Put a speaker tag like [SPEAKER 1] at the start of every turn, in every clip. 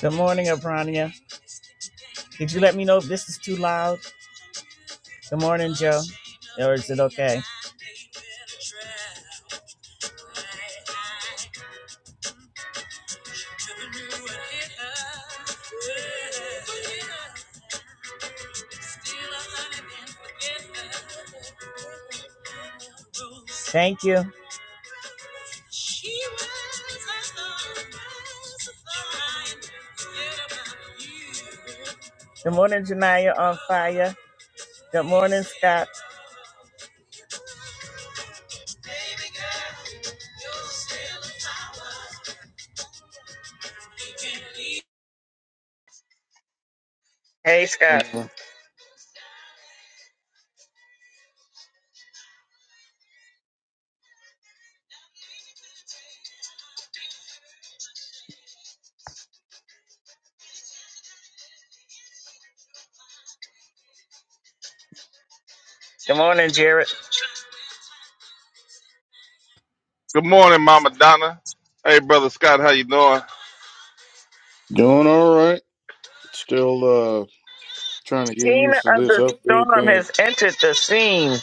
[SPEAKER 1] Good morning, Abrania. Did you let me know if this is too loud? Good morning, Joe. Or is it okay? Thank you. Good morning, Janaya on fire. Good morning, Scott. Hey, Scott.
[SPEAKER 2] Doing
[SPEAKER 1] Good morning, Jared.
[SPEAKER 3] Good morning, Mama Donna. Hey, brother Scott, how you doing?
[SPEAKER 2] all right. Still uh trying to get
[SPEAKER 1] Tina
[SPEAKER 2] used to
[SPEAKER 1] of
[SPEAKER 2] this
[SPEAKER 1] the
[SPEAKER 2] update
[SPEAKER 1] Storm
[SPEAKER 2] thing.
[SPEAKER 1] has entered the scene.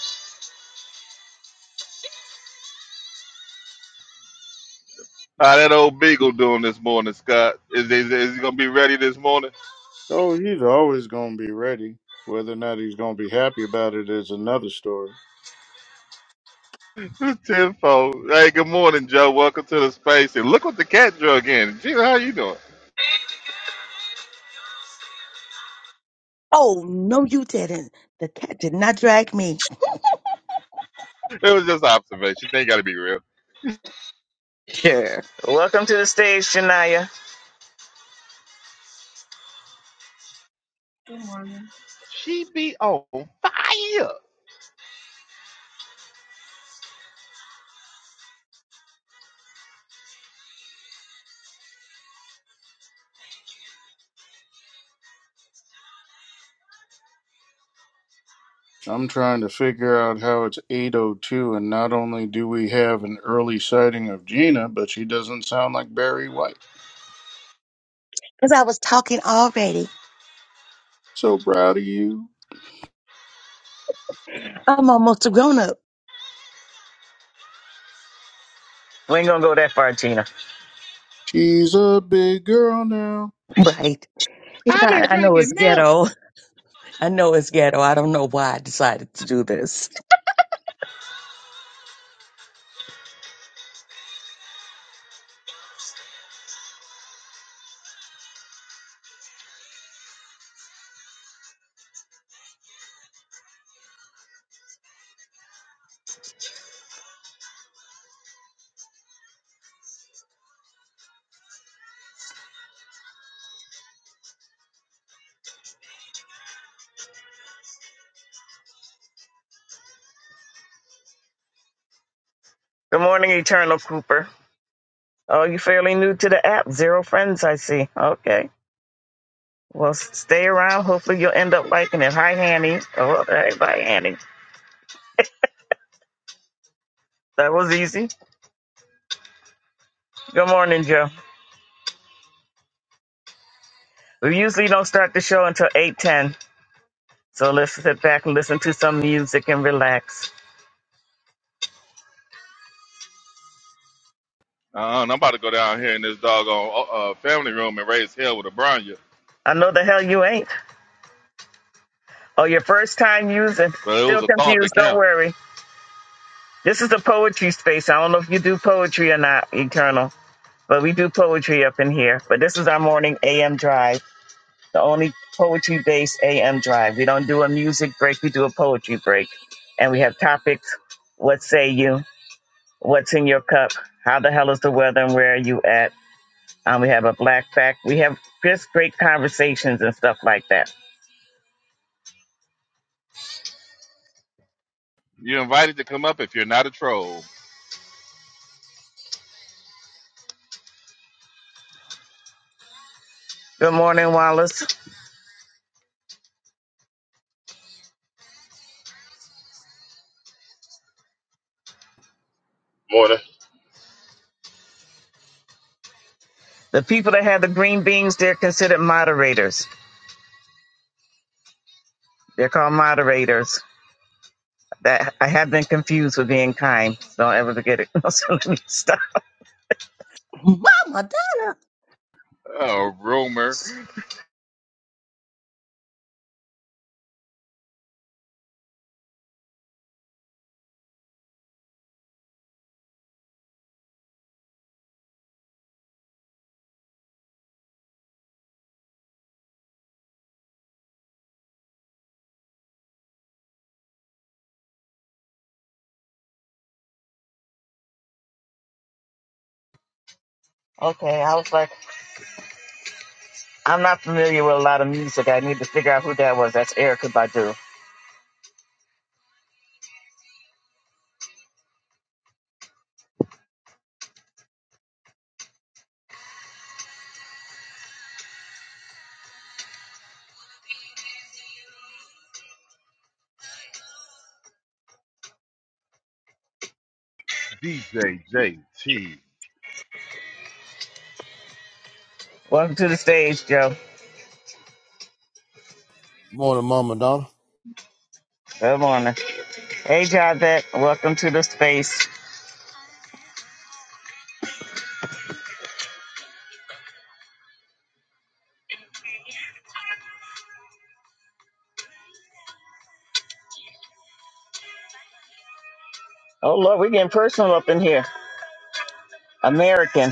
[SPEAKER 3] How that old beagle doing this morning, Scott? Is is, is he gonna be ready this morning?
[SPEAKER 2] Oh, he's always gonna be ready. Whether or not he's gonna be happy about it is another story.
[SPEAKER 3] Tenfold. Hey, good morning, Joe. Welcome to the space. And look what the cat drug in. Gina, how you doing?
[SPEAKER 4] Oh, no, you didn't. The cat did not drag me
[SPEAKER 3] It was just observation. They gotta be real.
[SPEAKER 1] Welcome to the stage, Janaya.
[SPEAKER 5] Good morning.
[SPEAKER 3] She be on fire.
[SPEAKER 2] I'm trying to figure out how it's 802 and not only do we have an early sighting of Gina, but she doesn't sound like Barry White.
[SPEAKER 4] because I was talking already.
[SPEAKER 2] So proud of you.
[SPEAKER 4] I'm almost a grown up.
[SPEAKER 1] We ain't gonna go that far, Tina.
[SPEAKER 2] She's a big girl now.
[SPEAKER 4] Right. Yeah,
[SPEAKER 3] I've been
[SPEAKER 4] I I know it's
[SPEAKER 3] drinking milk.
[SPEAKER 4] ghetto. I know it's ghetto. I don't know why I decided to do this.
[SPEAKER 1] Good morning, Eternal Cooper. Oh, you're fairly new to the app. Zero friends, I see. Okay. Well, s- stay around. Hopefully, you'll end up liking it. Hi, Annie. Oh, hey, bye, Annie. That was easy. Good morning, Joe. We usually don't start the show until 8.10, so let's sit back and listen to some music and relax.
[SPEAKER 3] Uh, and I'm about to go down here in this doggone uh, uh, family room and raise hell with a Bronya.
[SPEAKER 1] I know the hell you ain't. Oh, your first time using.
[SPEAKER 3] But it was
[SPEAKER 1] Still
[SPEAKER 3] a thought that
[SPEAKER 1] confused. Don't
[SPEAKER 3] count.
[SPEAKER 1] worry. This is the poetry space. I don't know if you do poetry or not, Eternal, but we do poetry up in here. But this is our morning AM drive. the only poetry based AM drive. We don't do a music break, we do a poetry break. And we have topics what say you? What's in your cup? How the hell is the weather and where are you at? Um, we have a black fact. We have just great conversations and stuff like that.
[SPEAKER 3] You're invited to come up if you're not a troll,
[SPEAKER 1] Good morning, Wallace.
[SPEAKER 6] Morning.
[SPEAKER 1] The people that have the green beans, they're considered moderators. They're called moderators. That I have been confused with being kind. Don't ever forget it. So let me stop.
[SPEAKER 4] Mama Donna.
[SPEAKER 3] a rumor,
[SPEAKER 1] Okay, I was like. I'm not familiar with a lot of music. I need to figure out who that was. That's Erica Badu.
[SPEAKER 3] DJ JT.
[SPEAKER 1] Welcome to the stage, Joe.
[SPEAKER 7] Morning, Mama Donna.
[SPEAKER 1] Good morning. Hey, Javette. Welcome to the space. Oh, Lord, we're getting personal up in here. American.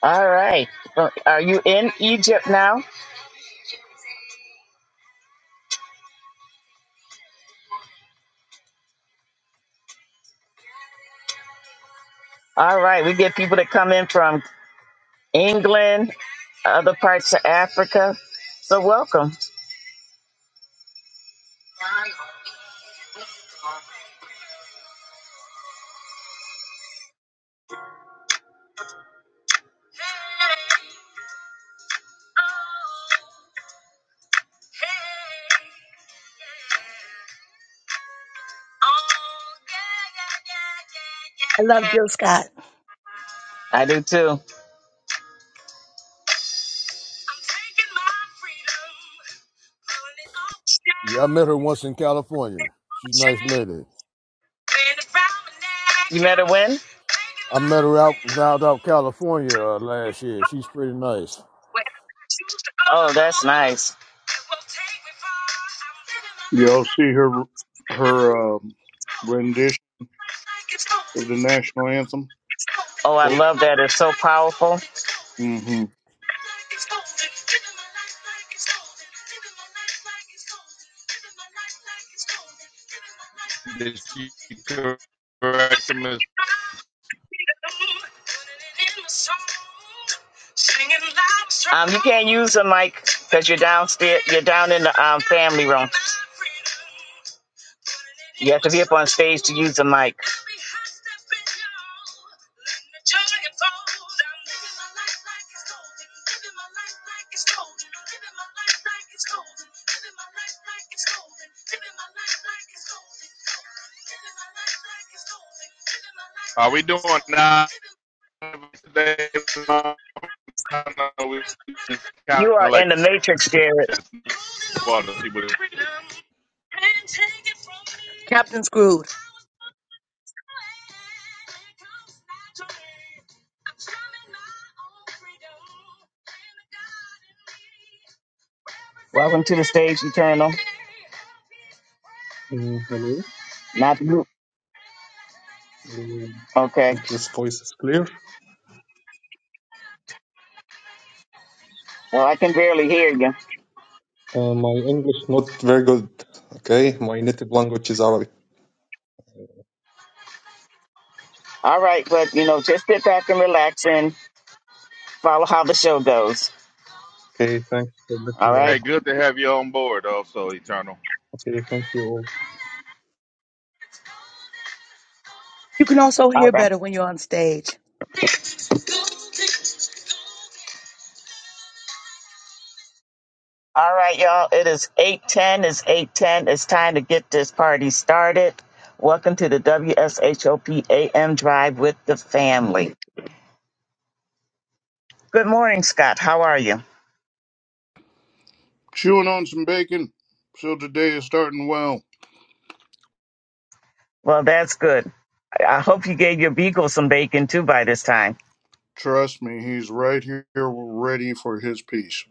[SPEAKER 1] All right. Uh, Are you in Egypt now? All right. We get people that come in from England, other parts of Africa. So, welcome.
[SPEAKER 4] I love Jill Scott.
[SPEAKER 1] I do too.
[SPEAKER 7] Yeah, I met her once in California. She's a nice lady.
[SPEAKER 1] You met a win?
[SPEAKER 7] I met her out out out California uh, last year. She's pretty nice.
[SPEAKER 1] Oh, that's nice.
[SPEAKER 2] Y'all see her her um, rendition of the national anthem?
[SPEAKER 1] Oh, I
[SPEAKER 2] Oh,
[SPEAKER 1] love that. It's so powerful.
[SPEAKER 2] Mm-hmm.
[SPEAKER 3] Did she correct him? as-
[SPEAKER 1] Um, you can't use the mic because you're downstairs. You're down in the um, family room. You have to be up on stage to use the mic.
[SPEAKER 3] Are we doing nine today? No, we just kind
[SPEAKER 1] You are
[SPEAKER 3] of like
[SPEAKER 1] in the matrix, Jared.
[SPEAKER 3] testing water. See what.
[SPEAKER 4] Captain Screwed.
[SPEAKER 1] Welcome to the stage, Eternal.
[SPEAKER 8] Mm, hello.
[SPEAKER 1] Not you.
[SPEAKER 8] Uh,
[SPEAKER 1] Okay.
[SPEAKER 8] this voice is clear.
[SPEAKER 1] Well, I can barely hear you.
[SPEAKER 8] Uh, my English not very good. Okay, my native language is Arabic.
[SPEAKER 1] All right, but you know, just sit back and relax and follow how the show goes.
[SPEAKER 8] Okay, thanks for
[SPEAKER 1] All
[SPEAKER 8] listening.
[SPEAKER 1] right.
[SPEAKER 3] Hey,
[SPEAKER 8] in.
[SPEAKER 3] good to have you on board. Also, Eternal.
[SPEAKER 8] Okay, thank you all.
[SPEAKER 4] You can
[SPEAKER 3] Hey,
[SPEAKER 4] also
[SPEAKER 1] All
[SPEAKER 4] hear
[SPEAKER 1] right.
[SPEAKER 4] better when you're on stage.
[SPEAKER 1] All right, y'all. It is 8:10. It's 8:10. It's time to get this party started. Welcome to the W S H O P A M Drive with the family. Good morning, Scott. How are you?
[SPEAKER 2] Chewing on some bacon. So today is starting well.
[SPEAKER 1] Well, that's good. I I hope you gave your beagle some bacon too by this time.
[SPEAKER 2] Trust me, he's right here ready for his piece.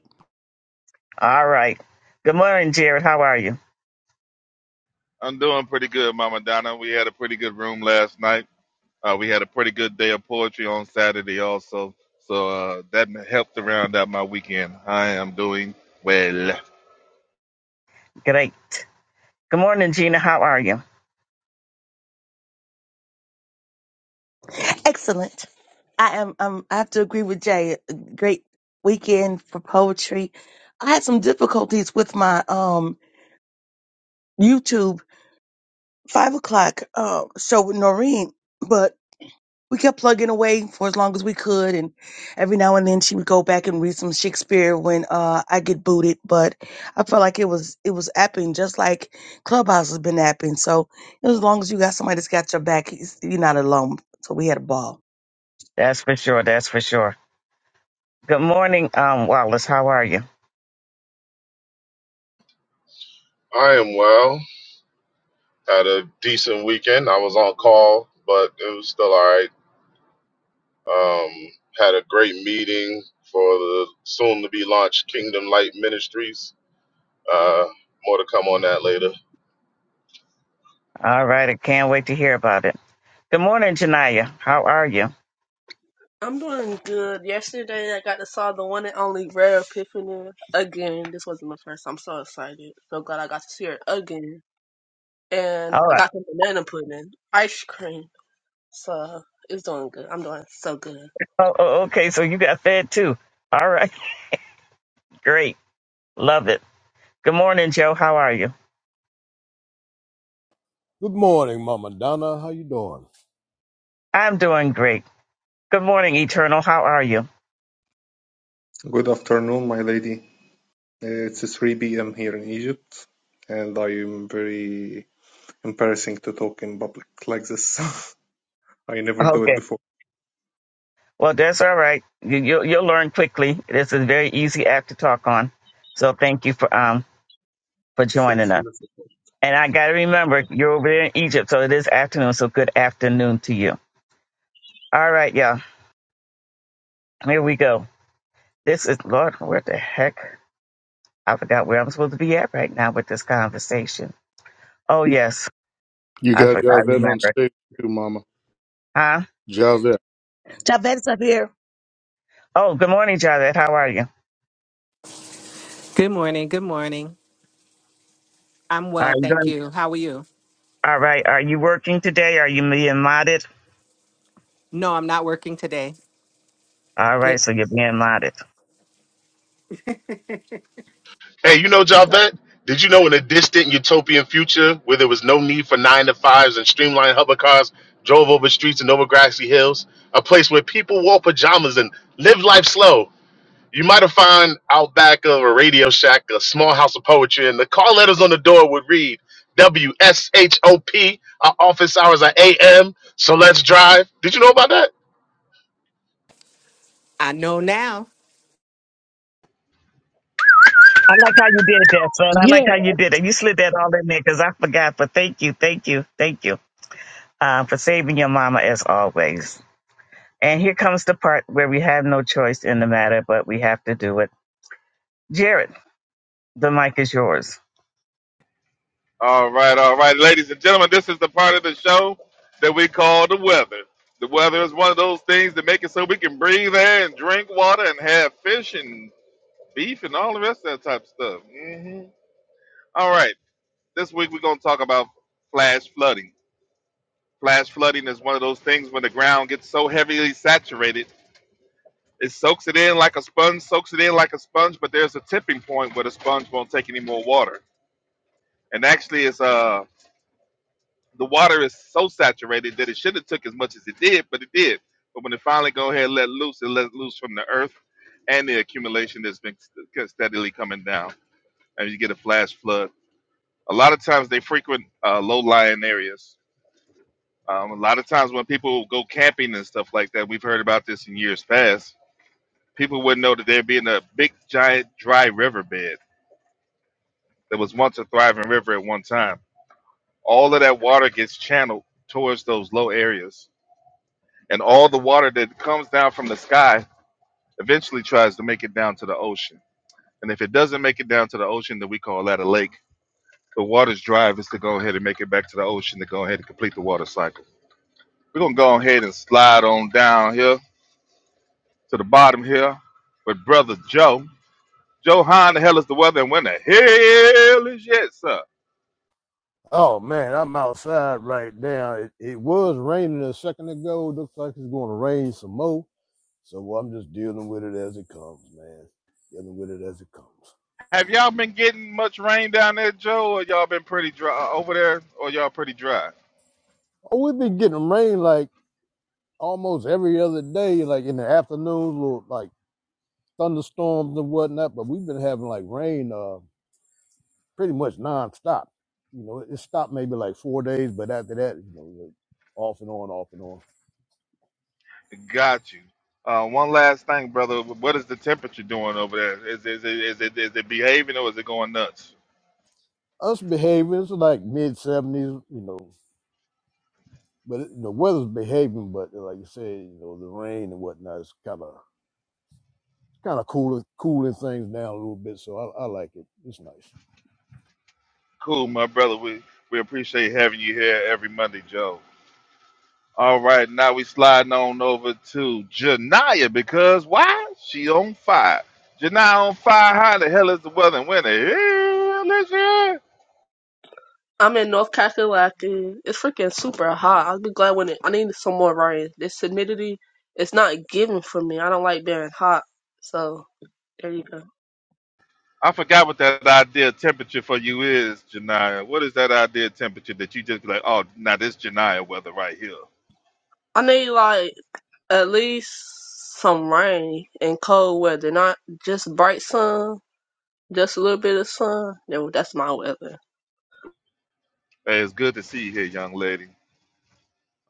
[SPEAKER 1] All right. Good morning, Jared. How are you?
[SPEAKER 3] I'm doing pretty good, Mama Donna. We had a pretty good room last night. Uh, we had a pretty good day of poetry on Saturday, also. So uh, that helped to round out my weekend. I am doing well.
[SPEAKER 1] Great. Good morning, Gina. How are you?
[SPEAKER 4] Excellent. I am. Um, I have to agree with Jay. A Great weekend for poetry. I had some difficulties with my um YouTube five o'clock. Um, so with Noreen, but we kept plugging away for as long as we could and every now and then she would go back and read some shakespeare when uh i get booted but i felt like it was it was apping just like clubhouse has been apping so as long as you got somebody that's got your back it's- you're not alone so we had a ball
[SPEAKER 1] That's for sure. That's for sure. Good morning, um, Wallace. How are you?
[SPEAKER 6] I am well. Had a decent weekend. I was on call, but it was still all right. Um, had a great meeting for the soon to be launched Kingdom Light Ministries. Uh, more to come on that later.
[SPEAKER 1] All right. I can't wait to hear about it. Good morning, Janaya. How are you?
[SPEAKER 5] I'm doing good. Yesterday, I got to saw the one and only Rare Epiphany again. This wasn't the first. I'm so excited. So glad I got to see her again. And
[SPEAKER 1] All right.
[SPEAKER 5] I got some banana pudding, ice cream. So it's doing good. I'm doing so good.
[SPEAKER 1] Oh, oh, okay. So you got fed too. All right. Great. Love it. Good morning, Joe. How are you?
[SPEAKER 7] Good morning, Mama Donna. How you doing?
[SPEAKER 1] I'm doing great. Good morning, Eternal. How are you?
[SPEAKER 8] Good afternoon, my lady. Uh, it's 3 p.m. here in Egypt, and I am very embarrassing to talk in public like this. I never do it
[SPEAKER 1] Okay.
[SPEAKER 8] before.
[SPEAKER 1] Well, that's all right. You, you'll, you'll learn quickly. This is a very easy app to talk on. So thank you for um for joining
[SPEAKER 8] Thanks for
[SPEAKER 1] us.
[SPEAKER 8] listening.
[SPEAKER 1] And I got to remember you're over there in Egypt, so it is afternoon. So good afternoon to you. All right, y'all. Here we go. This is Lord. Where the heck? I forgot where I'm supposed to be at right now with this conversation. Oh yes,
[SPEAKER 2] You
[SPEAKER 1] I
[SPEAKER 2] got
[SPEAKER 1] forgot. I
[SPEAKER 2] Javed on
[SPEAKER 1] remember.
[SPEAKER 2] stage too, Mama.
[SPEAKER 1] Huh?
[SPEAKER 2] Javed.
[SPEAKER 4] Javette's up here
[SPEAKER 1] Oh, good morning, Javed. How are you?
[SPEAKER 9] Good morning. Good morning. I'm
[SPEAKER 1] Are
[SPEAKER 9] well,
[SPEAKER 1] you
[SPEAKER 9] thank
[SPEAKER 1] going?
[SPEAKER 9] you. How are you?
[SPEAKER 1] All right. Are you working today? Are you being modded?
[SPEAKER 9] No, I'm not working today.
[SPEAKER 1] All right.
[SPEAKER 9] Get
[SPEAKER 1] So you're being modded.
[SPEAKER 6] Hey, you know, Javette, did you know in a distant utopian future where there was no need for nine to fives and streamlined hover cars drove over streets and over grassy hills, a place where people wore pajamas and lived life slow? You might have found out back of a Radio Shack, a small house of poetry, and the call letters on the door would read W S H O P. Our office hours are A.M. So let's drive. Did you know about that?
[SPEAKER 9] I know now.
[SPEAKER 1] I like how you did that, son. I like
[SPEAKER 4] Yes.
[SPEAKER 1] how you did it. You slid that all in there because I forgot. But thank you, thank you, thank you uh, for saving your mama as always. And here comes the part where we have no choice in the matter, but we have to do it. Jared, the mic is yours.
[SPEAKER 3] All right, all right, ladies and gentlemen, this is the part of the show that we call the weather. The weather is one of those things that make it so we can breathe air and drink water and have fish and beef and all the rest of that type of stuff. hmm All right, this week we're going to talk about flash flooding. Flash flooding is one of those things when the ground gets so heavily saturated, it soaks it in like a sponge, soaks it in like a sponge, but there's a tipping point where the sponge won't take any more water. And actually, it's uh, the water is so saturated that it should have took as much as it did, but it did. But when it finally go ahead and let loose, it let loose from the earth and the accumulation that's been st- steadily coming down, and you get a flash flood. A lot of times they frequent uh, low-lying areas. Um, a lot of times when people go camping and stuff like that, we've heard about this in years past. People wouldn't know that there'd be in a big, giant, dry riverbed that was once a thriving river at one time. All of that water gets channeled towards those low areas and all the water that comes down from the sky eventually tries to make it down to the ocean. And if it doesn't make it down to the ocean, then we call that a lake. The water's drive is to go ahead and make it back to the ocean to go ahead and complete the water cycle. We're gonna go ahead and slide on down here to the bottom here with brother Joe. Joe, how in the hell is the weather and when the hell is it, sir?
[SPEAKER 7] Oh man, I'm outside right now. It, it was raining a second ago. Looks like it's going to rain some more. So I'm just dealing with it as it comes, man. Dealing with it as it comes.
[SPEAKER 3] Have y'all been getting much rain down there, Joe, or y'all been pretty dry over there, or y'all pretty dry?
[SPEAKER 7] Oh, we've been getting rain like almost every other day, like in the afternoons, little like thunderstorms and whatnot, but we've been having like rain uh, pretty much nonstop. You know, it stopped maybe like four days, but after that, you know, like off and on, off and on.
[SPEAKER 3] Got you. Uh, one last thing, brother. What is the temperature doing over there? Is is it is it, is it behaving or is it going nuts?
[SPEAKER 7] Us behaving it's like mid seventies, you know, but it, the weather's behaving. But like you said, you know, the rain and whatnot is kind of kind of cooling cooling things down a little bit. So I, I like it. It's nice.
[SPEAKER 3] Cool, my brother. We we appreciate having you here every Monday, Joe. All right, now we sliding on over to Janaya because why? She on fire. Janaya on fire. How the hell is the weather in winter? Yeah, let
[SPEAKER 5] I'm in North Carolina. It's freaking super hot. I'll be glad when it, I need some more rain. This humidity, it's not giving for me. I don't like being hot. So there you go.
[SPEAKER 3] I forgot what that ideal temperature for you is, Janaya. What is that ideal temperature that you just be like, oh, now this Janaya weather right here?
[SPEAKER 5] I need like at least some rain and cold weather, not just bright sun, just a little bit of sun. No, That's my weather.
[SPEAKER 3] Hey, it's good to see you here, young lady.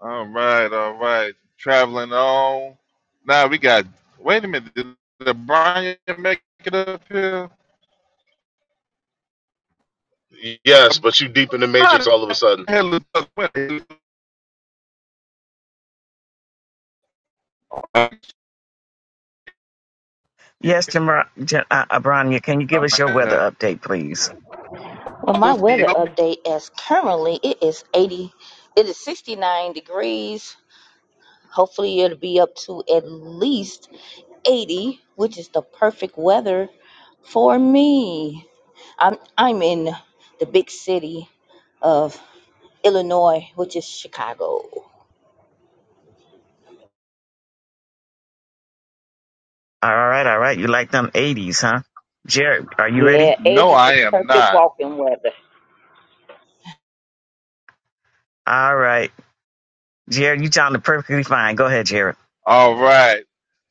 [SPEAKER 3] All right, all right. Traveling on. Now we got. Wait a minute. Did, did Brian make it up here? Uh,
[SPEAKER 6] Yes, but you deep in the matrix
[SPEAKER 3] Brian
[SPEAKER 6] all of a sudden.
[SPEAKER 3] had a little- wait, he-
[SPEAKER 1] Yes, Jamar, J- uh, Abrania, can you give us your weather update, please?
[SPEAKER 3] Oh, see, help me?
[SPEAKER 1] All right, all right. You like them 80s, huh? Jared, are you ready?
[SPEAKER 3] No, I am not.
[SPEAKER 1] All right. Jared, you sounded perfectly fine. Go ahead, Jared.
[SPEAKER 3] All right.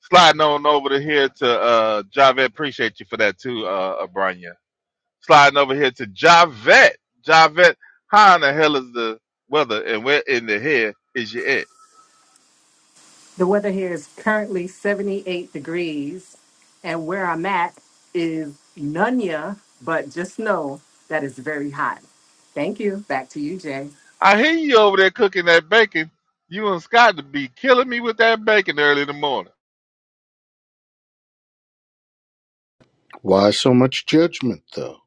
[SPEAKER 3] Sliding on over to here to uh Javette. Appreciate you for that too, uh Abranya. Sliding over here to Javette. Javette, how in the hell is the weather and where in the hell is you at?
[SPEAKER 9] The weather here is currently 78 degrees, and where I'm at is Nunya, but just know that it's very hot. Thank you. Back to you, Jay.
[SPEAKER 3] I hear you over there cooking that bacon. You and Scott to be killing me with that bacon early in the morning.
[SPEAKER 2] Why so much judgment, though?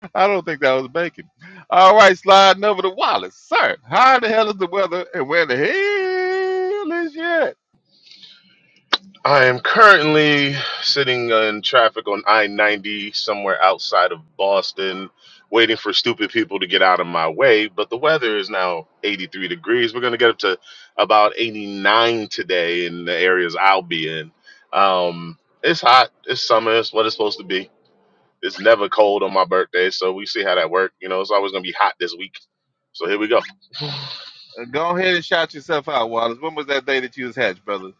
[SPEAKER 3] I don't think that was bacon. All right, sliding over to Wallace. Sir, how the hell is the weather and where the hell is it?
[SPEAKER 6] I am currently sitting in traffic on I 90 somewhere outside of Boston, waiting for stupid people to get out of my way. But the weather is now 83 degrees. We're going to get up to about 89 today in the areas I'll be in. Um, it's hot. It's summer. It's what it's supposed to be. It's never cold on my birthday. So we see how that works. You know, it's always going to be hot this week. So here we go.
[SPEAKER 3] Uh, Go ahead and shout yourself out, Wallace. When was that day that you was hatched, brother?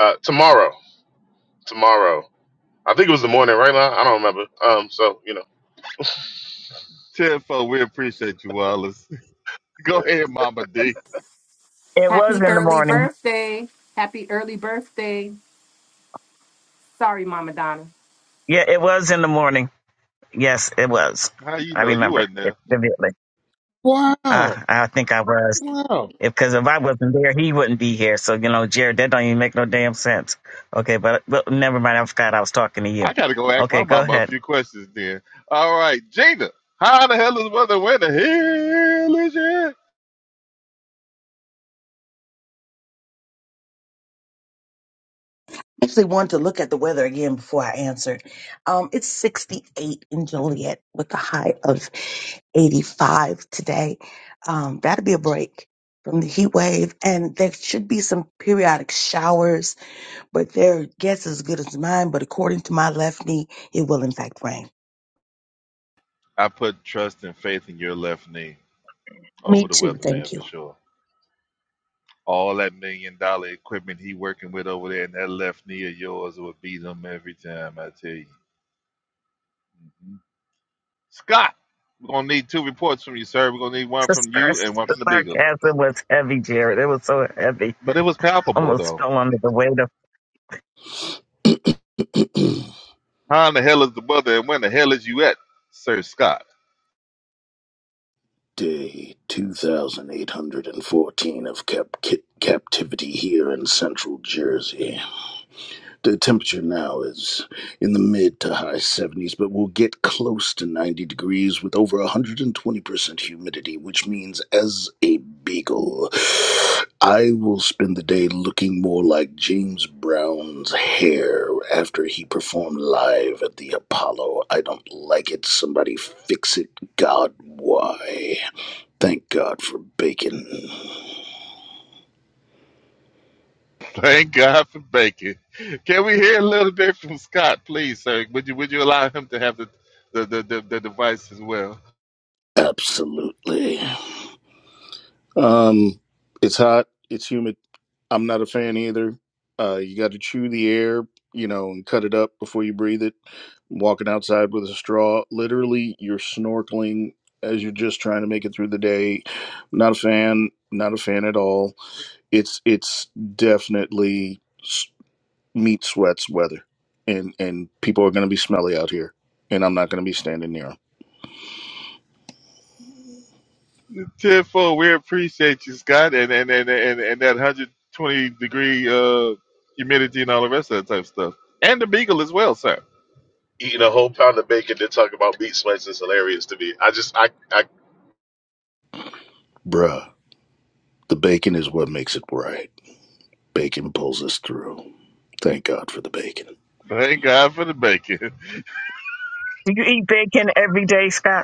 [SPEAKER 6] Uh, tomorrow. Tomorrow. I think it was the morning, right? Lon? I don't remember. Um, so, you know.
[SPEAKER 3] 10 four, we appreciate you, Wallace. Go ahead, Mama D.
[SPEAKER 1] It was
[SPEAKER 9] Happy
[SPEAKER 1] in the
[SPEAKER 9] early
[SPEAKER 1] morning.
[SPEAKER 9] birthday. Happy early birthday. Sorry, Mama Donna.
[SPEAKER 1] Yeah, it was in the morning. Yes, it was.
[SPEAKER 3] How you
[SPEAKER 1] I
[SPEAKER 3] know you
[SPEAKER 1] remember
[SPEAKER 3] wasn't
[SPEAKER 1] it
[SPEAKER 3] there?
[SPEAKER 1] vividly. Uh,
[SPEAKER 2] Wow.
[SPEAKER 1] I think I was.
[SPEAKER 2] Wow.
[SPEAKER 1] Because if I wasn't there, he wouldn't be here. So, you know, Jared, that don't even make no damn sense. Okay, but, but never mind. I forgot I was talking to you.
[SPEAKER 3] I gotta go ask my
[SPEAKER 1] Okay, go
[SPEAKER 3] mama a
[SPEAKER 1] ahead.
[SPEAKER 3] few questions then. All right, Gina, how the hell is the weather? Where the hell is it?
[SPEAKER 4] actually wanted to look at the weather again before I answered. Um, it's 68 in Joliet with a high of 85 today. Um, that'll be a break from the heat wave, and there should be some periodic showers, but their guess is as good as mine. But according to my left knee, it will in fact rain.
[SPEAKER 3] I put trust and faith in your left knee over
[SPEAKER 4] Me
[SPEAKER 3] the
[SPEAKER 4] too.
[SPEAKER 3] weatherman
[SPEAKER 4] Thank
[SPEAKER 3] for
[SPEAKER 4] you.
[SPEAKER 3] sure. All that million dollar equipment he working with over there and that left knee of yours will beat him every time, I tell you. Mhm. Scott, we're gonna need two reports from you, sir. We're gonna need one
[SPEAKER 1] The,
[SPEAKER 3] from you
[SPEAKER 1] sar-
[SPEAKER 3] and one
[SPEAKER 1] the
[SPEAKER 3] from the beagle.
[SPEAKER 1] sarcasm was heavy, Jared. It was so heavy.
[SPEAKER 3] But it was palpable
[SPEAKER 1] Almost
[SPEAKER 3] though.
[SPEAKER 1] fell under the weight of.
[SPEAKER 3] How in the hell is the weather and when the hell is you at, Sir Scott?
[SPEAKER 2] Day 2814 of cap- captivity here in central Jersey. The temperature now is in the mid to high 70s, but we'll get close to 90 degrees with over 120% humidity, which means as a beagle, I will spend the day looking more like James Brown's hair after he performed live at the Apollo. I don't like it. Somebody fix it. God, why? Thank God for bacon.
[SPEAKER 3] Thank God for bacon. Can we hear a little bit from Scott, please, sir? Would you would you allow him to have the the, the, the, the device as well?
[SPEAKER 2] Absolutely. Um, it's hot. It's humid. I'm not a fan either. Uh, you got to chew the air, you know, and cut it up before you breathe it. Walking outside with a straw, literally, you're snorkeling as you're just trying to make it through the day. Not a fan. Not a fan at all. It's it's definitely s- meat sweats weather, and and people are going to be smelly out here, and I'm not going to be standing near 'em.
[SPEAKER 3] Tenfold, we appreciate you, Scott, and and and and, and that hundred twenty degree uh, humidity and all the rest of that type of stuff, and the beagle as well, sir.
[SPEAKER 6] eating a whole pound of bacon to talk about meat sweats is hilarious to me. I just I, I
[SPEAKER 2] Bruh, the bacon is what makes it right. Bacon pulls us through. Thank God for the bacon.
[SPEAKER 3] Thank God for the bacon.
[SPEAKER 1] Do you eat bacon every day, Scott?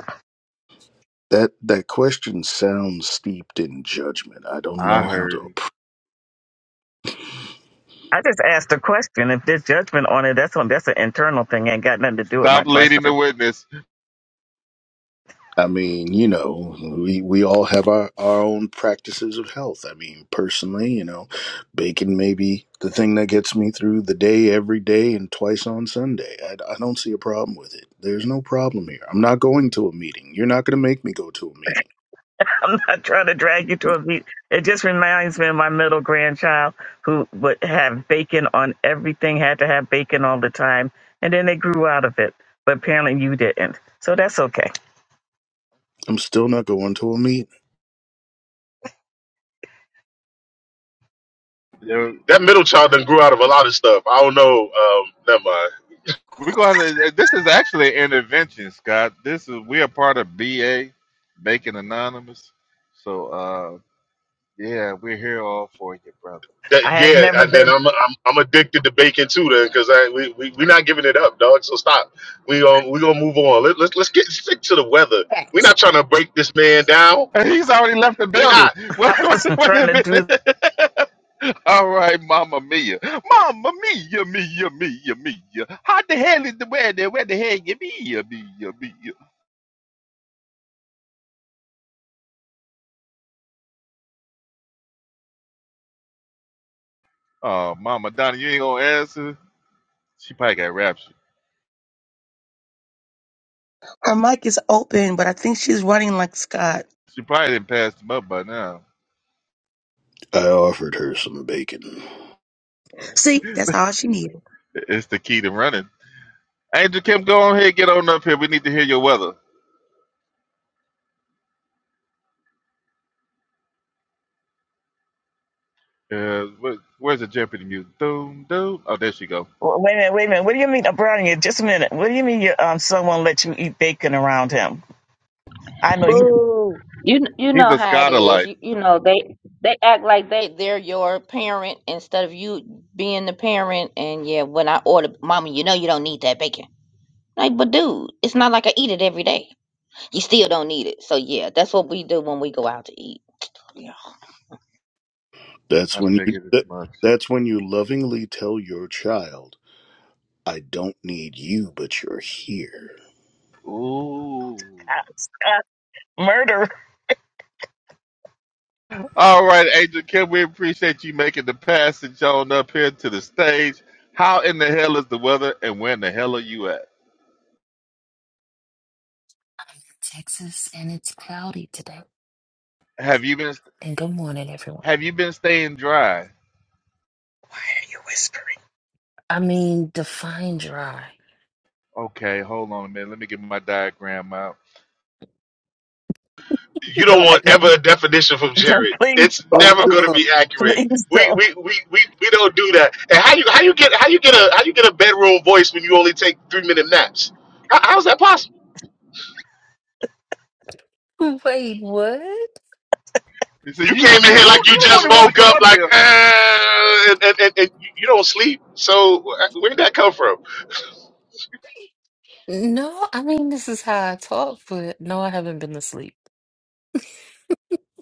[SPEAKER 2] That that question sounds steeped in judgment. I don't
[SPEAKER 3] I
[SPEAKER 2] know how
[SPEAKER 3] heard
[SPEAKER 2] to.
[SPEAKER 3] you.
[SPEAKER 2] appro-
[SPEAKER 1] I just asked a question. If there's judgment on it, that's on that's an internal thing. Ain't got nothing to do with my
[SPEAKER 3] Stop leading the
[SPEAKER 1] question.
[SPEAKER 3] witness.
[SPEAKER 2] I mean, you know, we we all have our our own practices of health. I mean, personally, you know, bacon may be the thing that gets me through the day every day and twice on Sunday. I, I don't see a problem with it. There's no problem here. I'm not going to a meeting. You're not going to make me go to a meeting.
[SPEAKER 1] I'm not trying to drag you to a beat. It just reminds me of my middle grandchild who would have bacon on everything, had to have bacon all the time, and then they grew out of it. But apparently you didn't. So that's okay.
[SPEAKER 2] I'm still not going to a meet.
[SPEAKER 3] Yeah,
[SPEAKER 6] that middle child done grew out of a lot of stuff. I don't know. Um, never mind.
[SPEAKER 3] We're going. To, this is actually an intervention, Scott. This is we are part of BA, Bacon Anonymous. So uh, yeah, we're here all for you, brother.
[SPEAKER 6] That,
[SPEAKER 1] I have
[SPEAKER 6] yeah,
[SPEAKER 1] never
[SPEAKER 6] and then
[SPEAKER 1] been
[SPEAKER 6] I'm I'm I'm addicted to bacon too then because I we we we not giving it up, dog. So stop. We um we gonna move on. Let, let's let's get stick to the weather. we are
[SPEAKER 4] Thanks.
[SPEAKER 6] not trying to break this man down.
[SPEAKER 3] And he's already left the
[SPEAKER 6] We not.
[SPEAKER 3] building. Wait,
[SPEAKER 1] I
[SPEAKER 3] wait,
[SPEAKER 1] wasn't
[SPEAKER 3] wait
[SPEAKER 1] trying
[SPEAKER 3] a
[SPEAKER 1] to do
[SPEAKER 3] minute. All right, Mama Mia, Mama Mia, Mia, Mia, Mia. How the hell is the weather? Where the hell you Mia, Mia, Mia? Oh, Mama Donna, you ain't gonna answer. She probably got raptured.
[SPEAKER 4] Her mic is open, but I think she's running like Scott.
[SPEAKER 3] She probably didn't pass them up by now.
[SPEAKER 2] I offered her some bacon.
[SPEAKER 4] See, that's all she needed.
[SPEAKER 3] I- It's the key to running. Angel Kim, go on here. get on up here. We need to hear your weather. Uh, where, where's the Jeopardy music? Doom, doom. Oh, there she go.
[SPEAKER 1] wait a minute, wait a minute. What do you mean, uh, Brownie? Just a minute. What do you mean you, um, someone let you eat bacon around him? I know you,
[SPEAKER 4] Boo.
[SPEAKER 3] He's a Scotter light.
[SPEAKER 2] That's
[SPEAKER 3] I
[SPEAKER 2] when you
[SPEAKER 3] figured as
[SPEAKER 2] that,
[SPEAKER 3] much.
[SPEAKER 2] that's when you lovingly tell your child, I don't need you, but you're here.
[SPEAKER 3] Ooh.
[SPEAKER 1] uh, murder.
[SPEAKER 3] All right, Angel Kim, we appreciate you making the passage on up here to the stage. How in the hell is the weather, and where in the hell are you at?
[SPEAKER 10] Texas, and it's cloudy today.
[SPEAKER 3] Have you been
[SPEAKER 10] And good morning, everyone.
[SPEAKER 3] Have you been staying dry?
[SPEAKER 10] I mean, define dry.
[SPEAKER 3] Okay, hold on a minute. Let me get my diagram out.
[SPEAKER 6] you don't
[SPEAKER 1] No,
[SPEAKER 6] want ever a definition from
[SPEAKER 1] Don't
[SPEAKER 6] Jared.
[SPEAKER 1] please,
[SPEAKER 6] It's
[SPEAKER 1] don't,
[SPEAKER 2] Oh
[SPEAKER 6] never going to
[SPEAKER 2] god.
[SPEAKER 6] be accurate.
[SPEAKER 1] please
[SPEAKER 6] We
[SPEAKER 1] don't.
[SPEAKER 6] we, we, we we don't do that. And how you how you get how you get a how you get a bedroom voice when you only take three minute naps? How, how's that possible?
[SPEAKER 10] Wait, what?
[SPEAKER 3] You said
[SPEAKER 6] You
[SPEAKER 3] you
[SPEAKER 6] came
[SPEAKER 3] you
[SPEAKER 6] in here
[SPEAKER 3] you
[SPEAKER 6] like you
[SPEAKER 3] you the one
[SPEAKER 6] just
[SPEAKER 3] that wanted
[SPEAKER 6] woke
[SPEAKER 3] to come
[SPEAKER 6] up,
[SPEAKER 3] up
[SPEAKER 6] like
[SPEAKER 3] here.
[SPEAKER 6] uh, and, and, and and you don't sleep. So uh, where'd that come from?
[SPEAKER 10] No, I mean, this is how I talk, but no, I haven't been asleep.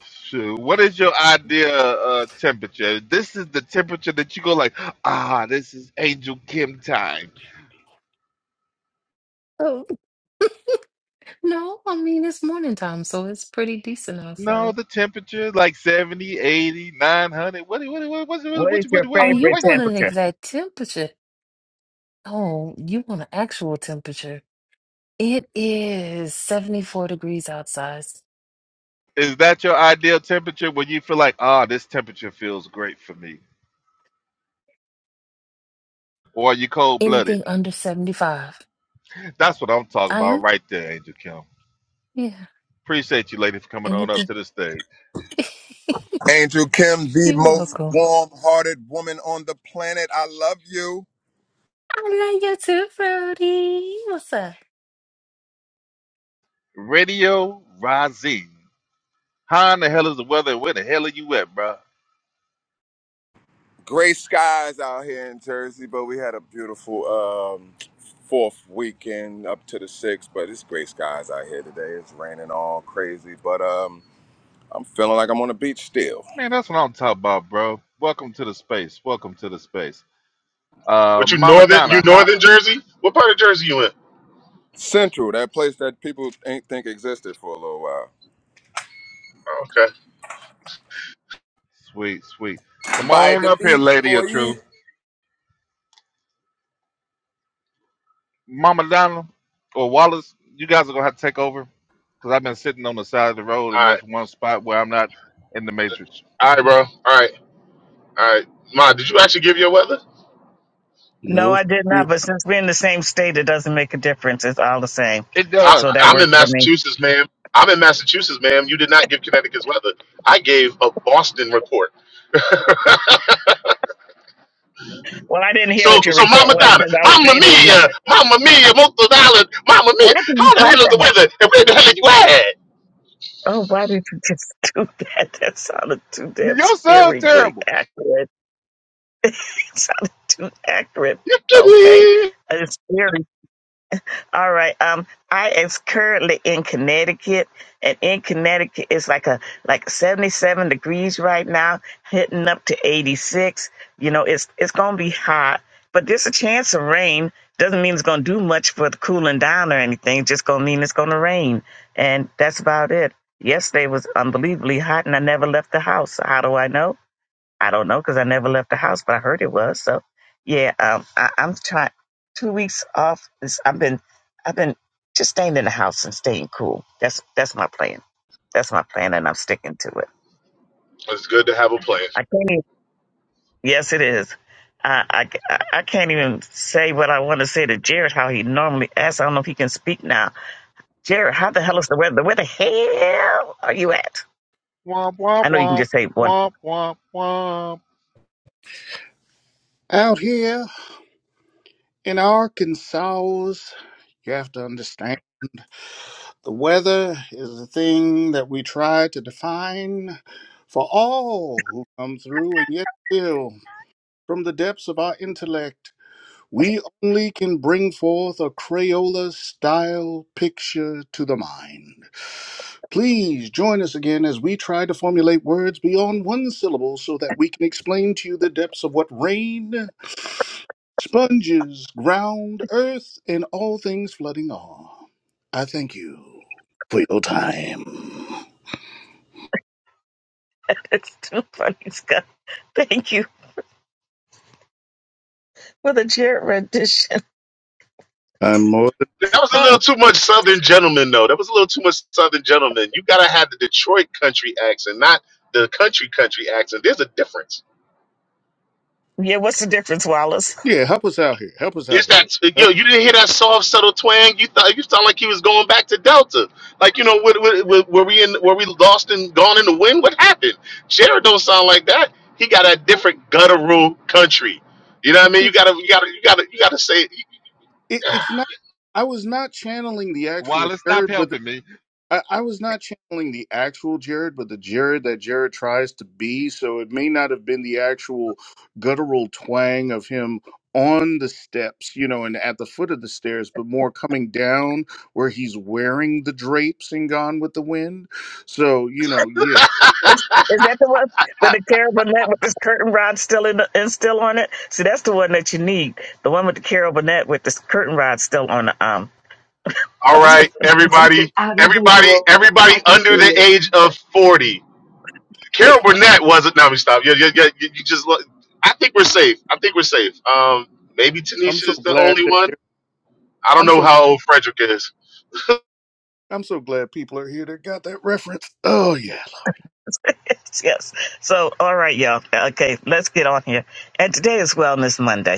[SPEAKER 3] Shoot, what is your idea uh, temperature? This is the temperature that you go like, ah, this is Angel Kim time.
[SPEAKER 10] Oh, no, I mean, it's morning time, so it's pretty decent
[SPEAKER 3] No,
[SPEAKER 10] outside.
[SPEAKER 3] the temperature like 70, 80, 900. what, what, what, what,
[SPEAKER 1] What
[SPEAKER 3] what,
[SPEAKER 1] is
[SPEAKER 3] what,
[SPEAKER 1] your
[SPEAKER 3] what,
[SPEAKER 10] Oh,
[SPEAKER 3] what,
[SPEAKER 10] you
[SPEAKER 1] favorite
[SPEAKER 3] what,
[SPEAKER 10] want an
[SPEAKER 1] temperature?
[SPEAKER 10] exact temperature? Oh, you want an actual temperature? It is 74 degrees outside.
[SPEAKER 3] Is that your ideal temperature when you feel like, ah, this temperature feels great for me? Or are you cold blooded?
[SPEAKER 10] Anything under 75.
[SPEAKER 3] That's what I'm talking
[SPEAKER 10] I
[SPEAKER 3] about
[SPEAKER 10] am,
[SPEAKER 3] right there, Angel Kim.
[SPEAKER 10] yeah,
[SPEAKER 3] Appreciate you, lady, for coming on up
[SPEAKER 10] anything.
[SPEAKER 3] to the stage.
[SPEAKER 11] Angel Kim, the
[SPEAKER 10] You're
[SPEAKER 11] most
[SPEAKER 10] welcome.
[SPEAKER 11] warm hearted woman on the planet. I love you.
[SPEAKER 10] I love you too, Brody. What's up?
[SPEAKER 3] Radio Rising. How in the hell is the weather? Where the hell are you at, bro?
[SPEAKER 11] Gray skies out here in Jersey, but we had a beautiful um, fourth weekend up to the sixth, but it's gray skies out here today. It's raining all crazy, but um, I'm feeling like I'm on the beach still.
[SPEAKER 3] Man, that's what I'm talking about, bro. Welcome to the space. Welcome to the space. Uh,
[SPEAKER 6] What you
[SPEAKER 3] Mama
[SPEAKER 6] northern
[SPEAKER 3] Donna,
[SPEAKER 6] you
[SPEAKER 3] hot.
[SPEAKER 6] northern Jersey? What part of Jersey you in?
[SPEAKER 11] Central, that place that people ain't think existed for a little while.
[SPEAKER 6] Okay,
[SPEAKER 3] Sweet, sweet. Come
[SPEAKER 11] By
[SPEAKER 3] on
[SPEAKER 11] the
[SPEAKER 3] up here,
[SPEAKER 11] beach,
[SPEAKER 3] Lady of Truth.
[SPEAKER 11] boy.
[SPEAKER 3] Mama Donna or Wallace, you guys are gonna have to take over because I've been sitting on the side of the road in
[SPEAKER 6] all right,
[SPEAKER 3] this one spot where I'm not in the matrix.
[SPEAKER 6] all right, bro, all right, all right. Ma, did you actually give your weather?
[SPEAKER 1] No,
[SPEAKER 2] No
[SPEAKER 1] I did
[SPEAKER 2] she
[SPEAKER 1] not. But since we're in the same state, it doesn't make a difference. It's all the same.
[SPEAKER 3] It
[SPEAKER 6] I,
[SPEAKER 3] does.
[SPEAKER 1] So that
[SPEAKER 6] I'm in
[SPEAKER 1] worked for me.
[SPEAKER 6] Massachusetts, ma'am. I'm in Massachusetts, ma'am. You did not give Connecticut's weather. I gave a Boston report.
[SPEAKER 1] Well, I didn't hear
[SPEAKER 6] so,
[SPEAKER 1] what your
[SPEAKER 6] so
[SPEAKER 1] report
[SPEAKER 6] Mama
[SPEAKER 1] was
[SPEAKER 6] Donna,
[SPEAKER 1] because I was
[SPEAKER 6] Mama
[SPEAKER 1] fading.
[SPEAKER 6] Mia, Mama Mia, Mother Island, Mama
[SPEAKER 1] Why
[SPEAKER 6] Mia.
[SPEAKER 1] did you
[SPEAKER 6] How the
[SPEAKER 1] do
[SPEAKER 6] hell is the
[SPEAKER 1] that?
[SPEAKER 6] weather? And where the hell are you at?
[SPEAKER 1] Oh, why did you just do that? That sounded too damn
[SPEAKER 3] Your sound
[SPEAKER 1] scarily
[SPEAKER 3] terrible.
[SPEAKER 1] accurate. It sounded too accurate.
[SPEAKER 6] You
[SPEAKER 1] Okay.
[SPEAKER 6] kidding?
[SPEAKER 1] It's scary. All right. Um, I is currently in Connecticut, and in Connecticut it's like a like seventy seven degrees right now, hitting up to eighty six. You know, it's it's gonna be hot, but there's a chance of rain. Doesn't mean it's gonna do much for the cooling down or anything. It's just gonna mean it's gonna rain, and that's about it. Yesterday was unbelievably hot, and I never left the house. How do I know? I don't know because I never left the house, but I heard it was. So yeah, um, I, I'm trying two weeks off. Is I've been I've been just staying in the house and staying cool. That's that's my plan. That's my plan, and I'm sticking to it.
[SPEAKER 6] It's good to have a plan.
[SPEAKER 1] I can't. Even, yes, it is. I, I I I can't even say what I want to say to Jared. How he normally asks. I don't know if he can speak now. Jared, how the hell is the weather? Where the hell are you at?
[SPEAKER 3] Womp womp
[SPEAKER 1] I know you can
[SPEAKER 3] womp
[SPEAKER 1] just say one.
[SPEAKER 3] womp womp womp.
[SPEAKER 2] Out here in Arkansas, you have to understand the weather is the thing that we try to define for all who come through, and yet still, from the depths of our intellect, we only can bring forth a Crayola style picture to the mind. Please join us again as we try to formulate words beyond one syllable so that we can explain to you the depths of what rain, sponges, ground, earth, and all things flooding are. I thank you for your time.
[SPEAKER 1] it's too funny, Scott. Thank you for the Jared rendition.
[SPEAKER 2] I'm more
[SPEAKER 6] That was a
[SPEAKER 2] than
[SPEAKER 6] little too much Southern gentleman, though. That was a little too much Southern gentleman. You gotta have the Detroit country accent, not the country country accent. There's a difference.
[SPEAKER 1] Yeah, what's the difference, Wallace?
[SPEAKER 2] yeah. Help us out here. Help us out
[SPEAKER 6] It's that
[SPEAKER 2] here.
[SPEAKER 6] yo, you didn't hear that soft, subtle twang. You thought you sound like he was going back to Delta. Like you know, were, were, were we in? Were we lost and gone in the wind? What happened? Jared don't sound like that. He got a different guttural country. You know what I mean?
[SPEAKER 2] Uh,
[SPEAKER 6] You gotta, you gotta, you gotta, you gotta say,
[SPEAKER 2] it, it's not i was not channeling the actual
[SPEAKER 3] Wallace, stop
[SPEAKER 2] jared but the,
[SPEAKER 3] helping me.
[SPEAKER 2] I, I was not channeling the actual jared but the jared that jared tries to be so it may not have been the actual guttural twang of him on the steps you know and at the foot of the stairs but more coming down where he's wearing the drapes and gone with the wind so you know yeah
[SPEAKER 1] What's, is that the one with the carabinette with this curtain rod still in the, and still on it? See, that's the one that you need. The one with the carabinette with this curtain rod still on the um.
[SPEAKER 6] all
[SPEAKER 2] i'm s-
[SPEAKER 6] right,
[SPEAKER 2] i'm so
[SPEAKER 6] everybody,
[SPEAKER 4] Out of
[SPEAKER 6] everybody,
[SPEAKER 4] visual,
[SPEAKER 6] everybody
[SPEAKER 4] I can
[SPEAKER 6] under the
[SPEAKER 4] see it.
[SPEAKER 6] age of forty. Carol Burnett wasn't. Now we stop. You, you, you, you just. look- I think we're safe. I think we're safe. Um, maybe
[SPEAKER 2] i'm
[SPEAKER 6] Tanisha
[SPEAKER 2] so
[SPEAKER 6] is the
[SPEAKER 2] glad
[SPEAKER 6] only
[SPEAKER 2] that
[SPEAKER 6] one.
[SPEAKER 2] they're-
[SPEAKER 6] I don't
[SPEAKER 2] i'm
[SPEAKER 6] know
[SPEAKER 2] so
[SPEAKER 6] how
[SPEAKER 2] glad
[SPEAKER 6] old Frederick is.
[SPEAKER 2] i'm so glad people are here that got that reference oh yeah
[SPEAKER 1] yes. So, all right, y'all. Okay, let's get on here. And today is Wellness Monday.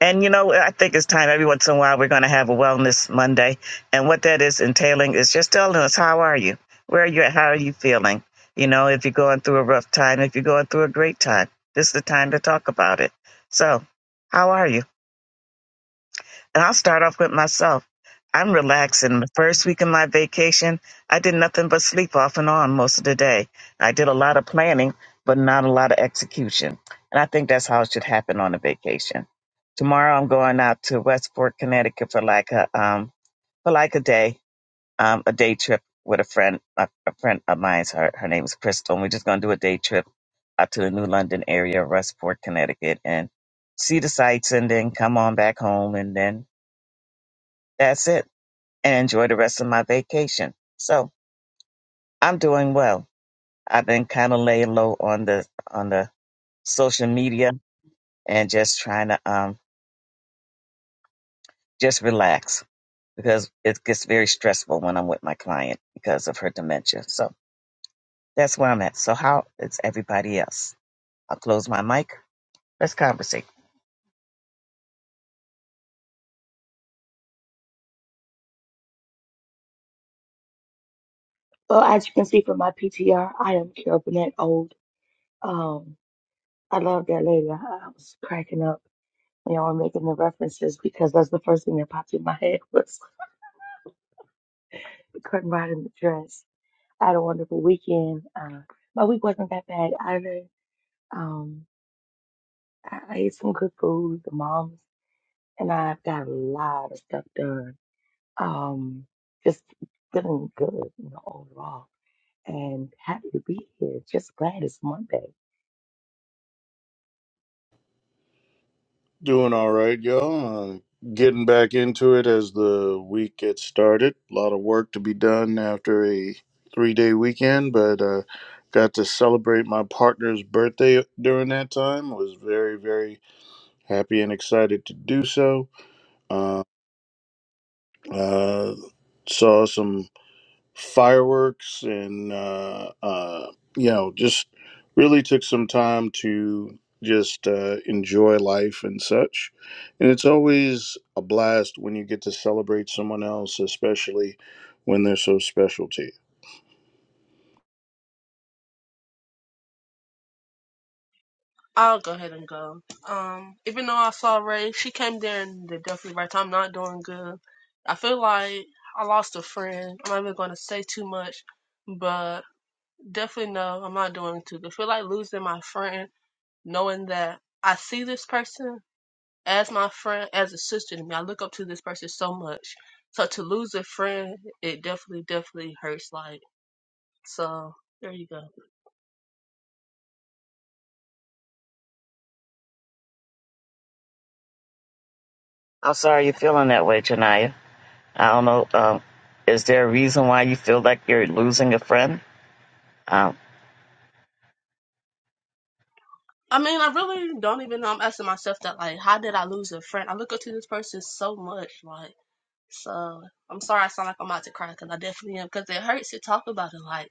[SPEAKER 1] And you know, I think it's time every once in a while we're going to have a wellness Monday, and what that is entailing is just telling us how are you, where are you at, how are you feeling. You know, if you're going through a rough time, if you're going through a great time, this is the time to talk about it. So, how are you? And I'll start off with myself. I'm relaxing. The first week of my vacation, I did nothing but sleep off and on most of the day. I did a lot of planning, but not a lot of execution. And I think that's how it should happen on a vacation. Tomorrow, I'm going out to Westport, Connecticut for like a um for like a day, um a day trip with a friend, a, a friend of mine's. Her her name is Crystal, and we're just gonna do a day trip out to the New London area, Westport, Connecticut, and see the sights, and then come on back home, and then that's it. And enjoy the rest of my vacation. So I'm doing well. I've been kind of laying low on the on the social media and just trying to um just relax because it gets very stressful when I'm with my client because of her dementia. So that's where I'm at. So how is everybody else? I'll close my mic. Let's conversate.
[SPEAKER 4] Well, as you can see from my PTR, I am Carol Burnett Old. Um, I love that lady. I, I was cracking up when y'all were making the references because that's the first thing that popped in my head was the curtain rod in the dress. I had a wonderful weekend. Uh, my week wasn't that bad either. Um, I, I ate some good food, the moms, and I've got a lot of stuff done. Um, just feeling good, you know, overall, and happy to be here. Just glad it's Monday.
[SPEAKER 2] Doing all right, y'all. Uh, getting back into it as the week gets started. A lot of work to be done after a three day weekend, but uh, got to celebrate my partner's birthday during that time. Was very, very happy and excited to do so. Uh, uh, saw some fireworks and uh, uh, you know just really took some time to just uh, enjoy life and such and it's always a blast when you get to celebrate someone else especially when they're so special to
[SPEAKER 5] I'll go ahead and go. Um, even though I saw Ray, she came there in the definitely right time. I'm Not doing good. I feel like I lost a friend. I'm not even going to say too much, but definitely no, I'm not doing too good. I feel like losing my friend, knowing that I see this person as my friend, as a sister to me. I look up to this person so much. So to lose a friend, it definitely, definitely hurts. Like, so there you go.
[SPEAKER 1] I'm sorry you're feeling that way, Janaya. I don't know. Um, is there a reason why you feel like you're losing a friend? Um,
[SPEAKER 5] I mean, I really don't even know. I'm asking myself that, like, how did I lose a friend? I look up to this person so much. Like, so I'm sorry I sound like I'm about to cry because I definitely am because it hurts to talk about it. Like,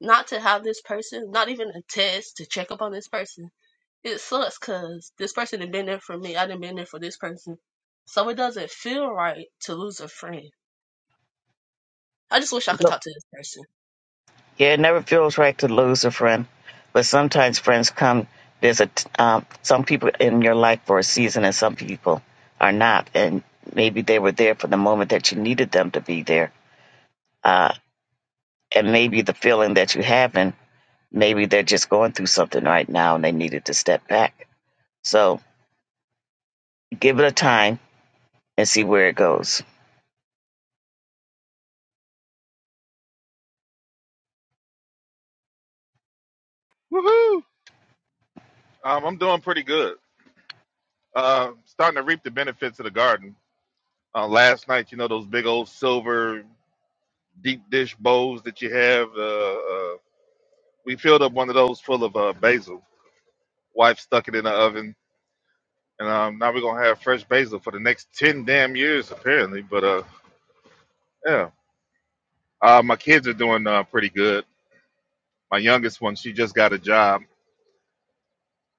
[SPEAKER 5] not to have this person, not even a test to check up on this person. It sucks because this person had been there for me. I didn't been there for this person. So it doesn't feel right to lose a friend I just wish I could talk to this person.
[SPEAKER 1] Yeah, it never feels right to lose a friend, but sometimes friends come. There's a t- um, some people in your life for a season, and some people are not, and maybe they were there for the moment that you needed them to be there. Uh, and maybe the feeling that you haven't, maybe they're just going through something right now, and they needed to step back. So give it a time and see where it goes.
[SPEAKER 3] Woohoo! Um, I'm doing pretty good. Uh, starting to reap the benefits of the garden. Uh, last night, you know those big old silver deep dish bowls that you have. Uh, uh, we filled up one of those full of uh, basil. Wife stuck it in the oven and um, now we're gonna have fresh basil for the next ten damn years apparently. But uh, yeah, uh, my kids are doing uh, pretty good. My youngest one, she just got a job.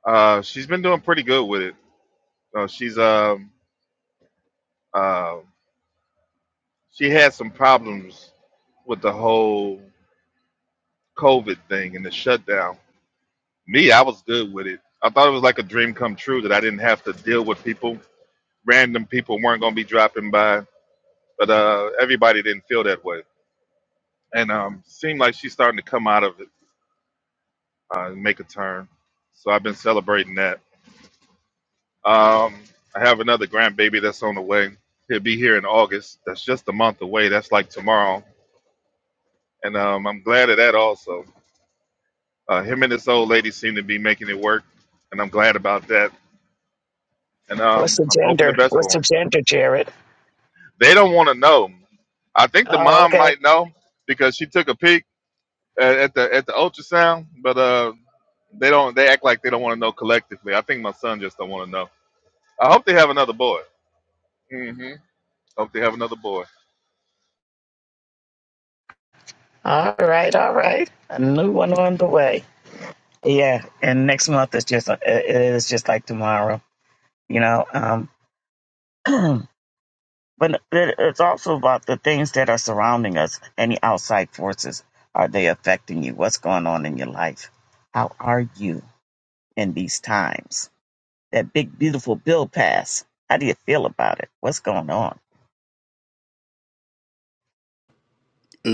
[SPEAKER 3] Uh, she's been doing pretty good with it. Uh, she's um, uh, she had some problems with the whole COVID thing and the shutdown. Me, I was good with it. I thought it was like a dream come true that I didn't have to deal with people. Random people weren't gonna be dropping by, but uh, everybody didn't feel that way, and um, seemed like she's starting to come out of it uh, make a turn. So I've been celebrating that. Um, I have another grandbaby that's on the way. He'll be here in August. That's just a month away. That's like tomorrow. And um, I'm glad of that also. Uh, him and this old lady seem to be making it work, and I'm glad about that. And
[SPEAKER 1] What's
[SPEAKER 3] um,
[SPEAKER 1] the
[SPEAKER 3] I'm hoping the
[SPEAKER 1] gender?
[SPEAKER 3] best for
[SPEAKER 1] What's the
[SPEAKER 3] them.
[SPEAKER 1] gender, Jared?
[SPEAKER 3] They don't want to know. I think the
[SPEAKER 1] Oh,
[SPEAKER 3] mom
[SPEAKER 1] okay.
[SPEAKER 3] might know because she took a peek at, at the at the ultrasound, but uh, they don't. They act like they don't want to know collectively. I think my son just don't want to know. I hope they have another boy. Mm-hmm. Hope they have another boy.
[SPEAKER 1] All right, all right. A new one on the way. Yeah, and next month is just uh, it is just like tomorrow, you know. Um, but it, it's also about the things that are surrounding us. Any outside forces are they affecting you? What's going on in your life? How are you in these times? That big beautiful bill pass. How do you feel about it? What's going on?
[SPEAKER 2] you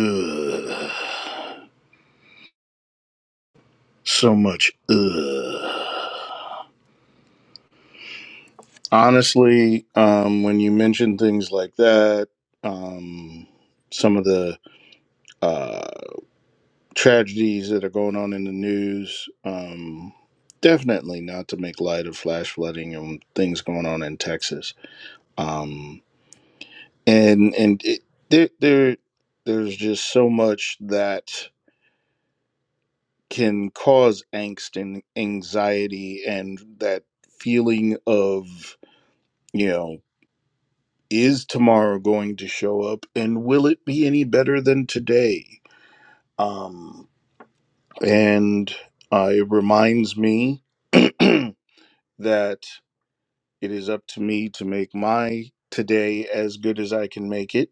[SPEAKER 2] Ugh. so much Ugh. honestly um, when you mention things like that um, some of the uh, tragedies that are going on in the news. Um, definitely not to make light of flash flooding and things going on in Texas. Um, and and it, there there there's just so much that can cause angst and anxiety and that feeling of you know is tomorrow going to show up and will it be any better than today um and uh, it reminds me that it is up to me to make my today as good as I can make it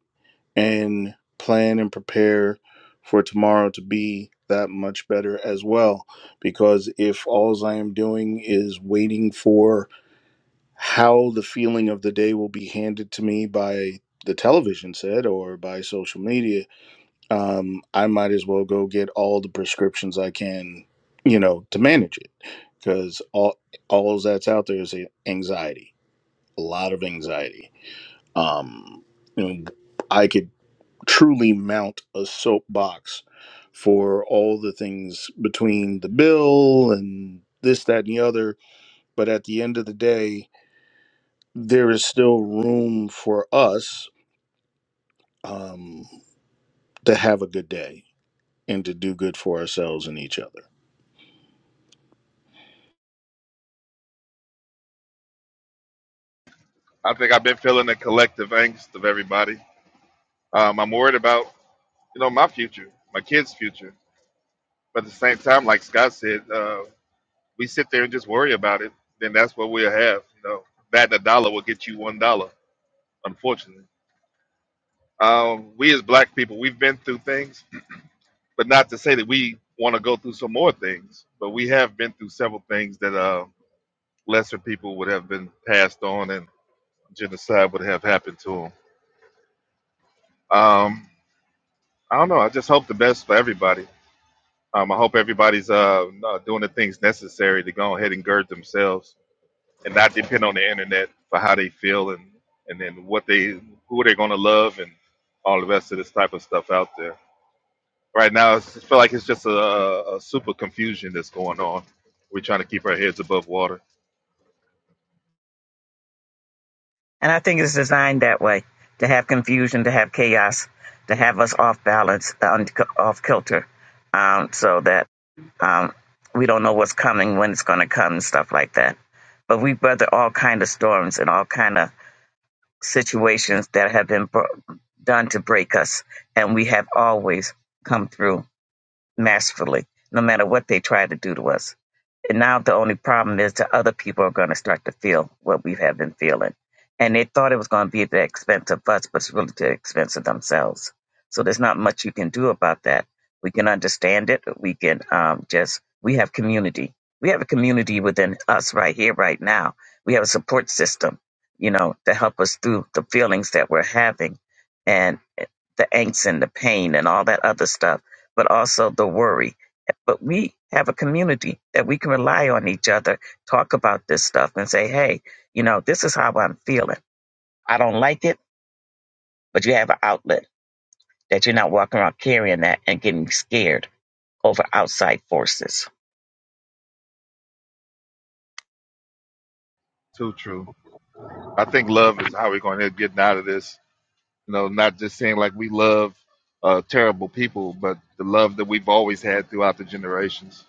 [SPEAKER 2] and plan and prepare for tomorrow to be that much better as well. Because if all I am doing is waiting for how the feeling of the day will be handed to me by the television set or by social media, um, I might as well go get all the prescriptions I can, you know, to manage it. Because all all that's out there is anxiety a lot of anxiety. Um, you know, I could truly mount a soapbox for all the things between the bill and this, that, and the other. But at the end of the day, there is still room for us um, to have a good day and to do good for ourselves and each other.
[SPEAKER 3] I think I've been feeling the collective angst of everybody. Um, I'm worried about, you know, my future, my kids' future. But at the same time, like Scott said, uh, we sit there and just worry about it. Then that's what we'll have. You know, that and a dollar will get you one dollar. Unfortunately, um, we as black people, we've been through things, but not to say that we want to go through some more things. But we have been through several things that uh, lesser people would have been passed on, and genocide would have happened to them. Um, I don't know. I just hope the best for everybody. Um, I hope everybody's uh, uh, doing the things necessary to go ahead and gird themselves and not depend on the internet for how they feel and and then what they who they're going to love and all the rest of this type of stuff out there. Right now, it's- I feel like it's just a, a a super confusion that's going on. We're trying to keep our heads above water.
[SPEAKER 1] And I think it's designed that way to have confusion, to have chaos, to have us off balance, uh, un- off kilter, um, so that um, we don't know what's coming, when it's going to come, and stuff like that. But we weather all kind of storms and all kind of situations that have been bro- done to break us, and we have always come through masterfully, no matter what they try to do to us. And now the only problem is that other people are going to start to feel what we have been feeling. And they thought it was going to be at the expense of us, but it's really to the expense of themselves. So there's not much you can do about that. We can understand it. We can um, just, we have community. We have a community within us right here, right now. We have a support system, you know, to help us through the feelings that we're having and the angst and the pain and all that other stuff but also the worry. But we have a community that we can rely on each other, talk about this stuff and say, hey, you know, this is how I'm feeling. I don't like it, but you have an outlet that you're not walking around carrying that and getting scared over outside forces.
[SPEAKER 3] Too true. I think love is how we're going to get out of this. You know, not just saying like we love uh, terrible people, but the love that we've always had throughout the generations.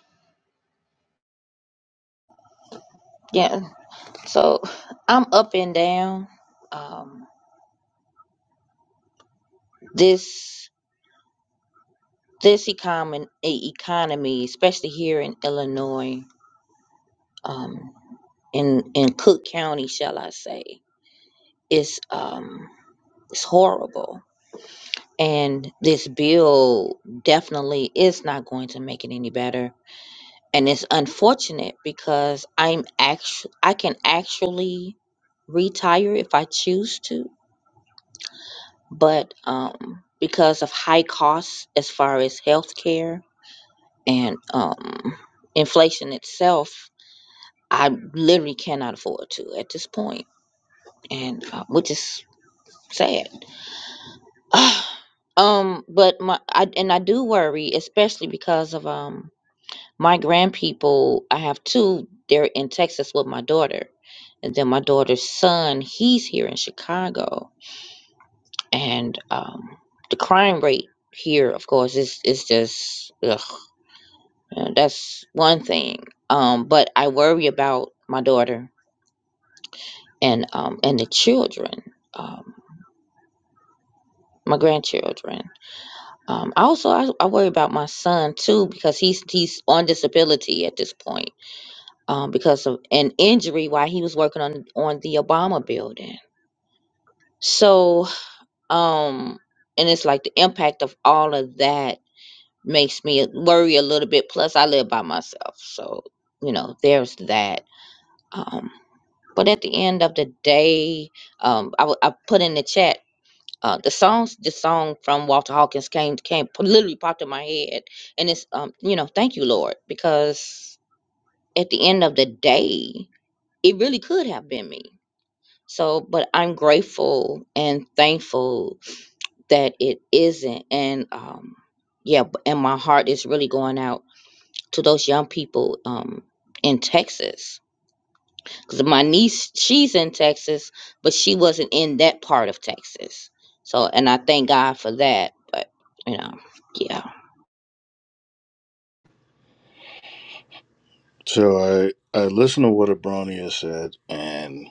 [SPEAKER 2] So I, I listened to what Abronia said, and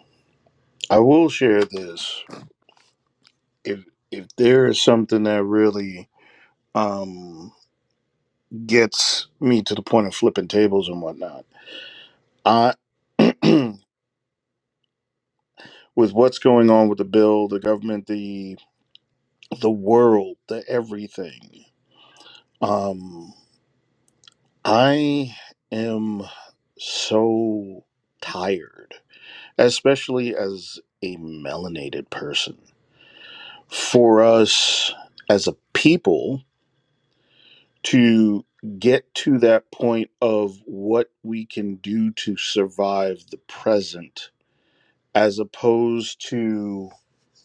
[SPEAKER 2] I will share this. If if there is something that really um, gets me to the point of flipping tables and whatnot. I, with what's going on with the bill, the government, the the world, the everything. Um, I am so tired, especially as a melanated person. For us as a people to get to that point of what we can do to survive the present as opposed to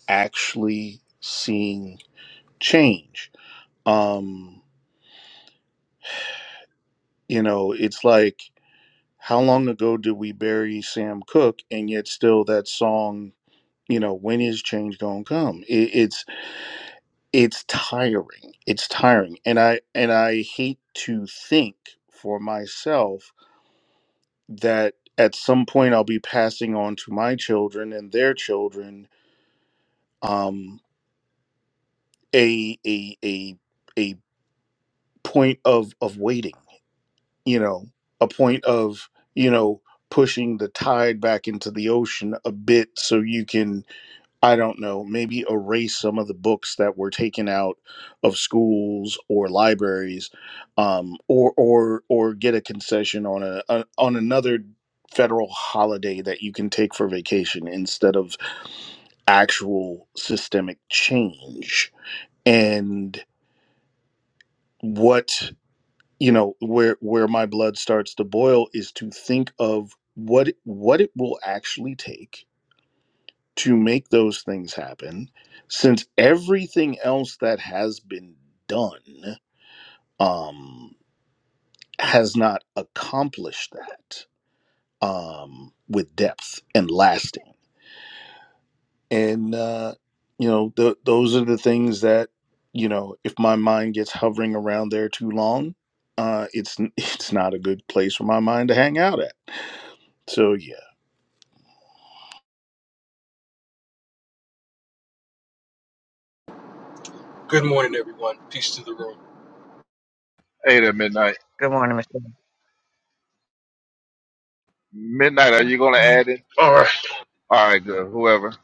[SPEAKER 2] actually seeing change. Um, you know, it's like how long ago did we bury Sam Cooke, and yet still that song. You know, when is change gonna come? It, it's it's tiring. It's tiring, and I and I hate to think for myself that at some point I'll be passing on to my children and their children um, a a a a point of of waiting you know a point of you know pushing the tide back into the ocean a bit so you can i don't know maybe erase some of the books that were taken out of schools or libraries um, or or or get a concession on a, a on another federal holiday that you can take for vacation instead of actual systemic change and what you know where where my blood starts to boil is to think of what what it will actually take to make those things happen since everything else that has been done um has not accomplished that um with depth and lasting and uh you know th- those are the things that you know if my mind gets hovering around there too long uh it's it's not a good place for my mind to hang out at So yeah.
[SPEAKER 12] Good morning, everyone. Peace to the room.
[SPEAKER 3] Eight at midnight.
[SPEAKER 1] Good morning, Michelle.
[SPEAKER 10] Good
[SPEAKER 3] Midnight. Are you
[SPEAKER 10] morning,
[SPEAKER 3] going to
[SPEAKER 10] Mama.
[SPEAKER 3] add it?
[SPEAKER 6] All right.
[SPEAKER 3] All right, good. Whoever.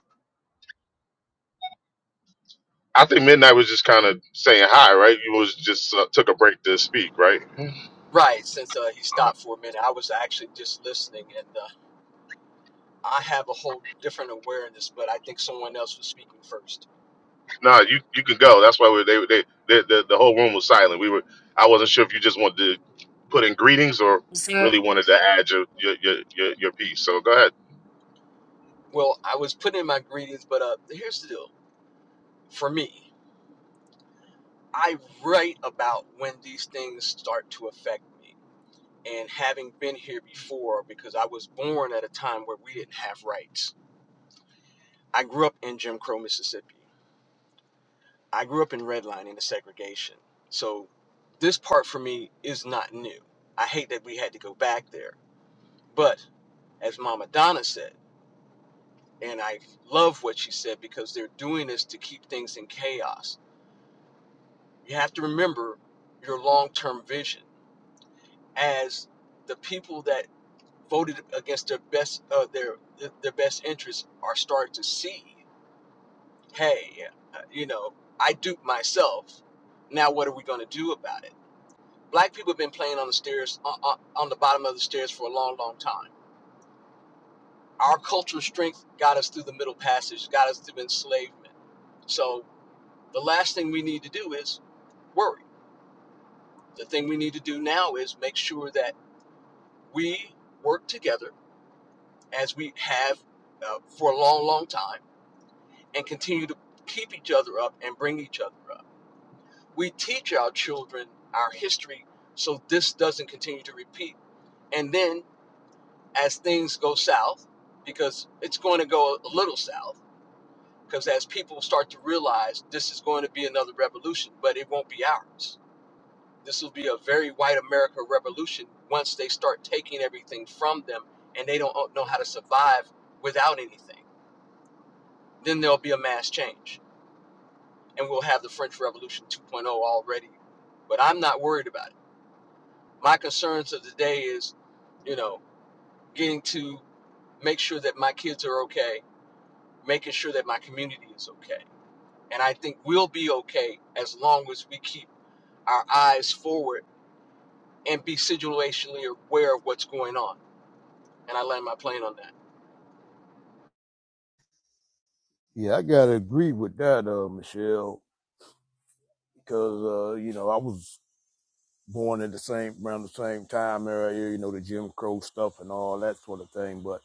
[SPEAKER 6] I think Midnight was just kind of saying hi, right? You was just uh, took a break to speak, right? Mhm.
[SPEAKER 12] Right, since uh, he stopped for a minute, I was actually just listening, and uh, I have a whole different awareness, but I think someone else was speaking first.
[SPEAKER 6] Nah, you you can go. That's why we, they, they they the the whole room was silent. We were I wasn't sure if you just wanted to put in greetings or
[SPEAKER 10] Is there,
[SPEAKER 6] really wanted to add your your your your, your piece. So go ahead.
[SPEAKER 12] Well, I was putting in my greetings, but uh, here's the deal. For me, I write about when these things start to affect me, and having been here before, because I was born at a time where we didn't have rights. I grew up in Jim Crow, Mississippi. I grew up in redlining and segregation. So this part for me is not new. I hate that we had to go back there. But as Mama Donna said, and I love what she said because they're doing this to keep things in chaos. You have to remember your long term vision as the people that voted against their best uh, their their best interests are starting to see hey uh, you know i duped myself now what are we going to do about it Black people have been playing on the stairs, on, on the bottom of the stairs for a long, long time. Our cultural strength got us through the Middle Passage, got us through enslavement. So the last thing we need to do is worry. The thing we need to do now is make sure that we work together as we have uh, for a long, long time and continue to keep each other up and bring each other up. We teach our children our history so this doesn't continue to repeat. And then as things go south, because it's going to go a little south, because as people start to realize this is going to be another revolution, but it won't be ours. This will be a very white America revolution once they start taking everything from them and they don't know how to survive without anything. Then there'll be a mass change and we'll have the French Revolution 2.0 already. But I'm not worried about it. My concerns of the day is, you know, getting to make sure that my kids are okay making sure that my community is okay. And I think we'll be okay as long as we keep our eyes forward and be situationally aware of what's going on. And I land my plane on that.
[SPEAKER 7] Yeah, I gotta agree with that, uh, Michelle, because uh, you know I was born at the same around the same time area, you know, the Jim Crow stuff and all that sort of thing. But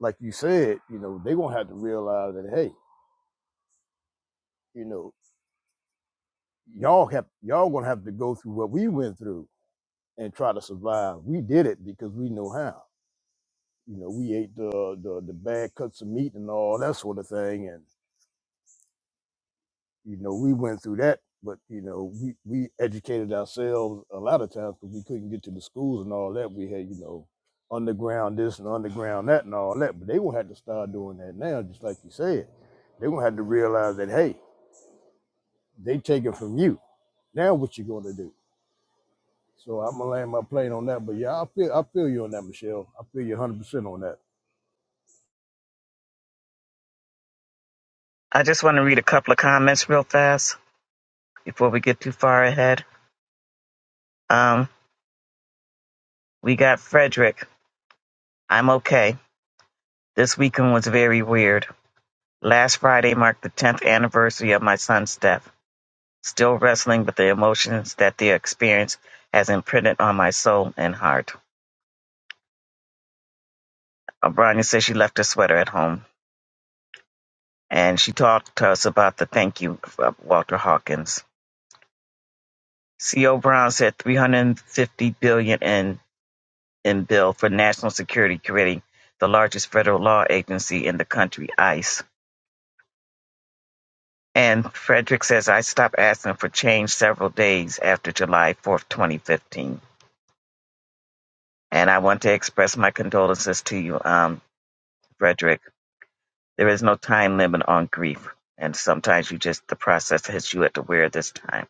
[SPEAKER 7] like you said, you know, they're gonna have to realize that hey, you know, y'all have y'all gonna have to go through what we went through and try to survive. We did it because we know how. You know, we ate the the, the bad cuts of meat and all that sort of thing and. you know, we went through that, but you know, we we educated ourselves a lot of times because we couldn't get to the schools and all that. We had, you know, underground this and underground that and all that. But they gonna have to start doing that now, just like you said. They gonna have to realize that hey, they take it from you. Now what you gonna do? So I'm gonna land my plane on that. But yeah, I feel I feel you on that, Michelle. I feel you 100 percent on that.
[SPEAKER 1] I just want to read a couple of comments real fast before we get too far ahead. Um, we got Frederick. I'm okay. This weekend was very weird. Last Friday marked the 10th anniversary of my son's death. Still wrestling with the emotions that the experience has imprinted on my soul and heart. O'Brien says she left her sweater at home and she talked to us about the thank you of Walter Hawkins. C.O. Brown said 350 billion dollars in in bill for national security creating the largest federal law agency in the country, ICE. And Frederick says I stopped asking for change several days after July 4th, 2015. And I want to express my condolences to you, um, Frederick There is no time limit on grief, and sometimes you just the process hits you at the weird this time.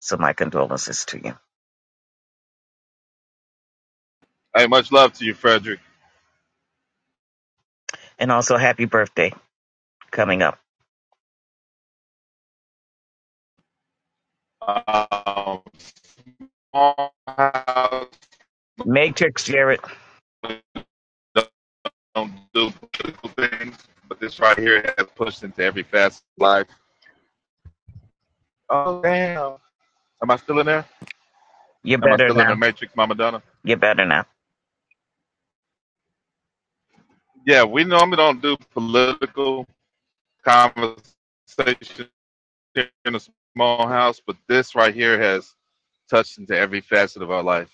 [SPEAKER 1] So my condolences to you,
[SPEAKER 3] Hey, much love to you, Frederick.
[SPEAKER 1] and also happy birthday coming up.
[SPEAKER 3] Um, small house
[SPEAKER 1] Matrix Jared,
[SPEAKER 3] don't do political things, but this right here has pushed into every facet of life. Oh damn! Am I still in there?
[SPEAKER 1] you're
[SPEAKER 3] Am I
[SPEAKER 1] better
[SPEAKER 3] still in the
[SPEAKER 1] now.
[SPEAKER 3] matrix, Mama Donna?
[SPEAKER 1] You're better now.
[SPEAKER 3] Yeah, we normally don't do political conversations in a small house, but this right here has touched into every facet of our life,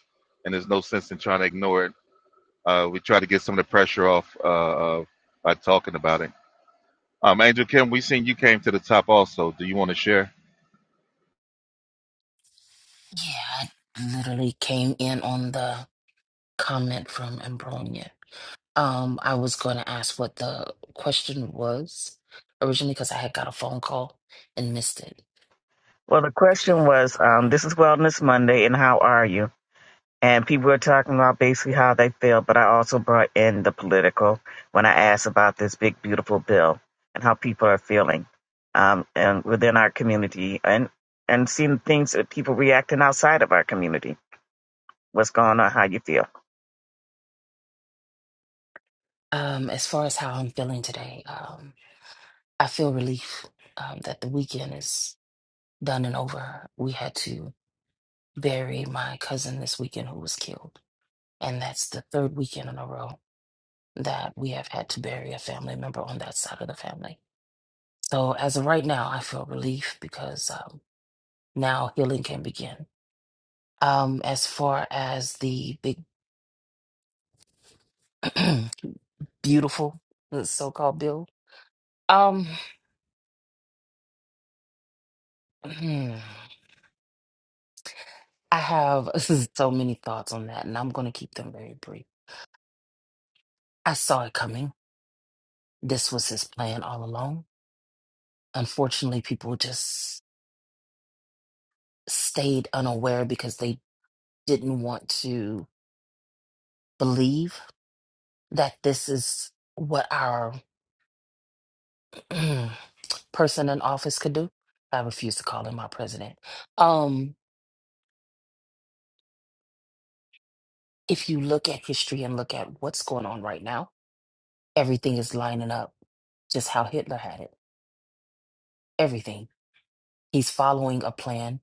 [SPEAKER 3] and there's no sense in trying to ignore it. Uh, we try to get some of the pressure off uh, uh, by talking about it. Um, Angel Kim, we seen you came to the top also. Do you want to share?
[SPEAKER 10] yeah, I literally came in on the comment from Ambronia. Um, I was going to ask what the question was originally because I had got a phone call and missed it.
[SPEAKER 1] Well, the question was, um, this is Wellness Monday, and how are you? And people were talking about basically how they feel, but I also brought in the political when I asked about this big, beautiful bill and how people are feeling um, and within our community and, and seeing things that people reacting outside of our community. What's going on, how you feel.
[SPEAKER 10] Um, as far as how I'm feeling today, um, I feel relief um, that the weekend is done and over. We had to bury my cousin this weekend who was killed, and that's the third weekend in a row that we have had to bury a family member on that side of the family. So as of right now, I feel relief because um, now healing can begin. Um, as far as the big, beautiful, the so-called bill, um. I have so many thoughts on that, and I'm going to keep them very brief. I saw it coming. This was his plan all along. Unfortunately, people just stayed unaware because they didn't want to believe that this is what our person in office could do. I refuse to call him our president. Um, if you look at history and look at what's going on right now, everything is lining up just how Hitler had it. Everything. He's following a plan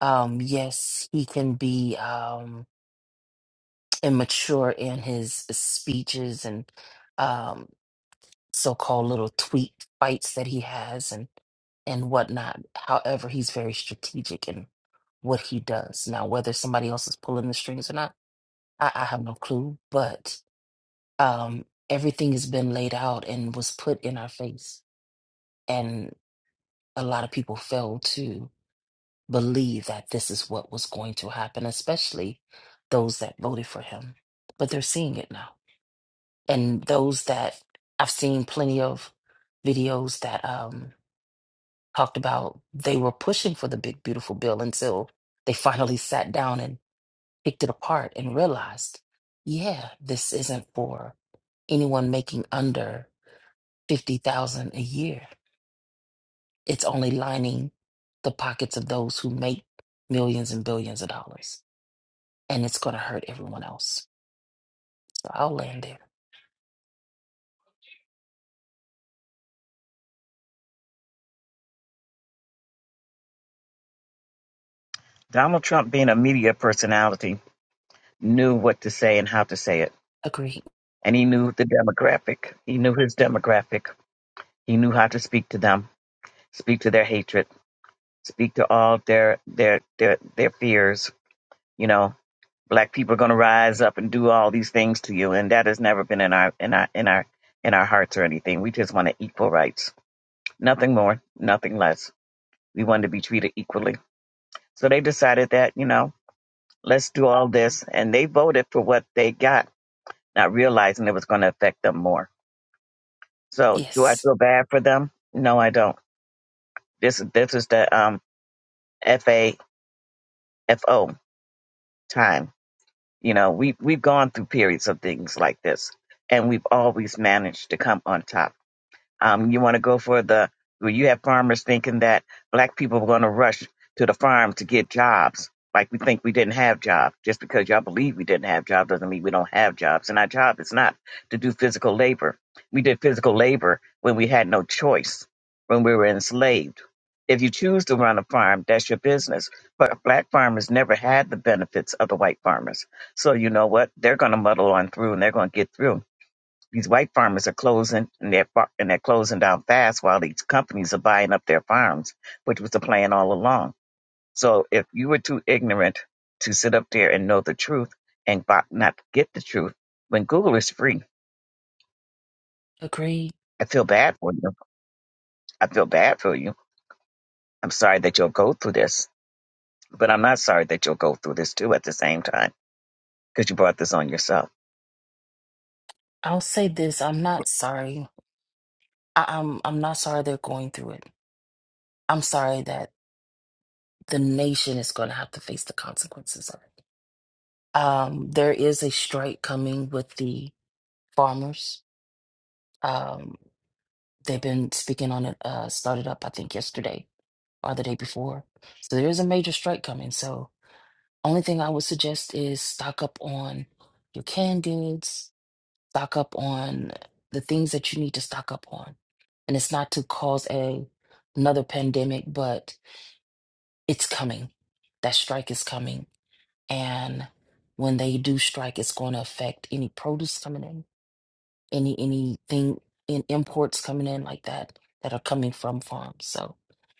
[SPEAKER 10] um yes he can be um immature in his speeches and um so-called little tweet fights that he has and and whatnot however he's very strategic in what he does now whether somebody else is pulling the strings or not i, I have no clue but um everything has been laid out and was put in our face and a lot of people fail to believe that this is what was going to happen, especially those that voted for him. But they're seeing it now. And those that I've seen plenty of videos that um, talked about they were pushing for the big, beautiful bill until they finally sat down and picked it apart and realized, yeah, this isn't for anyone making under 50,000 a year. It's only lining the pockets of those who make millions and billions of dollars. and it's going to hurt everyone else. So I'll land there.
[SPEAKER 1] Donald Trump, being a media personality, knew what to say and how to say it.
[SPEAKER 10] Agreed.
[SPEAKER 1] And he knew the demographic. He knew his demographic. He knew how to speak to them, speak to their hatred, speak to all their their their, their fears, you know, black people are going to rise up and do all these things to you and that has never been in our in our in our in our hearts or anything we just wanted equal rights nothing more nothing less we wanted to be treated equally so they decided that you know let's do all this and they voted for what they got not realizing it was going to affect them more so do i
[SPEAKER 10] Yes.
[SPEAKER 1] feel bad for them no i don't this this is the um fafo time you know we we've gone through periods of things like this and we've always managed to come on top Um, you want to go for the well, you have farmers thinking that black people are going to rush to the farm to get jobs. Like we think we didn't have jobs. Just because y'all believe we didn't have jobs doesn't mean we don't have jobs. And our job is not to do physical labor. We did physical labor when we had no choice, when we were enslaved. If you choose to run a farm, that's your business. But black farmers never had the benefits of the white farmers. So you know what? They're going to muddle on through and they're going to get through these white farmers are closing and they're fa- and they're closing down fast while these companies are buying up their farms, which was the plan all along. So if you were too ignorant to sit up there and know the truth and fi- not get the truth, when Google is free,
[SPEAKER 10] Agreed.
[SPEAKER 1] I feel bad for you. I feel bad for you. I'm sorry that you'll go through this, but I'm not sorry that you'll go through this too at the same time because you brought this on yourself.
[SPEAKER 10] I'll say this. I'm not sorry. I, I'm I'm not sorry they're going through it. I'm sorry that the nation is going to have to face the consequences of it. Um, there is a strike coming with the farmers. Um, they've been speaking on it. Uh, started up I think yesterday or the day before. So there is a major strike coming. So only thing I would suggest is stock up on your canned goods, stock up on the things that you need to stock up on. And it's not to cause a another pandemic, but it's coming. That strike is coming. And when they do strike, it's going to affect any produce coming in, any anything in imports coming in like that that are coming from farms. So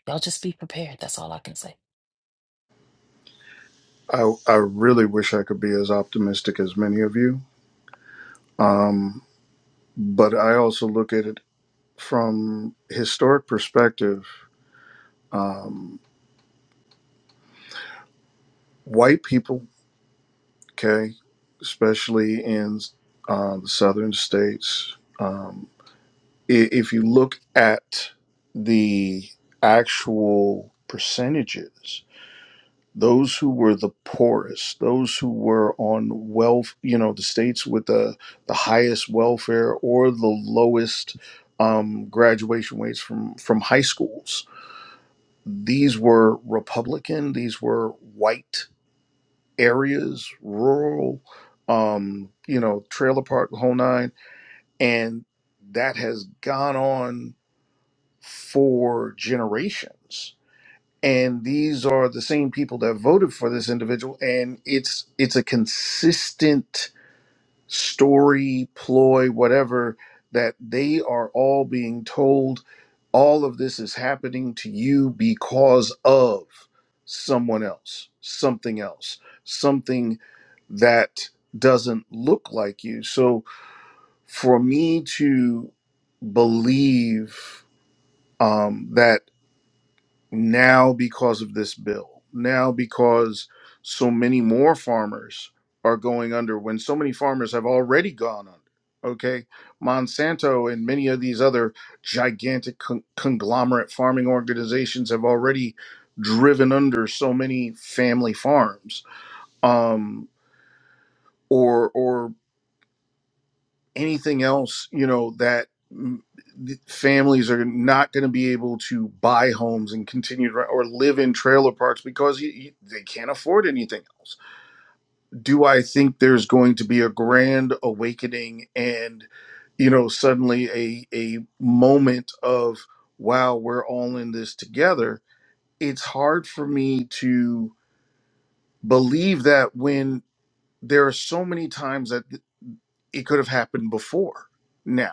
[SPEAKER 10] y'all just be prepared. That's all I can say.
[SPEAKER 2] I I really wish I could be as optimistic as many of you. Um, but I also look at it from historic perspective. Um, white people, okay, especially in uh, the southern states, um, i- if you look at the actual percentages, those who were the poorest, those who were on wealth, you know, the states with the, the highest welfare or the lowest um, graduation rates from, from high schools. These were Republican, these were white areas, rural, um, you know, trailer park, the whole nine. And that has gone on for generations and these are the same people that voted for this individual and it's it's a consistent story ploy whatever that they are all being told all of this is happening to you because of someone else something else something that doesn't look like you so for me to believe um, that now because of this bill, now because so many more farmers are going under when so many farmers have already gone under. Okay. Monsanto and many of these other gigantic con- conglomerate farming organizations have already driven under so many family farms um, or, or anything else you know that mm, families are not going to be able to buy homes and continue to or live in trailer parks because you, you, they can't afford anything else do i think there's going to be a grand awakening and you know suddenly a a moment of wow we're all in this together it's hard for me to believe that when there are so many times that it could have happened before now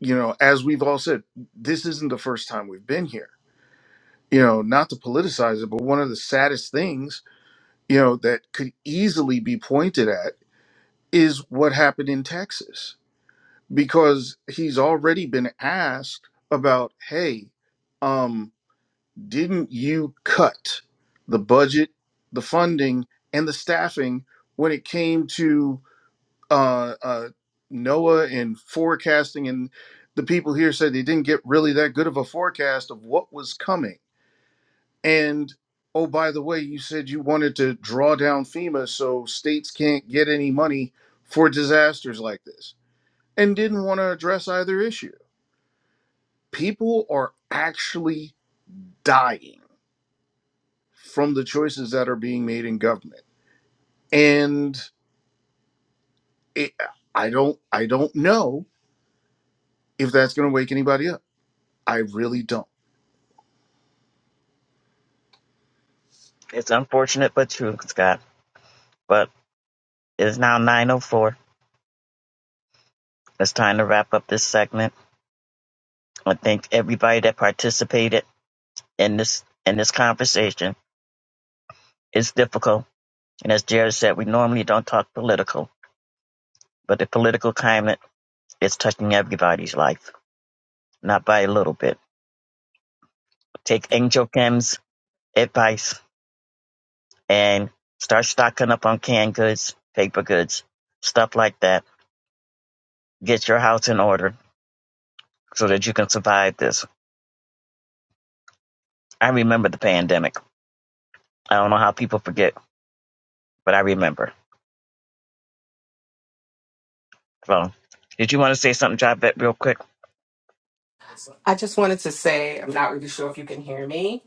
[SPEAKER 2] you know, as we've all said, this isn't the first time we've been here. You know, not to politicize it, but one of the saddest things, you know, that could easily be pointed at is what happened in Texas because he's already been asked about, hey, um, didn't you cut the budget, the funding, and the staffing when it came to uh, uh, Noah and forecasting, and the people here said they didn't get really that good of a forecast of what was coming. And oh, by the way, you said you wanted to draw down FEMA so states can't get any money for disasters like this, and didn't want to address either issue. People are actually dying from the choices that are being made in government, and it, I don't, I don't know if that's going to wake anybody up. I really don't.
[SPEAKER 1] It's unfortunate but true, Scott. But it's now 9:04. It's time to wrap up this segment. I thank everybody that participated in this in this conversation. It's difficult, and as Jared said, we normally don't talk political, but the political climate is touching everybody's life, not by a little bit. Take Angel Kim's advice and start stocking up on canned goods, paper goods, stuff like that. Get your house in order so that you can survive this. I remember the pandemic. I don't know how people forget, but I remember. So, did you want to say something, Javette, real quick?
[SPEAKER 9] I just wanted to say, I'm not really sure if you can hear me.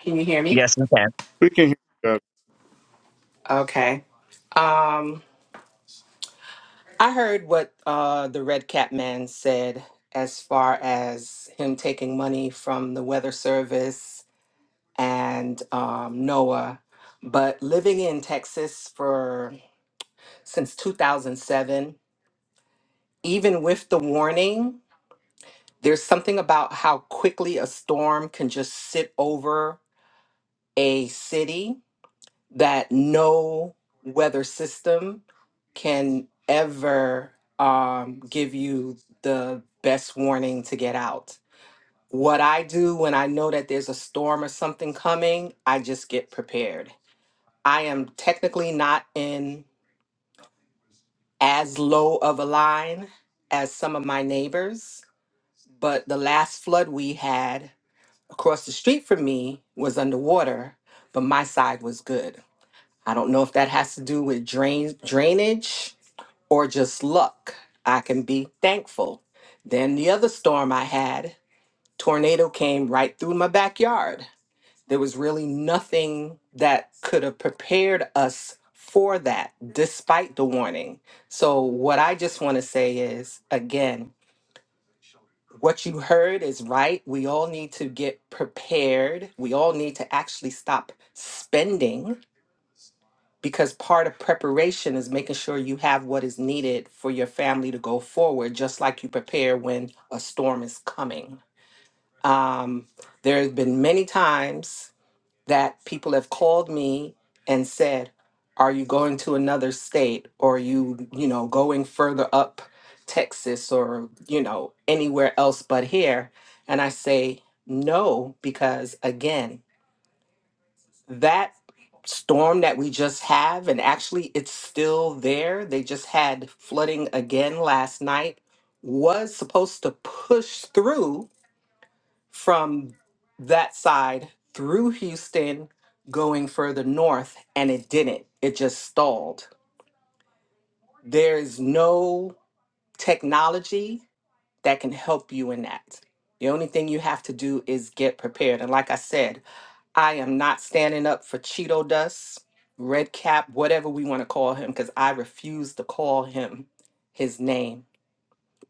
[SPEAKER 9] Can you hear me?
[SPEAKER 1] Yes, okay.
[SPEAKER 2] We can hear you. guys.
[SPEAKER 9] Okay. Um. I heard what uh, the Red Cap man said as far as him taking money from the Weather Service and um, NOAA. But living in Texas for since 2007, even with the warning, there's something about how quickly a storm can just sit over a city that no weather system can ever um, give you the best warning to get out. What I do when I know that there's a storm or something coming, I just get prepared. I am technically not in as low of a line as some of my neighbors, but the last flood we had across the street from me was underwater, but my side was good. I don't know if that has to do with drain drainage or just luck. I can be thankful. Then the other storm I had, tornado came right through my backyard. There was really nothing that could have prepared us for that despite the warning. So what I just want to say is again, what you heard is right. We all need to get prepared. We all need to actually stop spending because part of preparation is making sure you have what is needed for your family to go forward, just like you prepare when a storm is coming. Um, there have been many times that people have called me and said, "Are you going to another state? Or are you, you know, going further up Texas, or you know, anywhere else but here?" And I say, "No," because again that storm that we just have and actually it's still there they just had flooding again last night was supposed to push through from that side through Houston going further north and it didn't it just stalled there is no technology that can help you in that the only thing you have to do is get prepared and like i said I am not standing up for Cheeto Dust, Red Cap, whatever we want to call him, because I refuse to call him his name.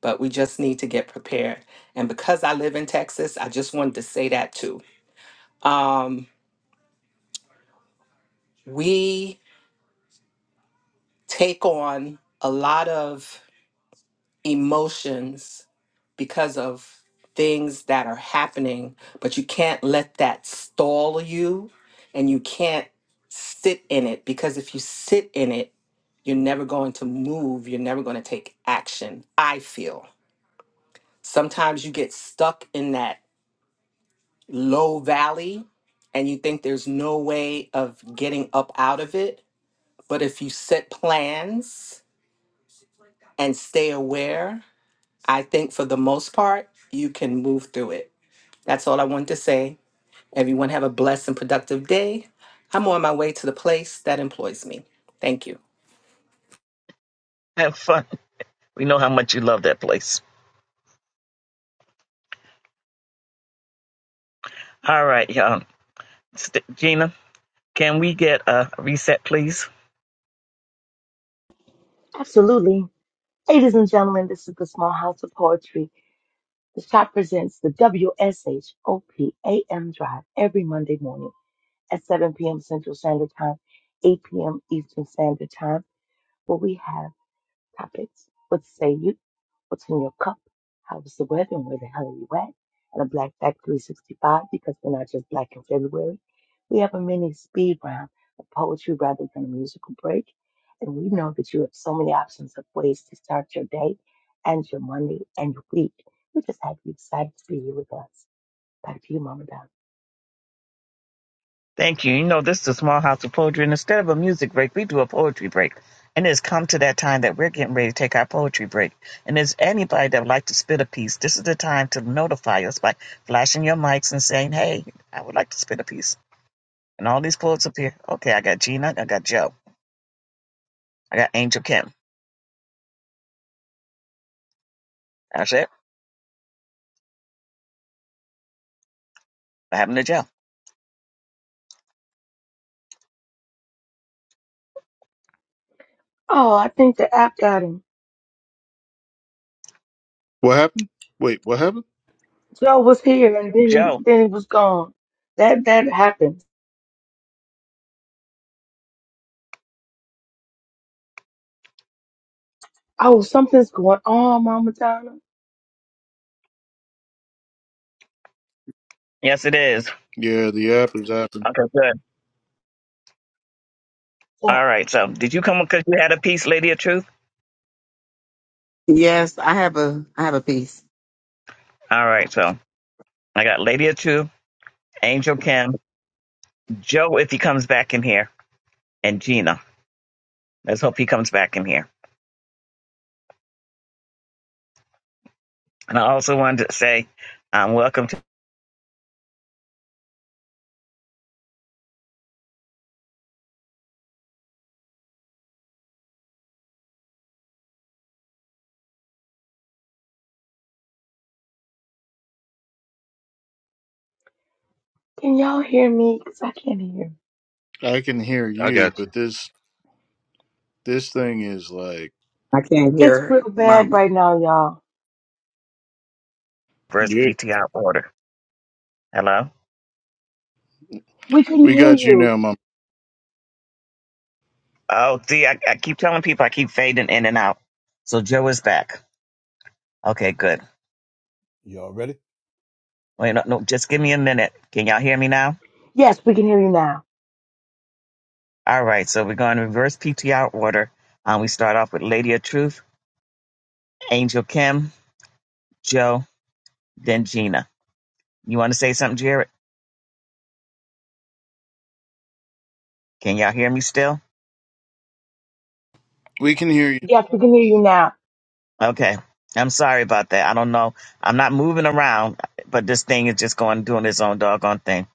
[SPEAKER 9] But we just need to get prepared. And because I live in Texas, I just wanted to say that too. Um, we take on a lot of emotions because of things that are happening, but you can't let that stall you and you can't sit in it because if you sit in it, you're never going to move, you're never going to take action. I feel sometimes you get stuck in that low valley and you think there's no way of getting up out of it. But if you set plans and stay aware I think for the most part, you can move through it. That's all I wanted to say. Everyone have a blessed and productive day. I'm on my way to the place that employs me. Thank you.
[SPEAKER 1] Have fun. We know how much you love that place. All right, y'all. St- Gina, can we get a reset, please?
[SPEAKER 4] Absolutely. Ladies and gentlemen, this is the Small House of Poetry. The shop presents the W S H O P A M Drive every Monday morning at 7 p.m. Central Standard Time, 8 p.m. Eastern Standard Time, where we have topics. What say you? What's in your cup? How's the weather and where the hell are you at? And a Black Fact 365 because we're not just black in February. We have a mini speed round of poetry rather than a musical break. And we know that you have so many options of ways to start your day and your Monday and your week. We're just happy you decided to be here with us. Back to you, Mama Donna.
[SPEAKER 1] Thank you. You know, this is a small house of poetry, and instead of a music break, we do a poetry break. And it's come to that time that we're getting ready to take our poetry break. And is anybody that would like to spit a piece, this is the time to notify us by flashing your mics and saying, hey, I would like to spit a piece. And all these poets up here. Okay, I got Gina, I got Joe, I got Angel Kim. That's it. What happened to Joe?
[SPEAKER 4] Oh, I think the app got him.
[SPEAKER 2] What happened? Wait, what happened?
[SPEAKER 4] Joe was here and then he
[SPEAKER 1] Joe.
[SPEAKER 4] then he was gone. That that happens. Oh, something's going on, Mama Donna.
[SPEAKER 1] Yes, it is.
[SPEAKER 2] Yeah, the app is happening.
[SPEAKER 1] Okay, good.
[SPEAKER 4] Yeah.
[SPEAKER 1] All right. So did you come because you had a piece, Lady of Truth?
[SPEAKER 13] Yes, I have a I have a piece.
[SPEAKER 1] All right. So I got Lady of Truth, Angel Kim, Joe, if he comes back in here, and Gina. Let's hope he comes back in here. And I also wanted to say, um, welcome to
[SPEAKER 4] Can y'all hear me? Because I can't hear.
[SPEAKER 2] I can hear
[SPEAKER 3] I
[SPEAKER 2] you,
[SPEAKER 3] got you.
[SPEAKER 2] but this this thing is like
[SPEAKER 13] I can't
[SPEAKER 4] It's
[SPEAKER 13] hear
[SPEAKER 4] real bad
[SPEAKER 13] Mama.
[SPEAKER 4] right now, y'all.
[SPEAKER 1] First
[SPEAKER 2] yeah.
[SPEAKER 1] PTR Order. Hello.
[SPEAKER 4] We can
[SPEAKER 2] We
[SPEAKER 4] hear
[SPEAKER 2] got you
[SPEAKER 4] you.
[SPEAKER 2] now, mom.
[SPEAKER 1] Oh, see, I, I keep telling people I keep fading in and out. So Joe is back. Okay, good.
[SPEAKER 7] Y'all ready?
[SPEAKER 1] Wait, no, no, just give me a minute. Can y'all hear me now?
[SPEAKER 4] Yes, we can hear you now.
[SPEAKER 1] All right. So we're going to reverse PTR order. Um, we start off with Lady of Truth, Angel Kim, Joe, then Gina. You want to say something, Jared? Can y'all hear me still?
[SPEAKER 2] We can hear
[SPEAKER 4] Yes, we can hear you now.
[SPEAKER 1] Okay. I'm sorry about that. I don't know. I'm not moving around, but this thing is just going doing its own doggone thing.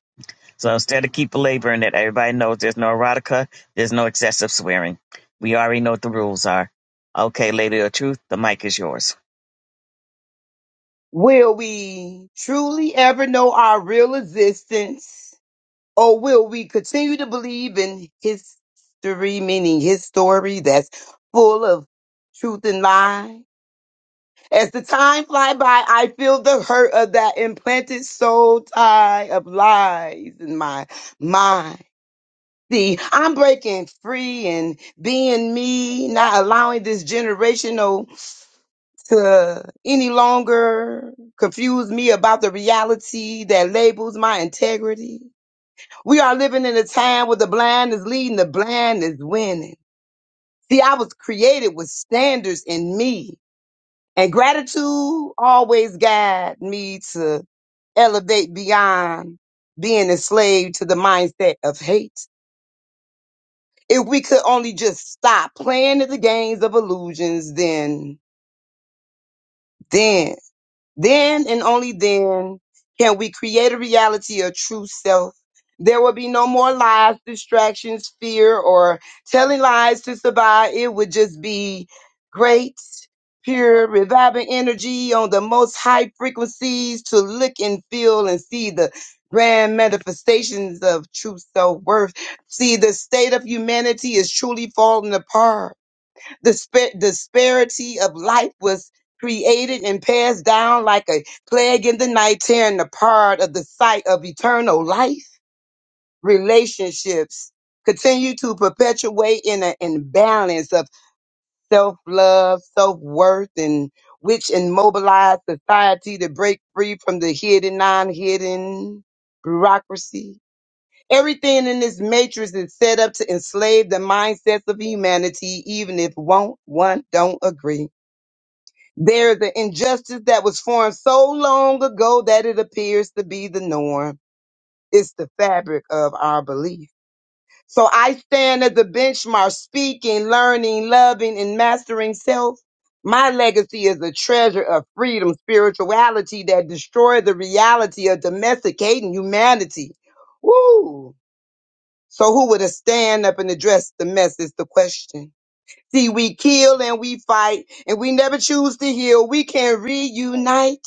[SPEAKER 1] So
[SPEAKER 2] you.
[SPEAKER 1] instead of keep belaboring it, everybody knows there's no erotica, there's no excessive swearing. We already know what the rules are. Okay, Lady of Truth, the mic is yours.
[SPEAKER 13] Will we truly ever know our real existence? Or will we continue to believe in history, meaning his story that's full of truth and lie? As the time fly by, I feel the hurt of that implanted soul tie of lies in my mind. See, I'm breaking free and being me, not allowing this generational to any longer confuse me about the reality that labels my integrity. We are living in a time where the blind is leading, the blind is winning. See, I was created with standards in me, and gratitude always guide me to elevate beyond being enslaved to the mindset of hate. If we could only just stop playing at the games of illusions, then, then Then and only then can we create a reality of true self. There will be no more lies, distractions, fear, or telling lies to survive. It would just be great, pure, reviving energy on the most high frequencies to look and feel and see the grand manifestations of true self worth. See, the state of humanity is truly falling apart Dispa- disparity of life was created and passed down like a plague in the night, tearing apart of the sight of eternal life. Relationships continue to perpetuate in an imbalance of self love, self worth, and which immobilize society to break free from the hidden, non hidden bureaucracy. Everything in this matrix is set up to enslave the mindsets of humanity, even if won't, one don't agree. They're the injustice that was formed so long ago that it appears to be the norm. It's the fabric of our belief. So I stand as a benchmark, speaking, learning, loving, and mastering self. My legacy is a treasure of freedom, spirituality that destroyed the reality of domesticating humanity. Woo! So who would have stand up and address the mess is the question. See, we kill and we fight, and we never choose to heal. We can reunite.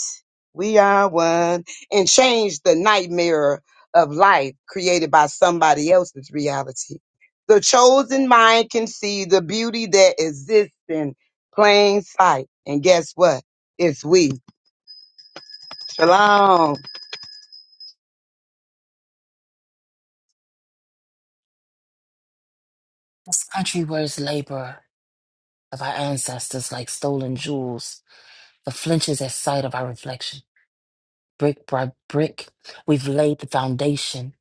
[SPEAKER 13] We are one and change the nightmare of life created by somebody else's reality. The chosen mind can see the beauty that exists in plain sight. And guess what? It's we. Shalom.
[SPEAKER 10] This country wears labor of our ancestors like stolen jewels, but flinches at sight of our reflection. brick by brick, we've laid the foundation,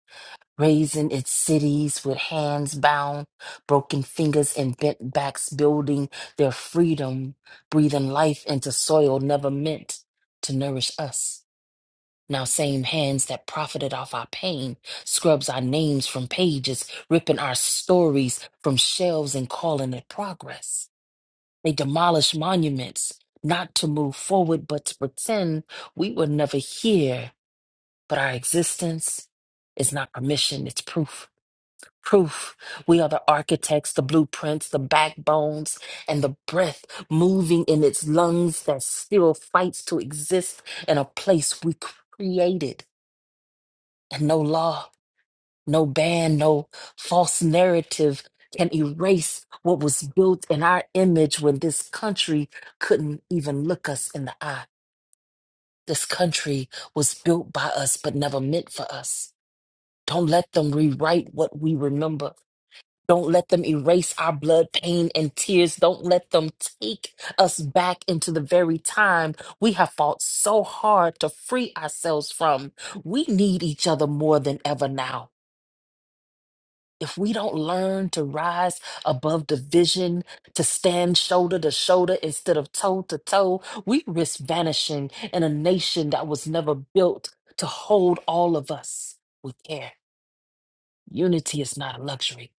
[SPEAKER 10] raising its cities with hands bound, broken fingers, and bent backs, building their freedom, breathing life into soil never meant to nourish us. Now, same hands that profited off our pain scrubs our names from pages, ripping our stories from shelves and calling it progress. They demolish monuments, not to move forward, but to pretend we were never here but our existence is not permission, it's proof. Proof. We are the architects, the blueprints, the backbones, and the breath moving in its lungs that still fights to exist in a place we created. And no law, no ban, no false narrative can erase what was built in our image when this country couldn't even look us in the eye. This country was built by us, but never meant for us. Don't let them rewrite what we remember. Don't let them erase our blood, pain, and tears. Don't let them take us back into the very time we have fought so hard to free ourselves from. We need each other more than ever now. If we don't learn to rise above division, to stand shoulder to shoulder instead of toe to toe, we risk vanishing in a nation that was never built to hold all of us with care. Unity is not a luxury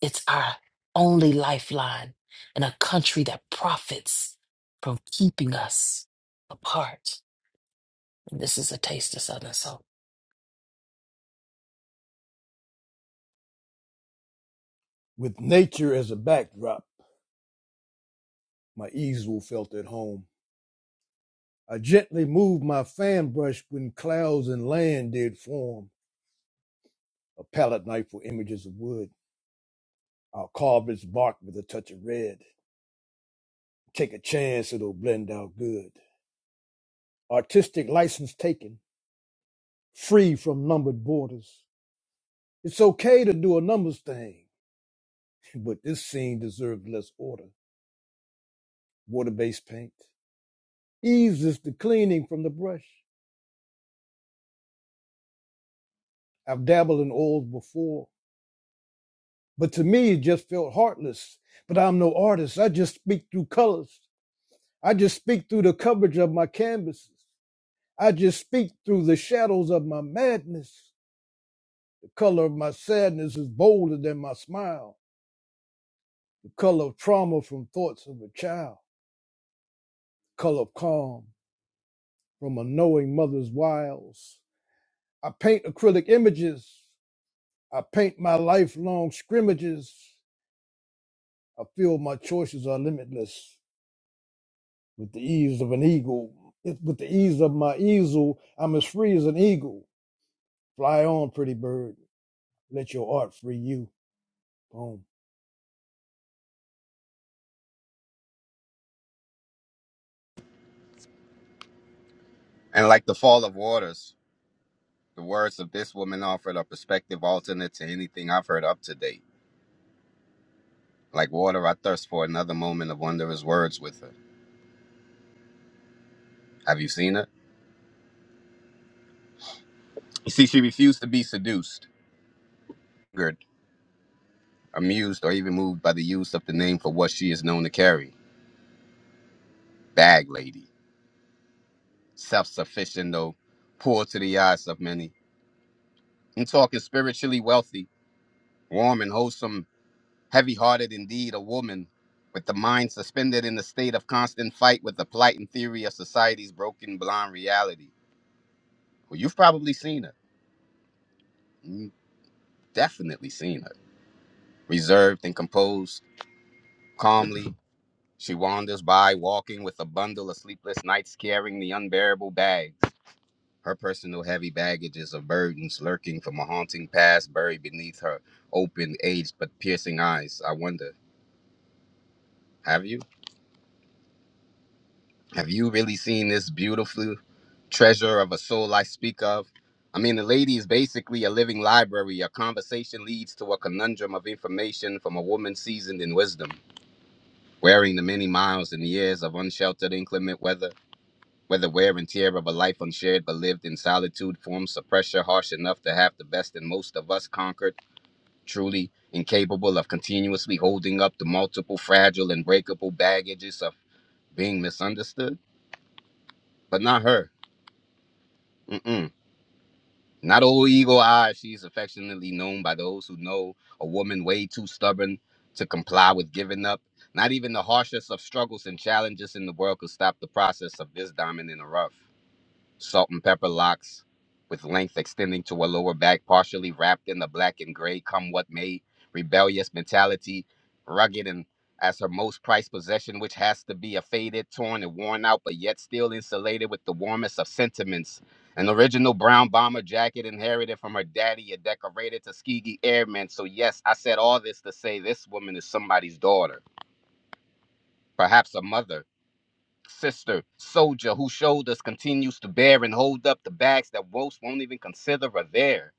[SPEAKER 10] It's our only lifeline in a country that profits from keeping us apart. And this is a taste of Southern soul.
[SPEAKER 7] With nature as a backdrop, my easel felt at home I gently moved my fan brush when clouds and land did form. A palette knife for images of wood. I'll carve its bark with a touch of red. Take a chance, it'll blend out good. Artistic license taken, free from numbered borders. It's okay to do a numbers thing, but this scene deserved less order. Water-based paint. Eases the cleaning from the brush. I've dabbled in oils before, but to me it just felt heartless. But I'm no artist. I just speak through colors. I just speak through the coverage of my canvases. I just speak through the shadows of my madness. The color of my sadness is bolder than my smile. The color of trauma from thoughts of a child. The color of calm from a knowing mother's wiles. I paint acrylic images. I paint my lifelong scrimmages. I feel my choices are limitless with the ease of an eagle. If with the ease of my easel, I'm as free as an eagle. Fly on, pretty bird. Let your art free you. Boom.
[SPEAKER 14] And like the fall of waters, the words of this woman offered a perspective alternate to anything I've heard up to date. Like water, I thirst for another moment of wondrous words with her. Have you seen her? You see, she refused to be seduced, angered, amused, or even moved by the use of the name for what she is known to carry bag lady. Self sufficient, though, poor to the eyes of many. I'm talking spiritually wealthy, warm and wholesome heavy hearted indeed, a woman, with the mind suspended in the state of constant fight with the plight and theory of society's broken, blind reality. Well, you've probably seen her. You've definitely seen her. Reserved and composed, calmly, she wanders by, walking with a bundle of sleepless nights, carrying the unbearable bags. Her personal heavy baggages of burdens lurking from a haunting past buried beneath her open, aged but piercing eyes. I wonder, have you? Have you really seen this beautiful treasure of a soul I speak of? I mean, the lady is basically a living library. A conversation leads to a conundrum of information from a woman seasoned in wisdom, wearing the many miles and years of unsheltered inclement weather, where wear and tear of a life unshared but lived in solitude forms a pressure harsh enough to have the best and most of us conquered, truly incapable of continuously holding up the multiple fragile and breakable baggages of being misunderstood. But not her. Mm-mm. Not old eagle eye, she is affectionately known by those who know a woman way too stubborn to comply with giving up. Not even the harshest of struggles and challenges in the world could stop the process of this diamond in the rough salt and pepper locks with length extending to a lower back, partially wrapped in the black and gray, come what may, rebellious mentality, rugged and as her most prized possession, which has to be a faded, torn, and worn out, but yet still insulated with the warmest of sentiments. An original brown bomber jacket inherited from her daddy, a decorated Tuskegee Airman. So, yes, I said all this to say this woman is somebody's daughter, perhaps a mother sister, soldier, whose shoulders continues to bear and hold up the bags that most won't even consider are there.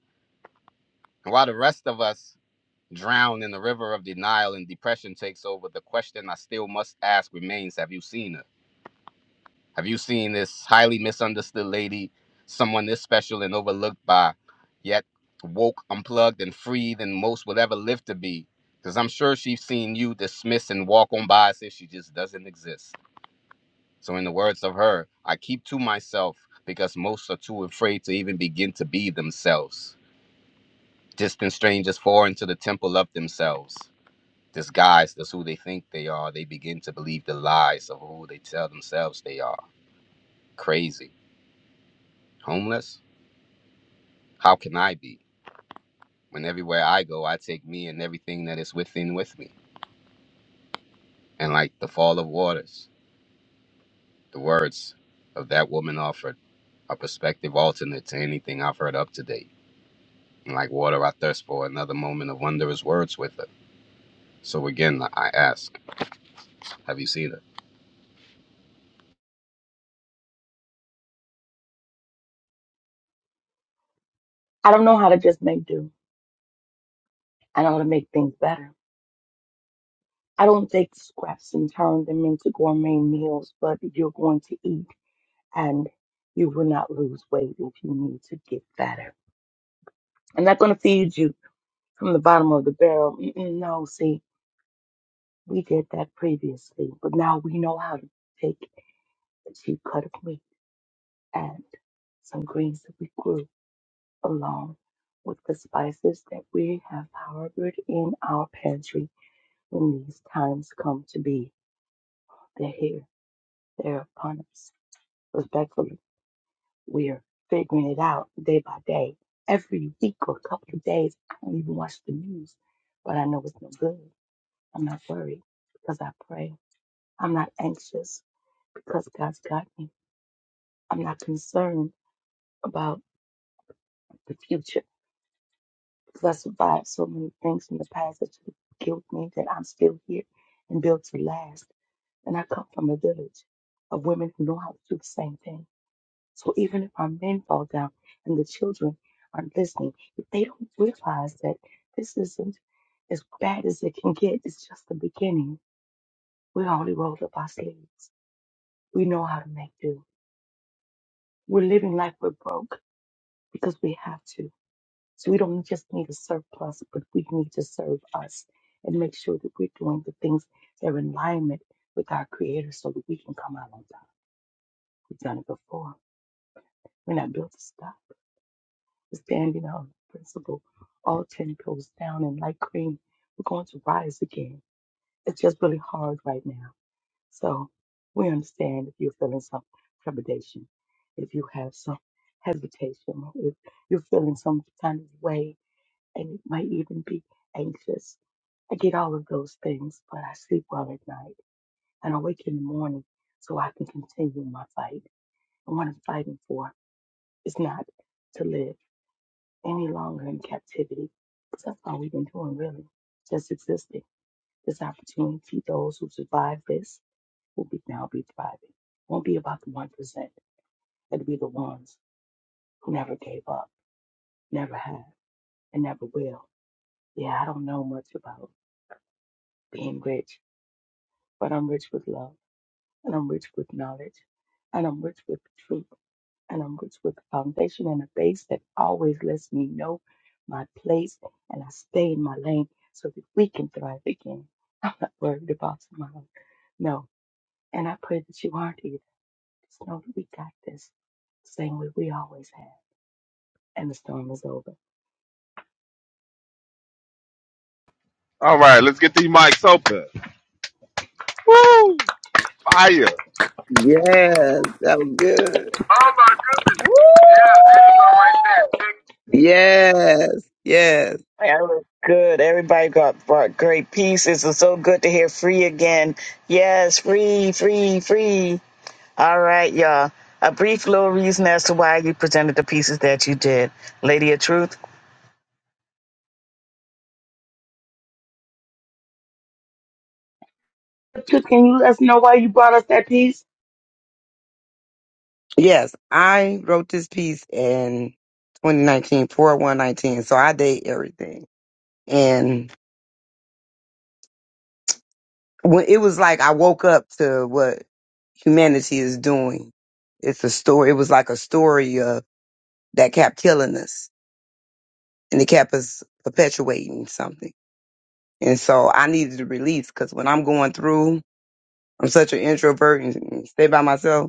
[SPEAKER 14] And while the rest of us drown in the river of denial and depression takes over, the question I still must ask remains Have you seen her? Have you seen this highly misunderstood lady, someone this special and overlooked by, yet woke, unplugged, and free than most will ever live to be? Because I'm sure she's seen you dismiss and walk on by as if she just doesn't exist. So, in the words of her, I keep to myself because most are too afraid to even begin to be themselves. Distant strangers fall into the temple of themselves. Disguised as who they think they are, they begin to believe the lies of who they tell themselves they are. Crazy. Homeless? How can I be? When everywhere I go, I take me and everything that is within with me. And like the fall of waters, the words of that woman offered a perspective alternate to anything I've heard up to date. and like water, I thirst for another moment of wondrous words with it. So again, I ask, have you seen it?
[SPEAKER 4] I don't know how to just make do. I know how to make things better. I don't take scraps and turn them into gourmet meals, but you're going to eat and you will not lose weight if you need to get better. I'm not going to feed you from the bottom of the barrel. Mm-mm, no, see. We did that previously, but now we know how to take a cheap cut of meat and some greens that we grew along with the spices that we have harbored in our pantry when these times come to be. They're here, they're upon us. Respectfully, we're figuring it out day by day. Every week or a couple of days, I don't even watch the news, but I know it's no good. I'm not worried because I pray. I'm not anxious because God's got me. I'm not concerned about the future because I survived so many things from the past that should have killed me that I'm still here and built to last. And I come from a village of women who know how to do the same thing. So even if our men fall down and the children aren't listening, if they don't realize that this isn't as bad as it can get, it's just the beginning. We only rolled up our sleeves. We know how to make do. We're living like we're broke because we have to So we don't just need a surplus, but we need to serve us and make sure that we're doing the things that are in alignment with our Creator so that we can come out on top. We've done it before. We're not built to stop. We're standing on principle. All 10 goes down, and like cream, we're going to rise again. It's just really hard right now. So we understand if you're feeling some trepidation, if you have some hesitation, if you're feeling some kind of way and it might even be anxious. I get all of those things, but I sleep well at night and I wake in the morning so I can continue my fight. And what I'm fighting for is not to live any longer in captivity, because That's all we've been doing, really, just existing. This opportunity, those who survive this will be now be thriving. It Won't be about the 1%. It'll be the ones who never gave up, never have, and never will. Yeah, I don't know much about being rich, but I'm rich with love. and I'm rich with knowledge, and I'm rich with truth, and I'm rich with foundation and a base that always lets me know my place, and I stay in my lane so that we can thrive again. I'm not worried about tomorrow, no. And I pray that you aren't either. Just know that we got this, the same way we always have, and the storm is over.
[SPEAKER 3] All right, let's get these mics open. Woo! Fire.
[SPEAKER 13] Yes, that was good.
[SPEAKER 15] Woo! Yeah, there you
[SPEAKER 13] Yes, yes.
[SPEAKER 1] Hey, I look Good. Everybody got brought great pieces. It's so good to hear free again. Yes, free, free, free. All right, y'all. A brief little reason as to why you presented the pieces that you did. Lady of Truth,
[SPEAKER 4] Truth, can you let us know why you brought us that piece?
[SPEAKER 13] Yes, I wrote this piece in 2019 for 119, so I date everything. And when it was like I woke up to what humanity is doing. It's a story. It was like a story of that kept killing us, and it kept us perpetuating something. And so I needed to release because when I'm going through, I'm such an introvert and stay by myself.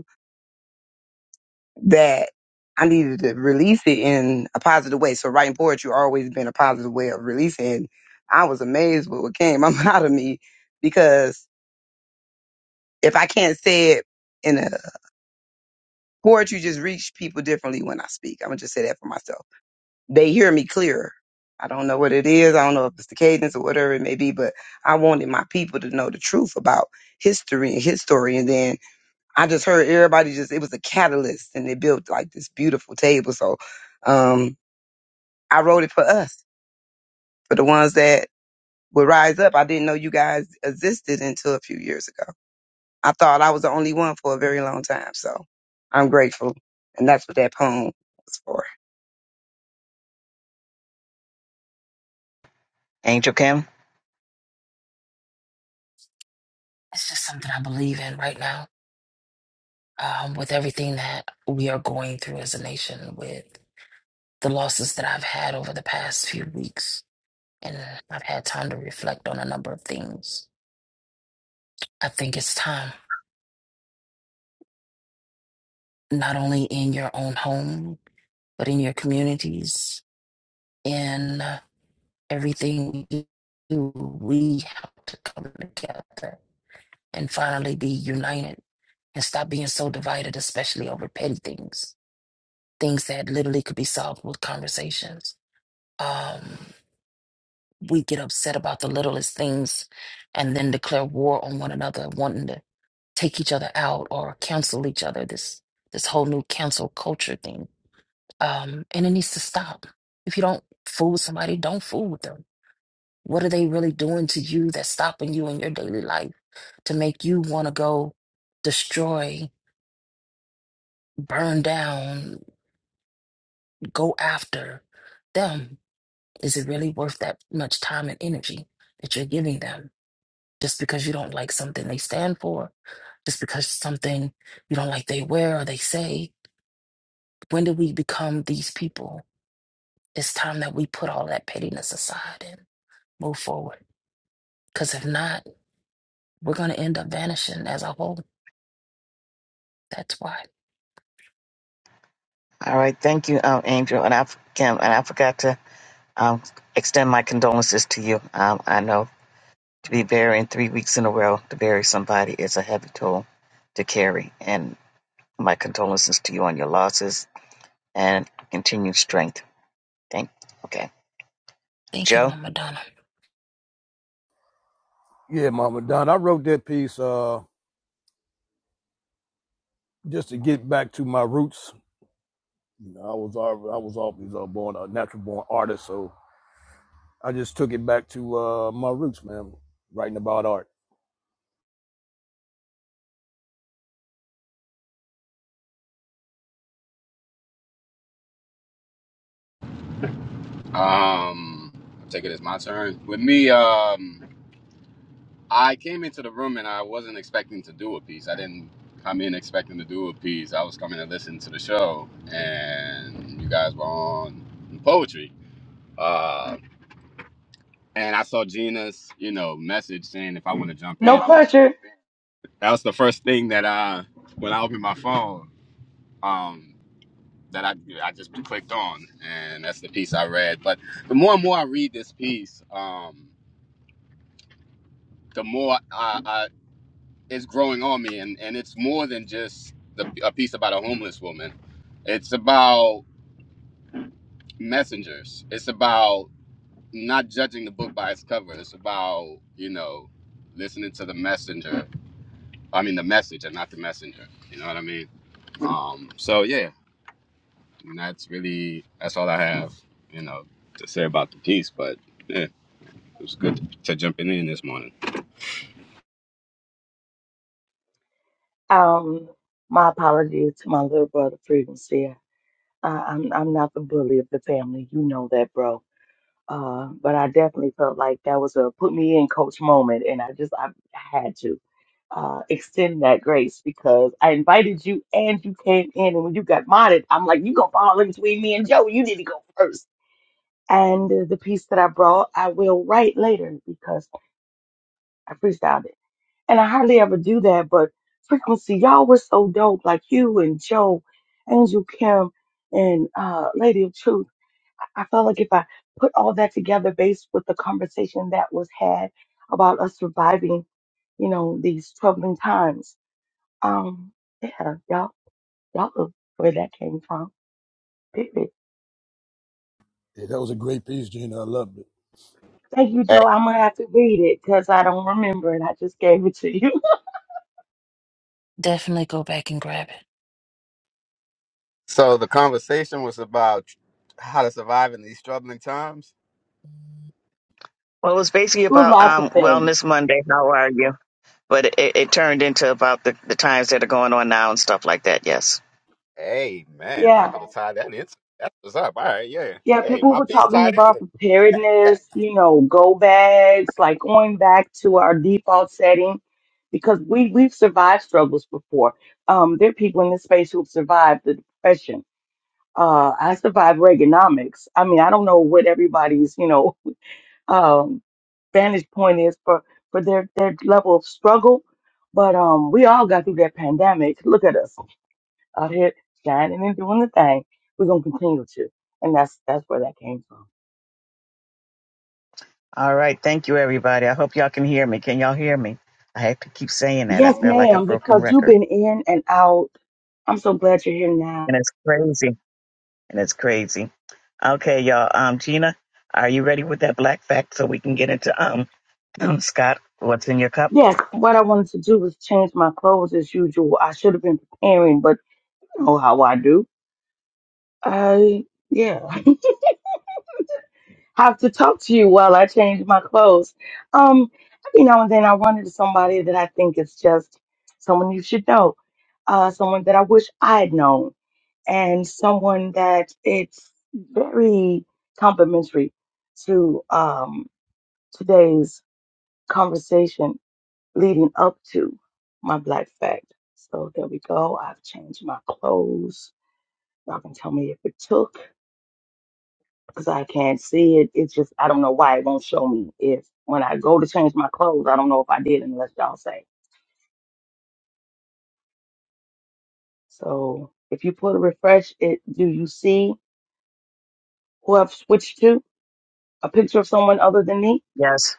[SPEAKER 13] that I needed to release it in a positive way. So writing poetry always been a positive way of releasing. And I was amazed with what came out of me because if I can't say it in a poetry, just reach people differently when I speak. I'm gonna just say that for myself. They hear me clearer. I don't know what it is. I don't know if it's the cadence or whatever it may be, but I wanted my people to know the truth about history and his story. And then I just heard everybody just, it was a catalyst and they built like this beautiful table. So, um, I wrote it for us, for the ones that would rise up. I didn't know you guys existed until a few years ago. I thought I was the only one for a very long time. So I'm grateful. And that's what that poem was for.
[SPEAKER 1] Angel Kim.
[SPEAKER 10] It's just something I believe in right now. Um, with everything that we are going through as a nation, with the losses that I've had over the past few weeks, and I've had time to reflect on a number of things. I think it's time, not only in your own home, but in your communities, in. uh, everything we do, we have to come together and finally be united and stop being so divided, especially over petty things, things that literally could be solved with conversations. Um, we get upset about the littlest things and then declare war on one another, wanting to take each other out or cancel each other. This this whole new cancel culture thing, um, and it needs to stop. If you don't fool with somebody, don't fool with them What are they really doing to you that's stopping you in your daily life to make you want to go destroy, burn down, go after them? Is it really worth that much time and energy that you're giving them just because you don't like something they stand for, just because something you don't like they wear or they say? When do we become these people? It's time that we put all that pettiness aside and move forward. Because if not, we're going to end up vanishing as a whole. That's why.
[SPEAKER 1] All right, thank you, um, Angel and I, Kim, and I forgot to um, extend my condolences to you. Um, I know to be burying three weeks in a row to bury somebody is a heavy toll to carry, and my condolences to you on your losses and continued strength. Thank. Okay,
[SPEAKER 10] Thank you,
[SPEAKER 1] Joe.
[SPEAKER 10] Mama Donna.
[SPEAKER 7] Yeah, Mama Don. I wrote that piece uh just to get back to my roots. You know, I was I was always uh, born a natural born artist, so I just took it back to uh my roots, man. Writing about art.
[SPEAKER 14] Um, I take it as my turn. With me, um, I came into the room and I wasn't expecting to do a piece. I didn't come in expecting to do a piece. I was coming to listen to the show, and you guys were on poetry. Uh, and I saw Gina's, you know, message saying if I want to jump
[SPEAKER 4] No
[SPEAKER 14] in.
[SPEAKER 4] pressure.
[SPEAKER 14] That was the first thing that I, when I opened my phone. Um, that I I just clicked on, and that's the piece I read. But the more and more I read this piece, um, the more I, I, it's growing on me, and and it's more than just the, a piece about a homeless woman. It's about messengers. It's about not judging the book by its cover. It's about you know listening to the messenger. I mean the message, and not the messenger. You know what I mean? Um, so yeah, and that's really that's all I have. You know to say about the piece, but. yeah. It was good to, to jumping in this morning.
[SPEAKER 4] Um, my apologies to my little brother, Freedom I, I'm I'm not the bully of the family, you know that, bro. Uh, but I definitely felt like that was a put me in coach moment, and I just I had to uh, extend that grace because I invited you and you came in, and when you got modded, I'm like you gonna fall in between me and Joe. You need to go first. And the piece that I brought, I will write later because I freestyled it, and I hardly ever do that. But frequency, y'all were so dope, like you and Joe, Angel Kim, and uh, Lady of Truth I felt like if I put all that together based with the conversation that was had about us surviving, you know, these troubling times. Um, yeah, y'all, y'all know where that came from. Period.
[SPEAKER 7] Yeah, that was a great piece, Gina. I loved it.
[SPEAKER 4] Thank you,
[SPEAKER 14] Hey,
[SPEAKER 4] Joe. I'm gonna have to read it because I don't remember it. I just gave it to you.
[SPEAKER 10] Definitely go back and grab it.
[SPEAKER 14] so the conversation was about how to survive in these troubling times.
[SPEAKER 1] Well, it was basically
[SPEAKER 4] it was
[SPEAKER 1] about
[SPEAKER 4] lots of
[SPEAKER 1] um,
[SPEAKER 4] things.
[SPEAKER 1] Wellness Monday. How are you? but it, it turned into about the, the times that are going on now and stuff like that. Yes.
[SPEAKER 14] Hey, man, I
[SPEAKER 4] Yeah.
[SPEAKER 14] could have tied that in. That's what's up. All right, yeah.
[SPEAKER 4] Yeah,
[SPEAKER 14] Hey,
[SPEAKER 4] people
[SPEAKER 14] my
[SPEAKER 4] were
[SPEAKER 14] piece
[SPEAKER 4] talking
[SPEAKER 14] tied in
[SPEAKER 4] about
[SPEAKER 14] with
[SPEAKER 4] preparedness, you know, go bags, like going back to our default setting because we we've survived struggles before. Um, there are people in this space who've survived the depression. Uh, I survived Reaganomics. I mean, I don't know what everybody's, you know, um, vantage point is for for their their level of struggle, but um, we all got through that pandemic. Look at us out here shining and doing the thing. We're gonna continue to, and that's that's where that came from.
[SPEAKER 1] All right. Thank you, everybody. I hope y'all can hear me. Can y'all hear me? I have to keep saying that. I
[SPEAKER 4] Yes,
[SPEAKER 1] feel like a
[SPEAKER 4] ma'am,
[SPEAKER 1] broken
[SPEAKER 4] because you've
[SPEAKER 1] record,
[SPEAKER 4] been in and out. I'm so glad you're here now.
[SPEAKER 1] and it's crazy. And it's crazy. Okay, y'all. Um, Gina, are you ready with that black fact so we can get into um, um Scott? What's in your cup?
[SPEAKER 4] Yes, what I wanted to do was change my clothes as usual. I should have been preparing, but you know how I do. I, yeah, have to talk to you while I change my clothes. Um, every now and then I run into somebody that I think is just someone you should know, uh, someone that I wish I had known, and someone that it's very complimentary to um, today's conversation leading up to my black fact. So there we go. I've changed my clothes. Y'all can tell me if it took because I can't see it. It's just, I don't know why it won't show me. If when I go to change my clothes, I don't know if I did unless y'all say. So if you put a refresh, it do you see who I've switched to? A picture of someone other than me?
[SPEAKER 1] Yes.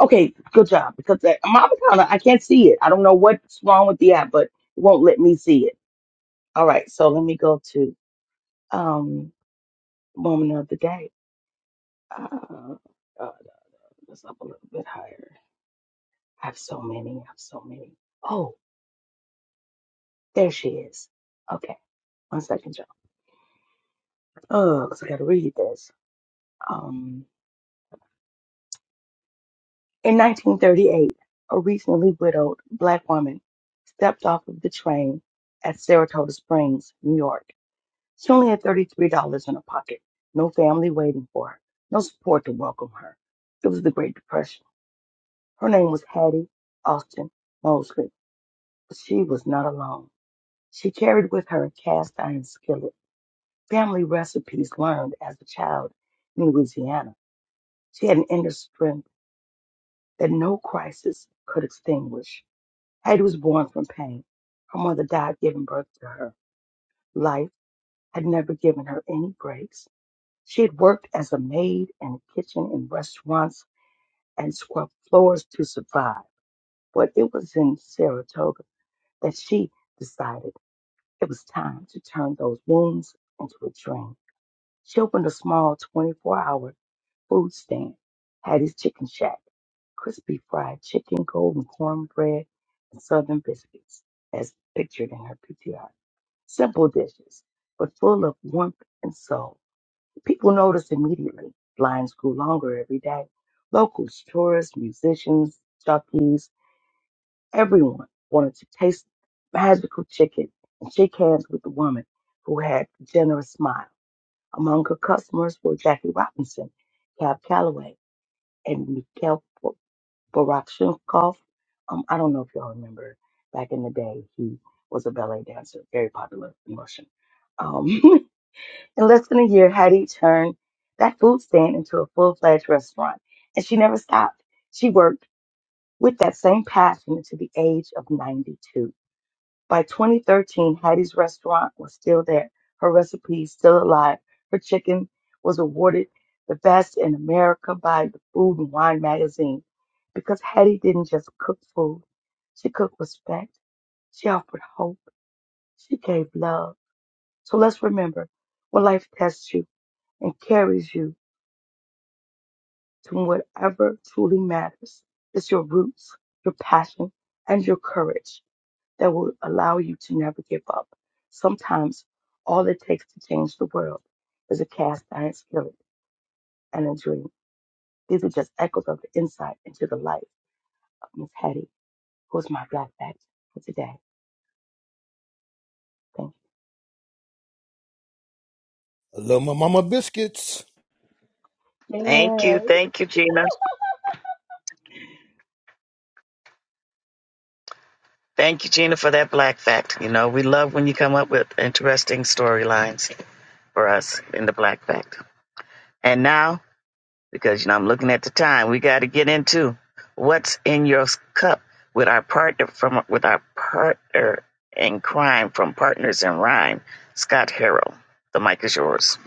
[SPEAKER 4] Okay, good job because that, my avatar, I can't see it. I don't know what's wrong with the app, but it won't let me see it. All right, so let me go to. Um, woman of the day. Uh, uh, let's up a little bit higher. I have so many. I have so many. Oh, there she is. Okay, one second, y'all. Oh, cause I gotta read this. Um, in 1938, a recently widowed black woman stepped off of the train at Saratoga Springs, New York. She only had $33 in her pocket. No family waiting for her. No support to welcome her. It was the Great Depression. Her name was Hattie Austin Mosley. She was not alone. She carried with her a cast iron skillet, family recipes learned as a child in Louisiana. She had an inner strength that no crisis could extinguish. Hattie was born from pain. Her mother died giving birth to her. Life had never given her any breaks. She had worked as a maid in a kitchen in restaurants and scrubbed floors to survive. But it was in Saratoga that she decided. It was time to turn those wounds into a dream. She opened a small 24 hour food stand, Hattie's Chicken Shack, crispy fried chicken, golden cornbread, and southern biscuits, as pictured in her PTR. Simple dishes, but full of warmth and soul. People noticed immediately. Lines grew longer every day. Locals, tourists, musicians, jockeys, Everyone wanted to taste magical chicken and shake hands with the woman who had a generous smile. Among her customers were Jackie Robinson, Cab Calloway, and Mikhail Bo- Baryshnikov. Um, I don't know if y'all remember back in the day, he was a ballet dancer, very popular in Russia. Um, in less than a year, Hattie turned that food stand into a full-fledged restaurant, and she never stopped. She worked with that same passion to the age of 92. By 2013, Hattie's restaurant was still there, her recipes still alive. Her chicken was awarded the best in America by the Food and Wine magazine because Hattie didn't just cook food, she cooked respect, she offered hope, she gave love. So let's remember when life tests you and carries you to whatever truly matters, it's your roots, your passion, and your courage. that will allow you to never give up. Sometimes all it takes to change the world is a cast iron skillet and a dream. These are just echoes of the insight into the life of Miss Hattie, who is my black fact for today. Thank
[SPEAKER 7] I love my mama biscuits.
[SPEAKER 1] Thank you.
[SPEAKER 4] you. Yay.
[SPEAKER 1] Thank you, Gina. Thank you, Gina, for that black fact. You know, we love when you come up with interesting storylines for us in the black fact. And now because you know I'm looking at the time. We got to get into what's in your cup with our partner from with our partner in crime from Partners in Rhyme, Scott Harrell. The mic is yours.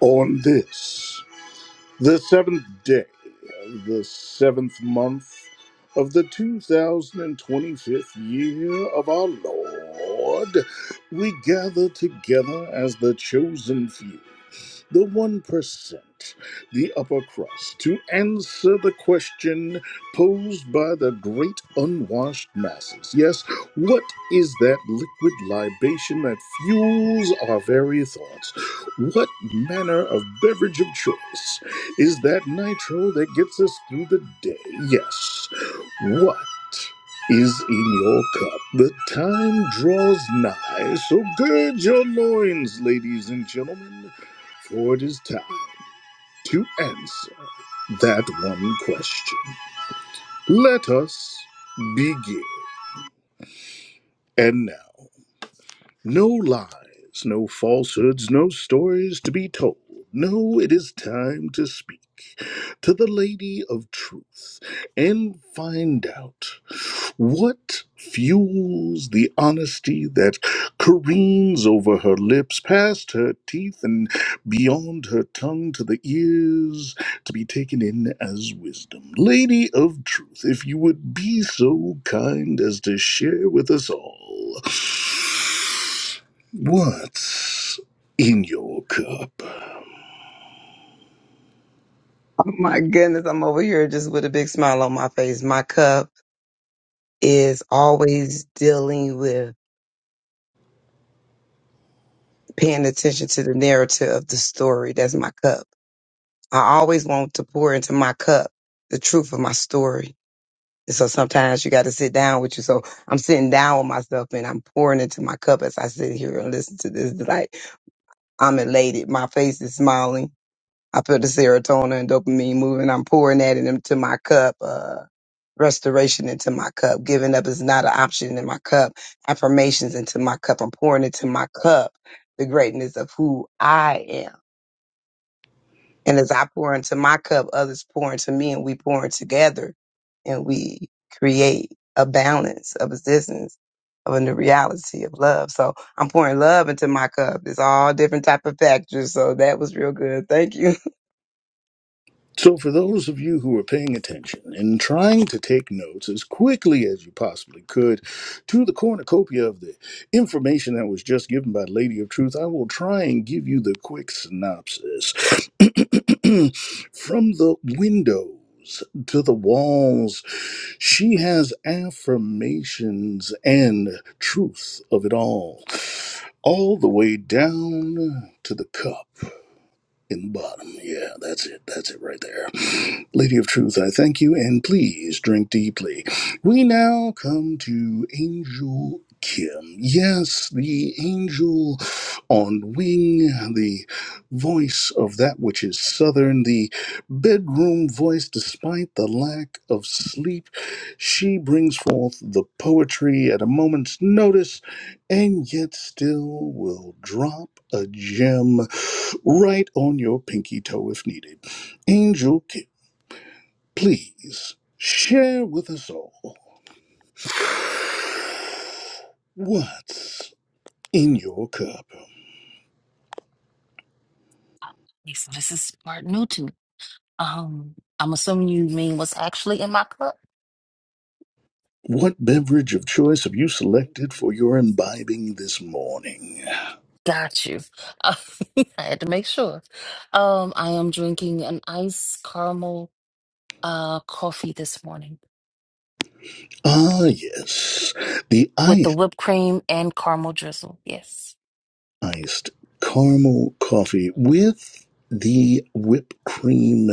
[SPEAKER 2] on this. The seventh day of the seventh month of the 2025th year of our Lord, we gather together as the chosen few, the 1%, the upper crust, to answer the question posed by the great unwashed masses. Yes, what is that liquid libation that fuels our very thoughts? What manner of beverage of choice? is that nitro that gets us through the day. Yes. What is in your cup? The time draws nigh, so gird your loins, ladies and gentlemen, for it is time to answer that one question. Let us begin. And now. No lies, no falsehoods, no stories to be told. No, it is time to speak to the Lady of Truth and find out. What fuels the honesty that careens over her lips, past her teeth, and beyond her tongue to the ears to be taken in as wisdom? Lady of truth, if you would be so kind as to share with us all what's in your cup.
[SPEAKER 13] Oh my goodness. I'm over here just with a big smile on my face. My cup is always dealing with paying attention to the narrative of the story. That's my cup. I always want to pour into my cup the truth of my story So sometimes you got to sit down with you. So I'm sitting down with myself and I'm pouring into my cup as I sit here and listen to this. Like I'm elated. My face is smiling. I feel the serotonin and dopamine moving. I'm pouring that in- into my cup. Uh, restoration into my cup. Giving up is not an option in my cup. Affirmations into my cup. I'm pouring into my cup the greatness of who I am. And as I pour into my cup, others pour into me, and we pour in together and we create a balance, a existence of a new reality of love. So I'm pouring love into my cup. It's all different type of factors. So that was real good. Thank you.
[SPEAKER 2] So, for those of you who are paying attention and trying to take notes as quickly as you possibly could to the cornucopia of the information that was just given by Lady of Truth, I will try and give you the quick synopsis. From the windows to the walls, she has affirmations and truth of it all, all the way down to the cup in the bottom. Yeah, that's it. That's it right there. Lady of Truth, I thank you, and please drink deeply. We now come to Angel Kim. Yes, the angel on wing, the voice of that which is southern, the bedroom voice, despite the lack of sleep. She brings forth the poetry at a moment's notice and yet still will drop a gem right on your pinky toe if needed. Angel Kim, please share with us all what's in your cup.
[SPEAKER 10] Okay, So this is part new to me. Um, I'm assuming you mean what's actually in my cup.
[SPEAKER 2] What beverage of choice have you selected for your imbibing this morning?
[SPEAKER 10] Got you. I had to make sure. Um, I am drinking an iced caramel uh coffee this morning
[SPEAKER 2] Ah, yes, the
[SPEAKER 10] with
[SPEAKER 2] I
[SPEAKER 10] the whipped cream and caramel drizzle. Yes,
[SPEAKER 2] iced caramel coffee with the whipped cream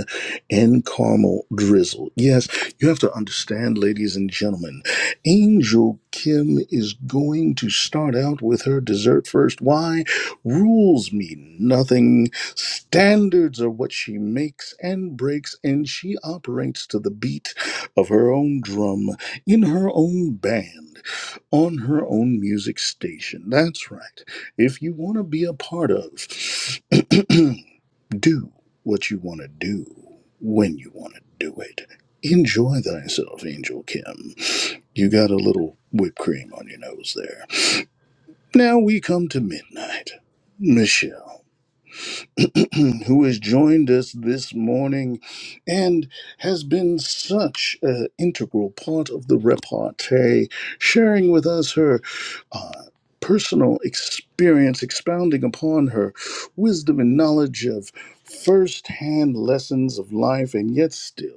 [SPEAKER 2] and caramel drizzle. Yes, you have to understand, ladies and gentlemen, Angel Kim is going to start out with her dessert first. Why? Rules mean nothing. Standards are what she makes and breaks, and she operates to the beat of her own drum in her own band on her own music station. That's right. If you want to be a part of, do what you want to do when you want to do it. Enjoy thyself, Angel Kim. You got a little whipped cream on your nose there. Now we come to midnight. Michelle, who has joined us this morning and has been such an integral part of the repartee, sharing with us her uh, personal experience expounding upon her wisdom and knowledge of first-hand lessons of life and yet still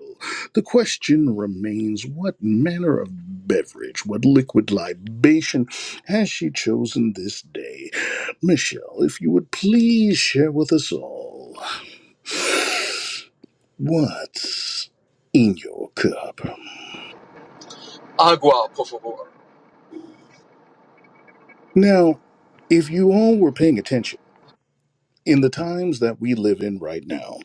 [SPEAKER 2] the question remains what manner of beverage what liquid libation has she chosen this day michelle if you would please share with us all what's in your cup
[SPEAKER 12] Agua, por favor.
[SPEAKER 2] now if you all were paying attention in the times that we live in right now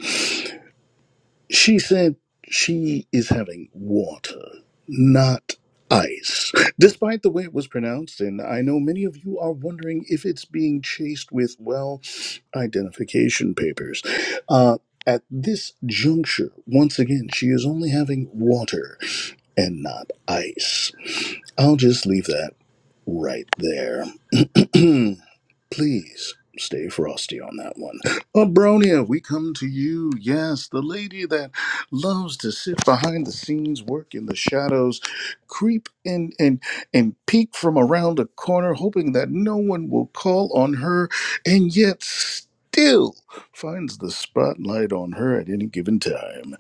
[SPEAKER 2] She said she is having water, not ice, despite the way it was pronounced. And I know many of you are wondering if it's being chased with, well, identification papers. Uh, at this juncture, once again, she is only having water and not ice. I'll just leave that right there. Please stay frosty on that one. Abronia, we come to you. Yes, the lady that loves to sit behind the scenes, work in the shadows, creep in and and peek from around a corner, hoping that no one will call on her, and yet still finds the spotlight on her at any given time.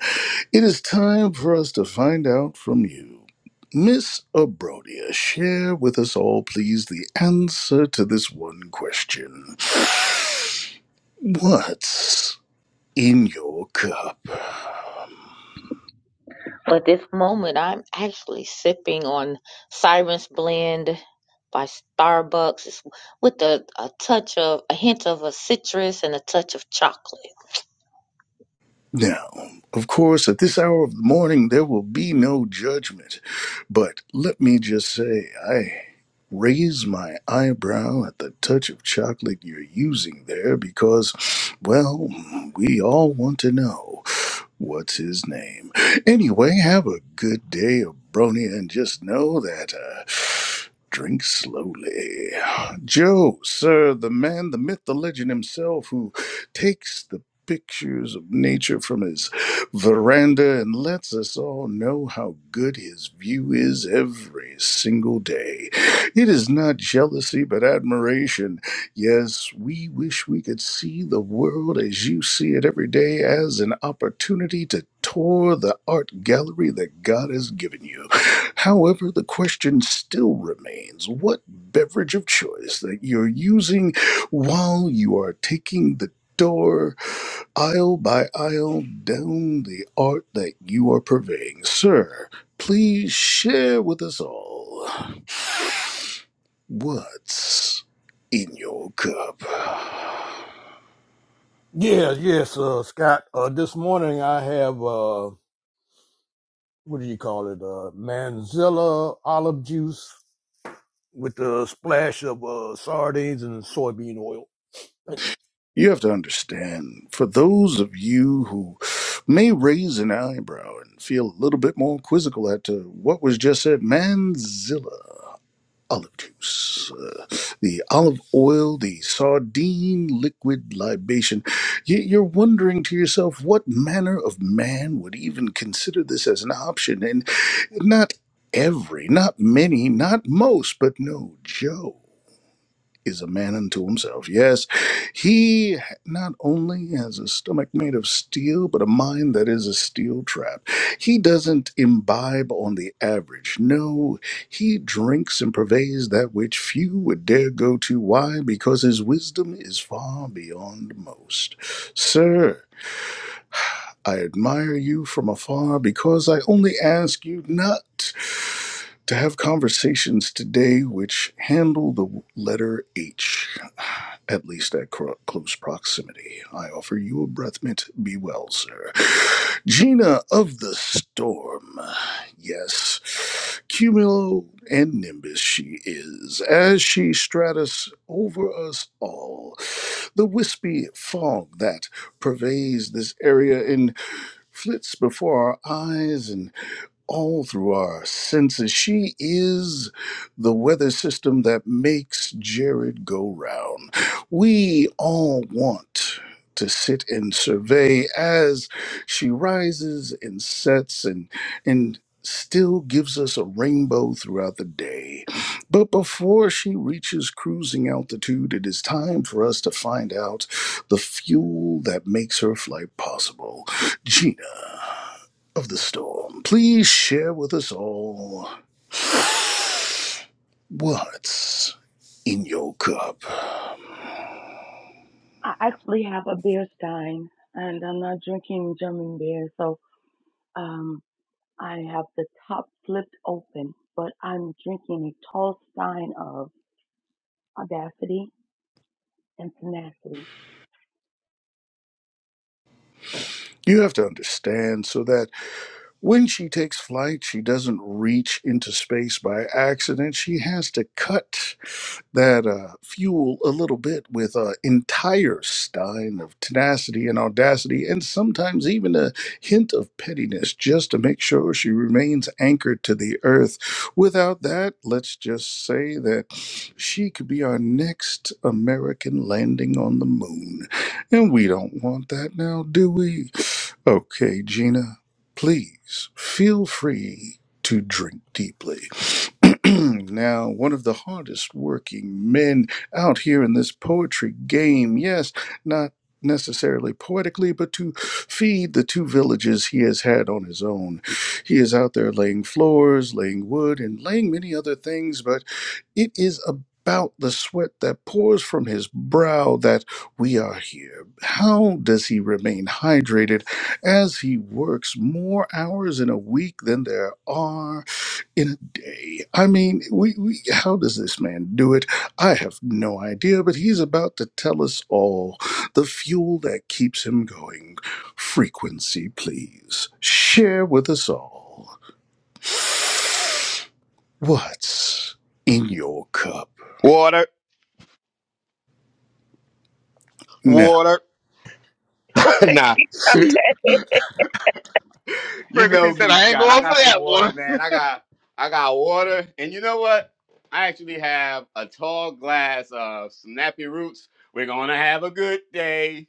[SPEAKER 2] It is time for us to find out from you. Miss Abrodia, share with us all, please, the answer to this one question What's in your cup? Now, of course, at this hour of the morning, there will be no judgment. But let me just say, I raise my eyebrow at the touch of chocolate you're using there because, well, we all want to know what's his name. Anyway, have a good day, Abronia, and just know that, uh, drink slowly. Joe, sir, the man, the myth, the legend himself who takes the pictures of nature from his veranda and lets us all know how good his view is every single day. It is not jealousy, but admiration. Yes, we wish we could see the world as you see it every day as an opportunity to tour the art gallery that God has given you. However, the question still remains what beverage of choice that you're using while you are taking the door, aisle by aisle, down the art that you are purveying. Sir, please share with us all what's in your cup.
[SPEAKER 7] Yeah, yes, uh, Scott. Uh, this morning I have uh, what do you call it? Uh, Manzilla olive juice with a splash of uh, sardines and soybean oil. Thank you.
[SPEAKER 2] You have to understand, for those of you who may raise an eyebrow and feel a little bit more quizzical at uh, what was just said, Manzilla olive juice, uh, the olive oil, the sardine liquid libation. Y- You're wondering to yourself what manner of man would even consider this as an option. And not every, not many, not most, but no, Joe is a man unto himself. Yes, he not only has a stomach made of steel, but a mind that is a steel trap. He doesn't imbibe on the average. No, he drinks and purveys that which few would dare go to. Why? Because his wisdom is far beyond most. Sir, I admire you from afar because I only ask you not to have conversations today which handle the letter H at least at cro- close proximity. I offer you a breath mint. Be well, sir. Gina of the Storm. Yes, Cumulo and Nimbus she is, as she stratus over us all. The wispy fog that pervades this area and flits before our eyes, and all through our senses. She is the weather system that makes Jared go round. We all want to sit and survey as she rises and sets and and still gives us a rainbow throughout the day. But before she reaches cruising altitude, it is time for us to find out the fuel that makes her flight possible. Gina of the storm, please share with us all what's in your cup.
[SPEAKER 4] I actually have a beer stein and I'm not drinking German beer, so um I have the top flipped open, but I'm drinking a tall stein of audacity and tenacity.
[SPEAKER 2] You have to understand so that when she takes flight, she doesn't reach into space by accident. She has to cut that uh, fuel a little bit with an entire stein of tenacity and audacity, and sometimes even a hint of pettiness just to make sure she remains anchored to the earth. Without that, let's just say that she could be our next American landing on the moon. And we don't want that now, do we? Okay, Gina, please feel free to drink deeply. now, one of the hardest working men out here in this poetry game, yes, not necessarily poetically, but to feed the two villages he has had on his own. He is out there laying floors, laying wood, and laying many other things, but it is about the sweat that pours from his brow that we are here. How does he remain hydrated? as he works more hours in a week than there are in a day. I mean, we, we how does this man do it? I have no idea, but he's about to tell us all the fuel that keeps him going. Frequency, please. Share with us all. What's in your cup?
[SPEAKER 14] water,
[SPEAKER 2] Now,
[SPEAKER 14] water. nah, you
[SPEAKER 3] Frequency
[SPEAKER 14] know
[SPEAKER 3] said,
[SPEAKER 14] me,
[SPEAKER 3] I ain't
[SPEAKER 14] Scott. I
[SPEAKER 3] going for
[SPEAKER 14] got some
[SPEAKER 3] that
[SPEAKER 14] water,
[SPEAKER 3] one.
[SPEAKER 14] man. I got, I got water, and you know what? I actually have a tall glass of snappy roots. We're gonna have a good day.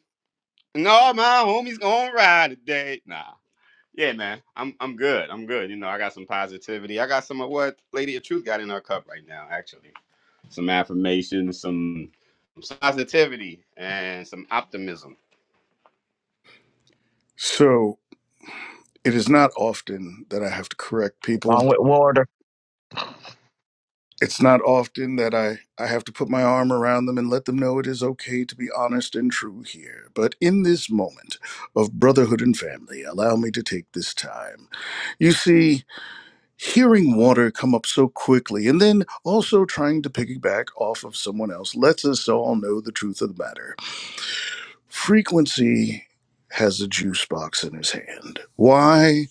[SPEAKER 14] No, my homie's gonna ride today. Nah. Yeah, man. I'm I'm good. I'm good. You know, I got some positivity. I got some of what Lady of Truth got in her cup right now, actually. Some affirmation, some, some positivity, and some optimism.
[SPEAKER 2] so it is not often that I have to correct people
[SPEAKER 1] Along with water.
[SPEAKER 2] it's not often that I, I have to put my arm around them and let them know it is okay to be honest and true here. But in this moment of brotherhood and family, allow me to take this time. You see, hearing water come up so quickly and then also trying to piggyback off of someone else lets us all know the truth of the matter. Frequency has a juice box in his hand. Why?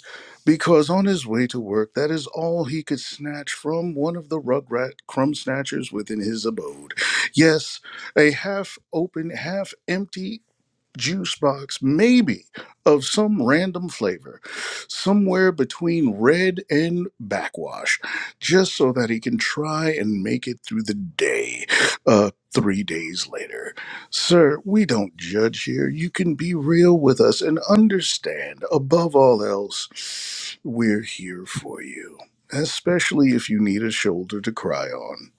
[SPEAKER 2] Because on his way to work, that is all he could snatch from one of the rugrat crumb snatchers within his abode. Yes, a half open, half empty juice box, maybe of some random flavor, somewhere between red and backwash, just so that he can try and make it through the day uh, three days later. Sir, we don't judge here. You can be real with us and understand, above all else, we're here for you, especially if you need a shoulder to cry on,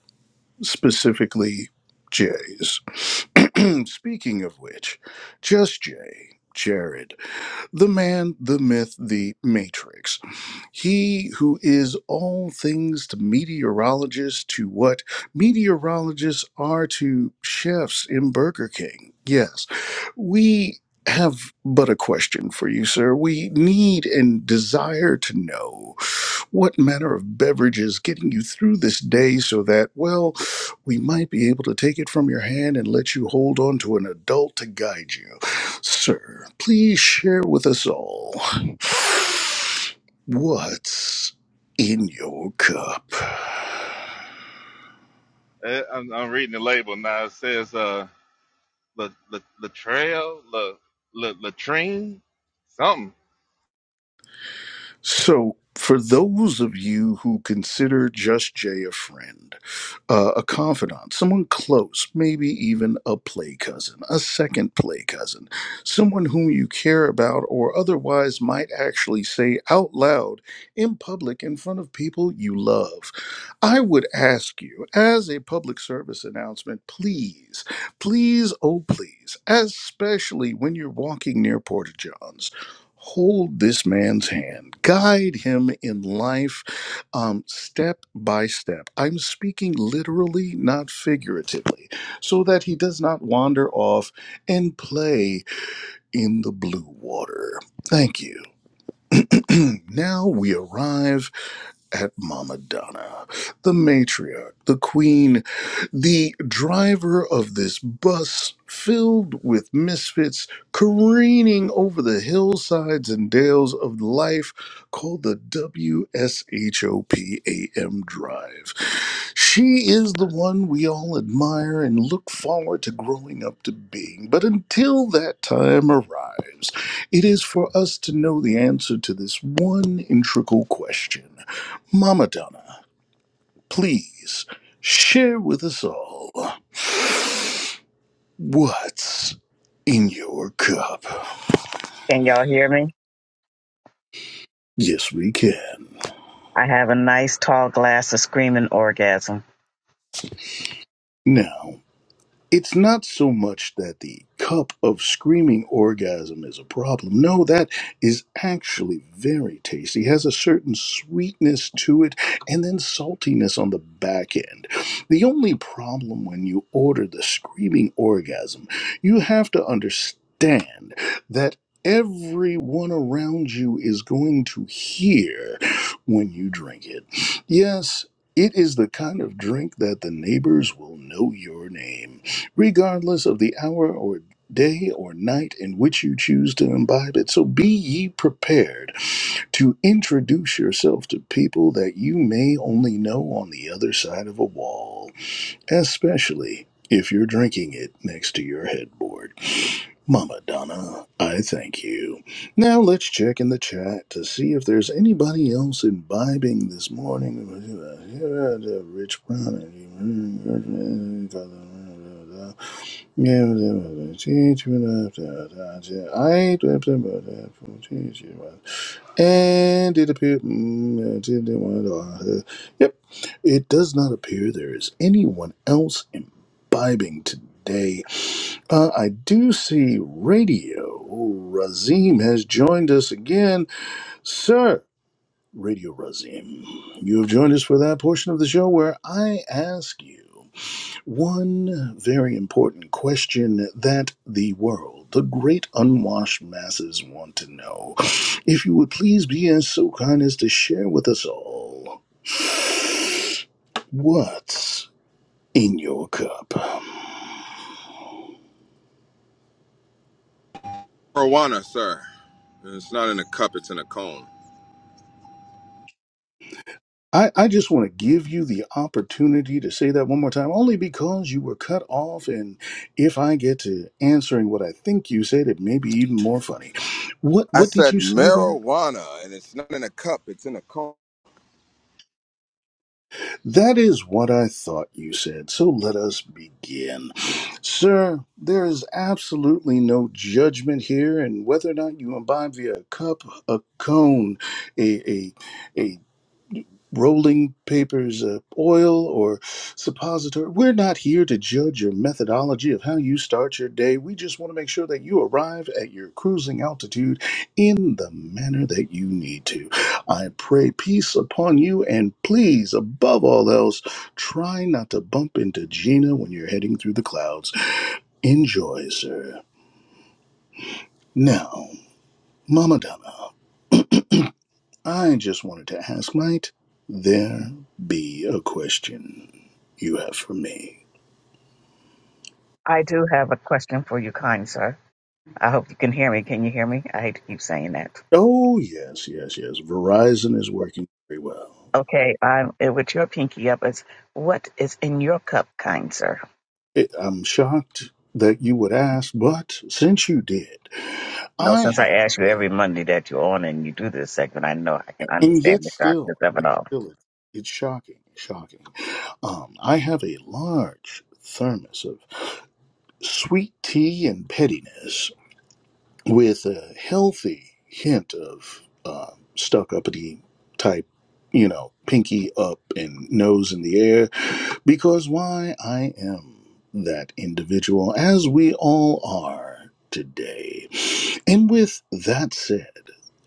[SPEAKER 2] specifically Jay's. Hmm, Speaking of which, Just Jay, Jared, the man, the myth, the matrix. He who is all things to meteorologists, to what meteorologists are to chefs in Burger King. Yes, we have but a question for you, sir. We need and desire to know what manner of beverage is getting you through this day so that, well, we might be able to take it from your hand and let you hold on to an adult to guide you. Sir, please share with us all. What's in your cup?
[SPEAKER 3] Eh, I'm, I'm reading the label now. It says, uh, La, La, Latrell, La, La, Latrine, something.
[SPEAKER 2] So, for those of you who consider Just Jay a friend, uh, a confidant, someone close, maybe even a play cousin, a second play cousin, someone whom you care about or otherwise might actually say out loud in public in front of people you love, I would ask you, as a public service announcement, please, please, oh, please, especially when you're walking near Porta Johns hold this man's hand, guide him in life um, step by step. I'm speaking literally, not figuratively, so that he does not wander off and play in the blue water. Thank you. now we arrive at Mama Donna, the matriarch, the queen, the driver of this bus filled with misfits careening over the hillsides and dales of life called the WSHOPAM Drive. She is the one we all admire and look forward to growing up to being. But until that time arrives, it is for us to know the answer to this one integral question. Mama Donna, please share with us all what's in your cup.
[SPEAKER 1] Can y'all hear me?
[SPEAKER 2] Yes, we can.
[SPEAKER 1] I have a nice tall glass of screaming orgasm.
[SPEAKER 2] Now. it's not so much that the cup of screaming orgasm is a problem. No, that is actually very tasty. It has a certain sweetness to it and then saltiness on the back end. The only problem when you order the screaming orgasm, you have to understand that everyone around you is going to hear when you drink it. Yes, it is the kind of drink that the neighbors will know your name regardless of the hour or day or night in which you choose to imbibe it. So be ye prepared to introduce yourself to people that you may only know on the other side of a wall, especially if you're drinking it next to your headboard. Mama Donna, I thank you. Now let's check in the chat to see if there's anybody else imbibing this morning. Rich Brown. Yeah, And it appeared. mm, it didn't want to- uh, Yep. It does not appear there is anyone else imbibing today. Uh, I do see radio. Razim has joined us again. Sir, Radio Razim, you have joined us for that portion of the show where I ask you. One very important question that the world, the great unwashed masses, want to know. If you would please be as so kind as to share with us all what's in your cup.
[SPEAKER 11] Marijuana, sir. And It's not in a cup, it's in a cone.
[SPEAKER 2] I, I just want to give you the opportunity to say that one more time, only because you were cut off. And if I get to answering what I think you said, it may be even more funny. What
[SPEAKER 11] I
[SPEAKER 2] what did
[SPEAKER 11] said
[SPEAKER 2] you say there?
[SPEAKER 11] marijuana, and it's not in a cup, it's in a cone.
[SPEAKER 2] That is what I thought you said, so let us begin. Sir, there is absolutely no judgment here in whether or not you imbibe via a cup, a cone, a, a, a rolling papers of oil or suppository. We're not here to judge your methodology of how you start your day. We just want to make sure that you arrive at your cruising altitude in the manner that you need to. I pray peace upon you and please, above all else, try not to bump into Gina when you're heading through the clouds. Enjoy, sir. Now, Mama Donna, I just wanted to ask, might there be a question you have for me?
[SPEAKER 1] I do have a question for you, kind sir. I hope you can hear me. Can you hear me? I hate to keep saying that.
[SPEAKER 2] Oh, yes, yes, yes. Verizon is working very well.
[SPEAKER 1] Okay, I'm eh, with your pinky up. Is what is in your cup, kind sir?
[SPEAKER 2] It, I'm shocked that you would ask, but since you did,
[SPEAKER 1] No,
[SPEAKER 2] I
[SPEAKER 1] since I ask
[SPEAKER 2] have,
[SPEAKER 1] you
[SPEAKER 2] a,
[SPEAKER 1] every Monday that you're on and you do this segment, I know I can
[SPEAKER 2] and
[SPEAKER 1] understand
[SPEAKER 2] yet
[SPEAKER 1] the
[SPEAKER 2] still,
[SPEAKER 1] darkness of
[SPEAKER 2] yet
[SPEAKER 1] it all.
[SPEAKER 2] still it, it's shocking, shocking. Um, I have a large thermos of sweet tea and pettiness with a healthy hint of uh, stuck uppity type, you know, pinky up and nose in the air, because why I am that individual, as we all are today. And with that said,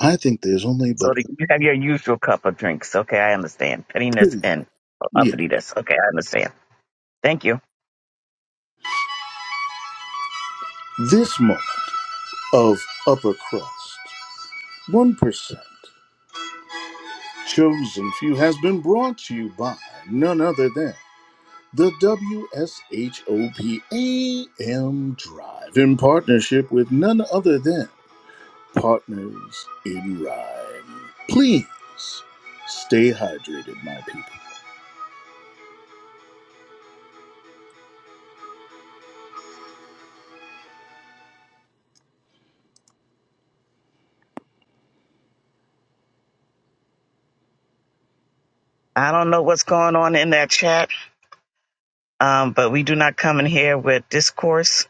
[SPEAKER 2] I think there's only
[SPEAKER 1] So
[SPEAKER 2] but
[SPEAKER 1] that you have your usual cup of drinks. Okay, I understand. Pettiness
[SPEAKER 2] pretty much,
[SPEAKER 1] and
[SPEAKER 2] yeah,
[SPEAKER 1] uppityness. Okay, I understand. Thank you.
[SPEAKER 2] this moment of upper crust, 1%. Chosen Few has been brought to you by none other than The W S H O P A M Drive in partnership with none other than Partners in Rhyme. Please stay hydrated, my people.
[SPEAKER 1] I don't know what's going on in that chat, um, but we do not come in here with discourse.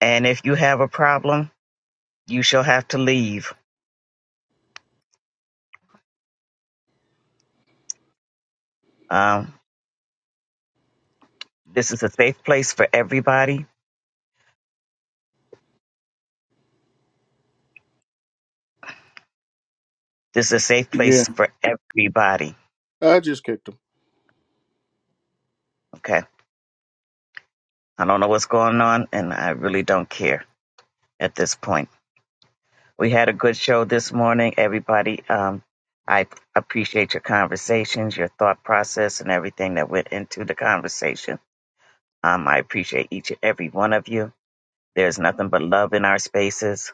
[SPEAKER 1] And if you have a problem, you shall have to leave. Um, this is a safe place for everybody. This is a safe
[SPEAKER 2] Yeah,
[SPEAKER 1] place for everybody.
[SPEAKER 2] I just kicked
[SPEAKER 1] Okay. I don't know what's going on, and I really don't care at this point. We had a good show this morning, everybody. Um, I appreciate your conversations, your thought process, and everything that went into the conversation. Um, I appreciate each and every one of you. There's nothing but love in our spaces.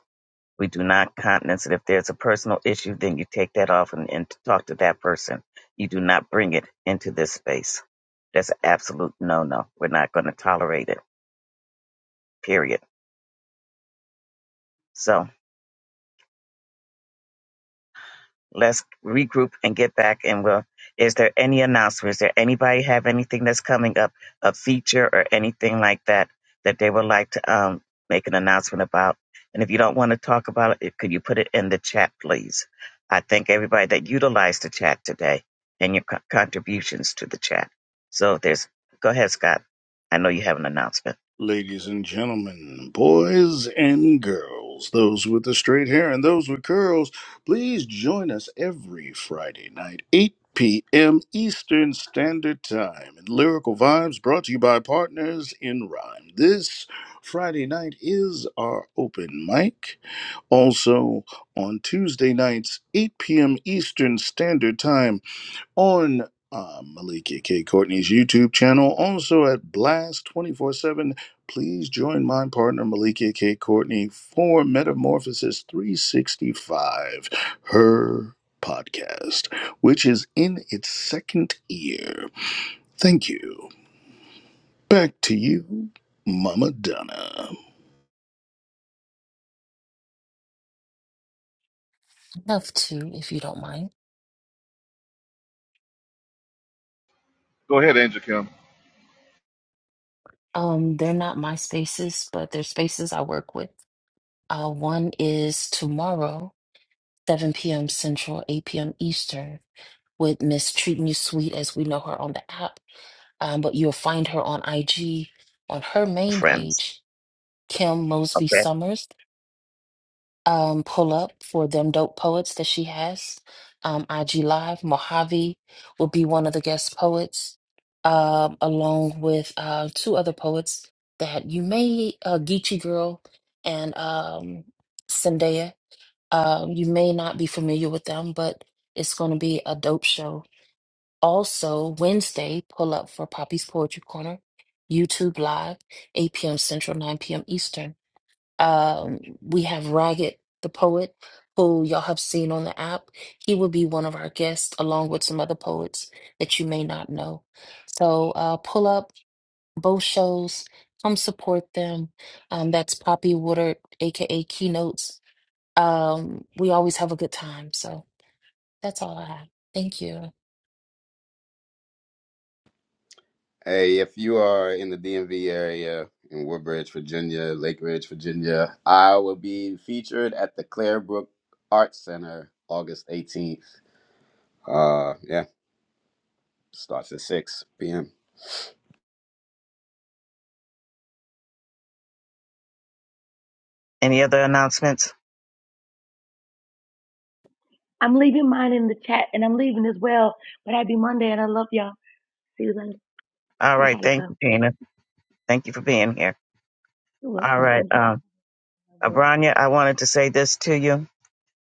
[SPEAKER 1] We do not countenance it. If there's a personal issue, then you take that off and, and talk to that person. You do not bring it into this space. That's an absolute no no. We're not going to tolerate it, period. So, Let's regroup and get back. And we'll, is there any announcement? Is there anybody have anything that's coming up, a feature or anything like that, that they would like to um, make an announcement about? And if you don't want to talk about it, could you put it in the chat, please? I thank everybody that utilized the chat today and your co- contributions to the chat. So if there's, go ahead, Scott. I know you have an announcement,
[SPEAKER 2] Ladies and gentlemen, boys and girls, those with the straight hair and those with curls, please join us every Friday night, 8 p.m. Eastern Standard Time. And Lyrical Vibes brought to you by Partners in Rhyme. This Friday night is our open mic. Also, on Tuesday nights, 8 p.m. Eastern Standard Time, on uh, Malika K. Courtney's YouTube channel, also at Blast 24 7. Please join my partner Malika K. Courtney for Metamorphosis 365, her podcast, which is in its second year. Thank you. Back to you, Mama Donna.
[SPEAKER 10] love to if you don't mind.
[SPEAKER 3] Go ahead, Angel Kim.
[SPEAKER 10] Um, they're not my spaces, but they're spaces I work with. Uh, one is tomorrow. 7 p.m. Central, 8 p.m. Eastern, with Miss Treating You Sweet as we know her on the app. Um, but you'll find her on IG on her main
[SPEAKER 1] friends.
[SPEAKER 10] page, Kim Mosby
[SPEAKER 1] Okay.
[SPEAKER 10] Summers. Um, pull up for them dope poets that she has. Um, IG Live, Mojave will be one of the guest poets, um, along with uh, two other poets that you may, uh, Geechee Girl and um, Zendaya. Um, you may not be familiar with them, but it's going to be a dope show. Also, Wednesday, pull up for Poppy's Poetry Corner, YouTube Live, 8 p.m. Central, 9 p.m. Eastern. Um, we have Ragged the Poet, who y'all have seen on the app. He will be one of our guests, along with some other poets that you may not know. So uh, pull up both shows, come support them. Um, that's Poppy Woodard, aka Keynotes um, we always have a good time. So that's all I have. Thank you.
[SPEAKER 14] Hey, if you are in the DMV area in Woodbridge, Virginia, Lake Ridge, Virginia, I will be featured at the Clarebrook Arts Center August 18th. Uh, yeah, starts at 6 p.m.
[SPEAKER 1] Any other announcements?
[SPEAKER 4] I'm leaving mine in the leaving as well. But I, I love y'all. See you later.
[SPEAKER 1] All
[SPEAKER 4] I
[SPEAKER 1] right.
[SPEAKER 4] gotta
[SPEAKER 1] Thank
[SPEAKER 4] go.
[SPEAKER 1] you, Tina. Thank you for being here.
[SPEAKER 4] You're
[SPEAKER 1] All
[SPEAKER 4] welcome.
[SPEAKER 1] right.
[SPEAKER 4] Thank you. for
[SPEAKER 1] Um.
[SPEAKER 4] having me.
[SPEAKER 1] Abranya, I wanted to say this to you.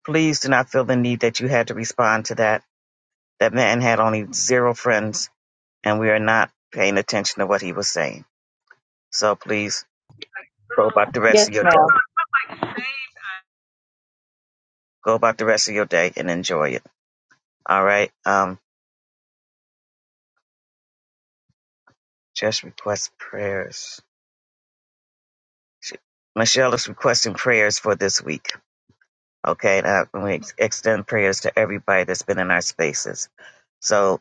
[SPEAKER 1] Please do not feel the need that you had to respond to that. That man had only zero friends, and we are not paying attention to what he was saying. So please go
[SPEAKER 15] go
[SPEAKER 1] about the rest of your day.
[SPEAKER 15] right there.
[SPEAKER 1] Go about the rest of your day and enjoy it. All right. Um, just request prayers. She, Michelle is requesting prayers for this week. Okay, and I- and we ex- extend prayers to everybody that's been in our spaces. So.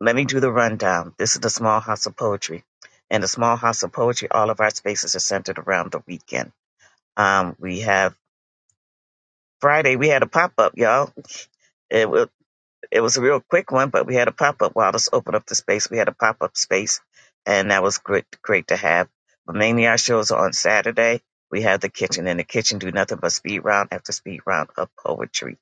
[SPEAKER 1] let me do the rundown. This is the Small House of Poetry. And the Small House of Poetry, all of our spaces are centered around the weekend. Um, we have Friday, we had a pop up, y'all. It it was a real quick one, but we had a pop up. Wow, let's open up the space. We had a pop up space, and that was great, great to have. But mainly our shows are on Saturday. We have the kitchen, and the kitchen do nothing but speed round after speed round of poetry.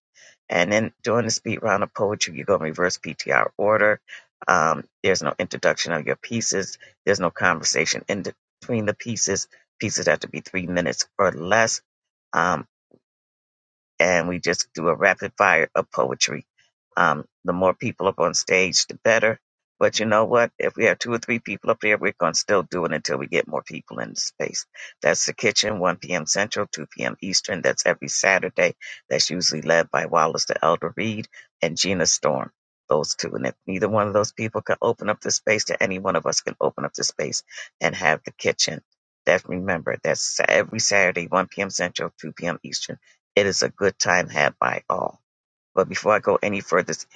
[SPEAKER 1] And then during the speed round of poetry, you go in reverse PTR order. Um, there's no introduction of your pieces. There's no conversation in between the pieces. Pieces have to be three minutes or less. Um, and we just do a rapid fire of poetry. Um, the more people up on stage, the better. But you know what? If we have two or three people up there, we're going to still do it until we get more people in the space. That's the kitchen, 1 p.m. Central, 2 p.m. Eastern. That's every Saturday. That's usually led by Wallace the Elder Reed and Gina Storm. Those two. And if neither one of those people can open up the space to any one of us can open up the space and have the kitchen. That remember, that's every Saturday, 1 p.m. Central, 2 p.m. Eastern. It is a good time had by all. But before I go any further, it's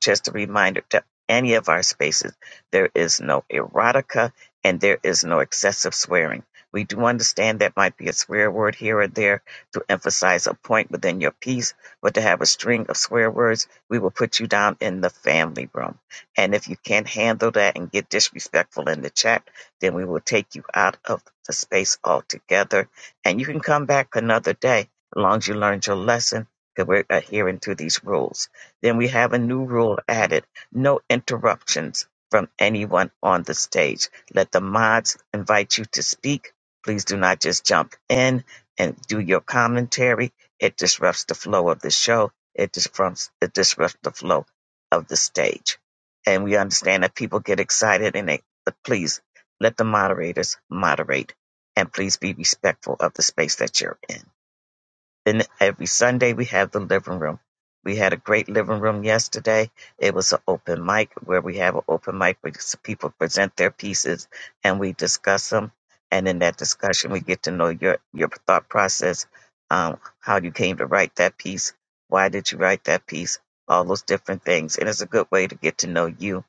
[SPEAKER 1] just a reminder to any of our spaces, there is no erotica and there is no excessive swearing. We do understand that might be a swear word here or there to emphasize a point within your piece, but to have a string of swear words, we will put you down in the family room. And if you can't handle that and get disrespectful in the chat, then we will take you out of the space altogether. And you can come back another day as long as you learned your lesson because we're adhering to these rules. Then we have a new rule added no interruptions from anyone on the stage. Let the mods invite you to speak. Please do not just jump in and do your commentary. It disrupts the flow of the show, it disrupts, it disrupts the flow of the stage. And we understand that people get excited and they, but please let the moderators moderate and please be respectful of the space that you're in. Then every Sunday we have the living room. We had a great living room yesterday. It was an open mic where we have an open mic where people present their pieces and we discuss them. And in that discussion, we get to know your your thought process, um, how you came to write that piece, why did you write that piece, all those different things. And it's a good way to get to know you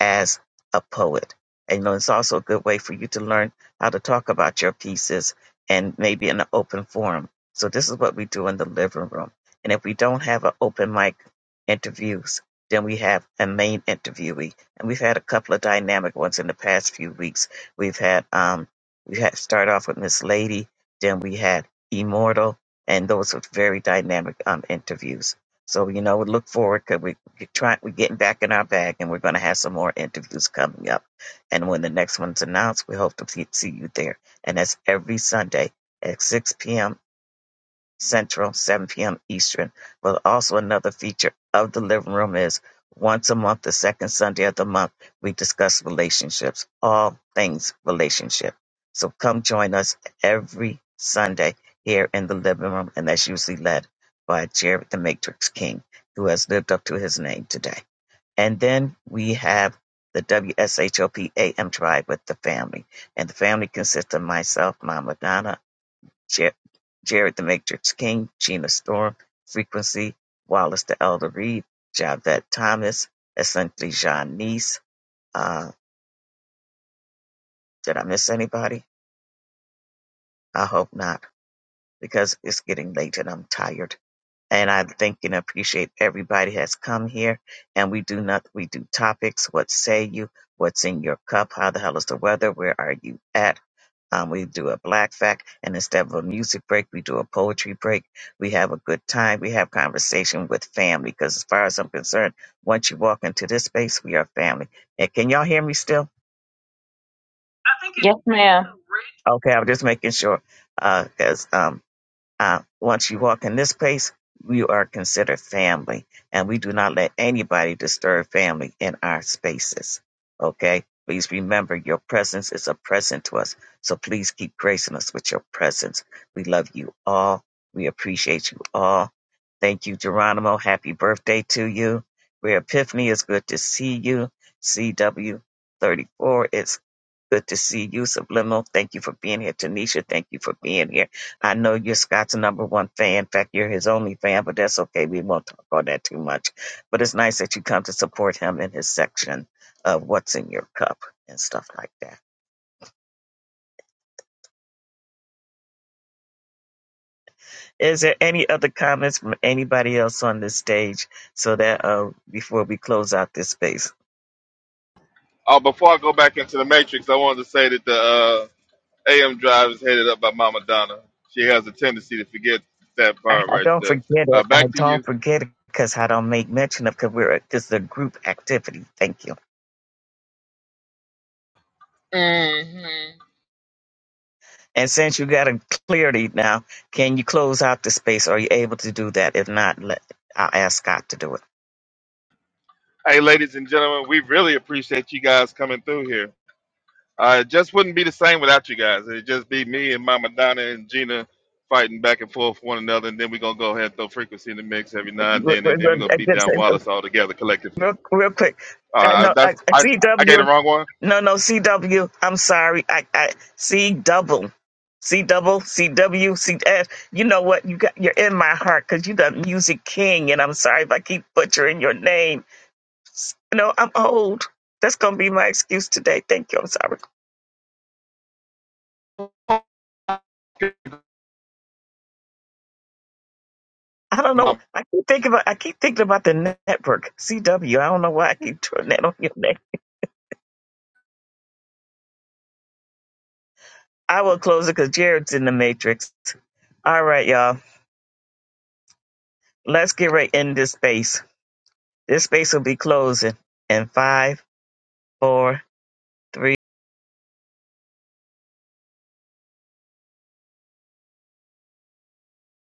[SPEAKER 1] as a poet. And, you know, it's also a good way for you to learn how to talk about your pieces and maybe in an open forum. So this is what we do in the living room. And if we don't have an open mic interviews, then we have a main interviewee. And we've had a couple of dynamic ones in the past few weeks. We've had um we had start off with Miss Lady, then we had Immortal, and those were very dynamic um interviews. So you know, we look forward forward 'cause we're trying we're getting back in our bag and we're going to have some more interviews coming up and when the next one's announced we hope to fe- see you there and that's every sunday at 6 p.m central 7 p.m eastern but also another feature of the living room is once a month the second sunday of the month we discuss relationships all things relationship so come join us every sunday here in the living room and that's usually led by jared the matrix king who has lived up to his name today and then we have the W S H O P A M Drive with the family. And the family consists of myself, Mama Donna, Jer- Jared the Matrix King, Gina Storm, Frequency, Wallace the Elder Reed, Javette Thomas, essentially Janice. Uh, did I miss anybody? I hope not, because it's getting late and I'm tired. and I thank and appreciate everybody has come here. And we do not we do topics. What say you? What's in your cup? How the hell is the weather? Where are you at? Um, we do a black fact, and instead of a music break, we do a poetry break. We have a good time. We have conversation with family because, as far as I'm concerned, once you walk into this space, we are family. And can y'all hear me still?
[SPEAKER 15] Yes, ma'am.
[SPEAKER 1] Okay, I'm just making sure because um, Uh, once you walk in this place, you are considered family, and we do not let anybody disturb family in our spaces. Okay? Please remember your presence is a present to us. So please keep gracing us with your presence. We love you all. We appreciate you all. Thank you, Geronimo. Happy birthday to you. Rare Epiphany, it's good to see you. CW34, it's good to see you. Subliminal, thank you for being here. Tanisha, thank you for being here. I know you're Scott's number one fan. In fact, you're his only fan, but that's okay. We won't talk on that too much. But it's nice that you come to support him in his section of what's in your cup and stuff like that. Is there any other comments from anybody else on this stage so that uh, before we close out this space?
[SPEAKER 3] Oh, before I go back into the matrix, I wanted to say that the uh, AM drive is headed up by Mama Donna. She has a tendency to forget that
[SPEAKER 1] I,
[SPEAKER 3] part
[SPEAKER 1] I
[SPEAKER 3] right
[SPEAKER 1] don't
[SPEAKER 3] there.
[SPEAKER 1] forget
[SPEAKER 3] Uh,
[SPEAKER 1] it. I
[SPEAKER 3] back to you.
[SPEAKER 1] don't forget it because I don't make mention of because we're because the group activity. Thank you.
[SPEAKER 3] hmm
[SPEAKER 1] And since you got a clarity now, can you close out the space? Are you able to do that? If not, let, I'll ask Scott to do it.
[SPEAKER 3] Hey, ladies and gentlemen, we really appreciate you guys coming through here. Uh, it just wouldn't be the same without you guys. It'd just be me and Mama Donna and Gina fighting back and forth with one another, and then we're gonna go ahead and throw frequency in the mix every now and
[SPEAKER 1] Real,
[SPEAKER 3] then, and then we're
[SPEAKER 1] real-
[SPEAKER 3] gonna beat down Wallace all together collectively.
[SPEAKER 1] real quick. I
[SPEAKER 3] Uh, I-
[SPEAKER 1] know I,
[SPEAKER 3] that's I I gave the
[SPEAKER 1] CW.
[SPEAKER 3] wrong
[SPEAKER 1] No, no, C W. I'm sorry. I I C double, C double, C W C S. You know what? You got you're in my heart because you're the music king, and I'm sorry if I keep butchering your name. S- You I'm old. That's gonna be my excuse today. Thank you. I'm sorry. I don't
[SPEAKER 3] one.
[SPEAKER 1] know. I keep thinking about I keep thinking about the network CW. I don't know why I keep turning that on your neck. I will close it because Jared's in the matrix. All right, y'all. Let's get right in this space. This space will be closing in five, four, three.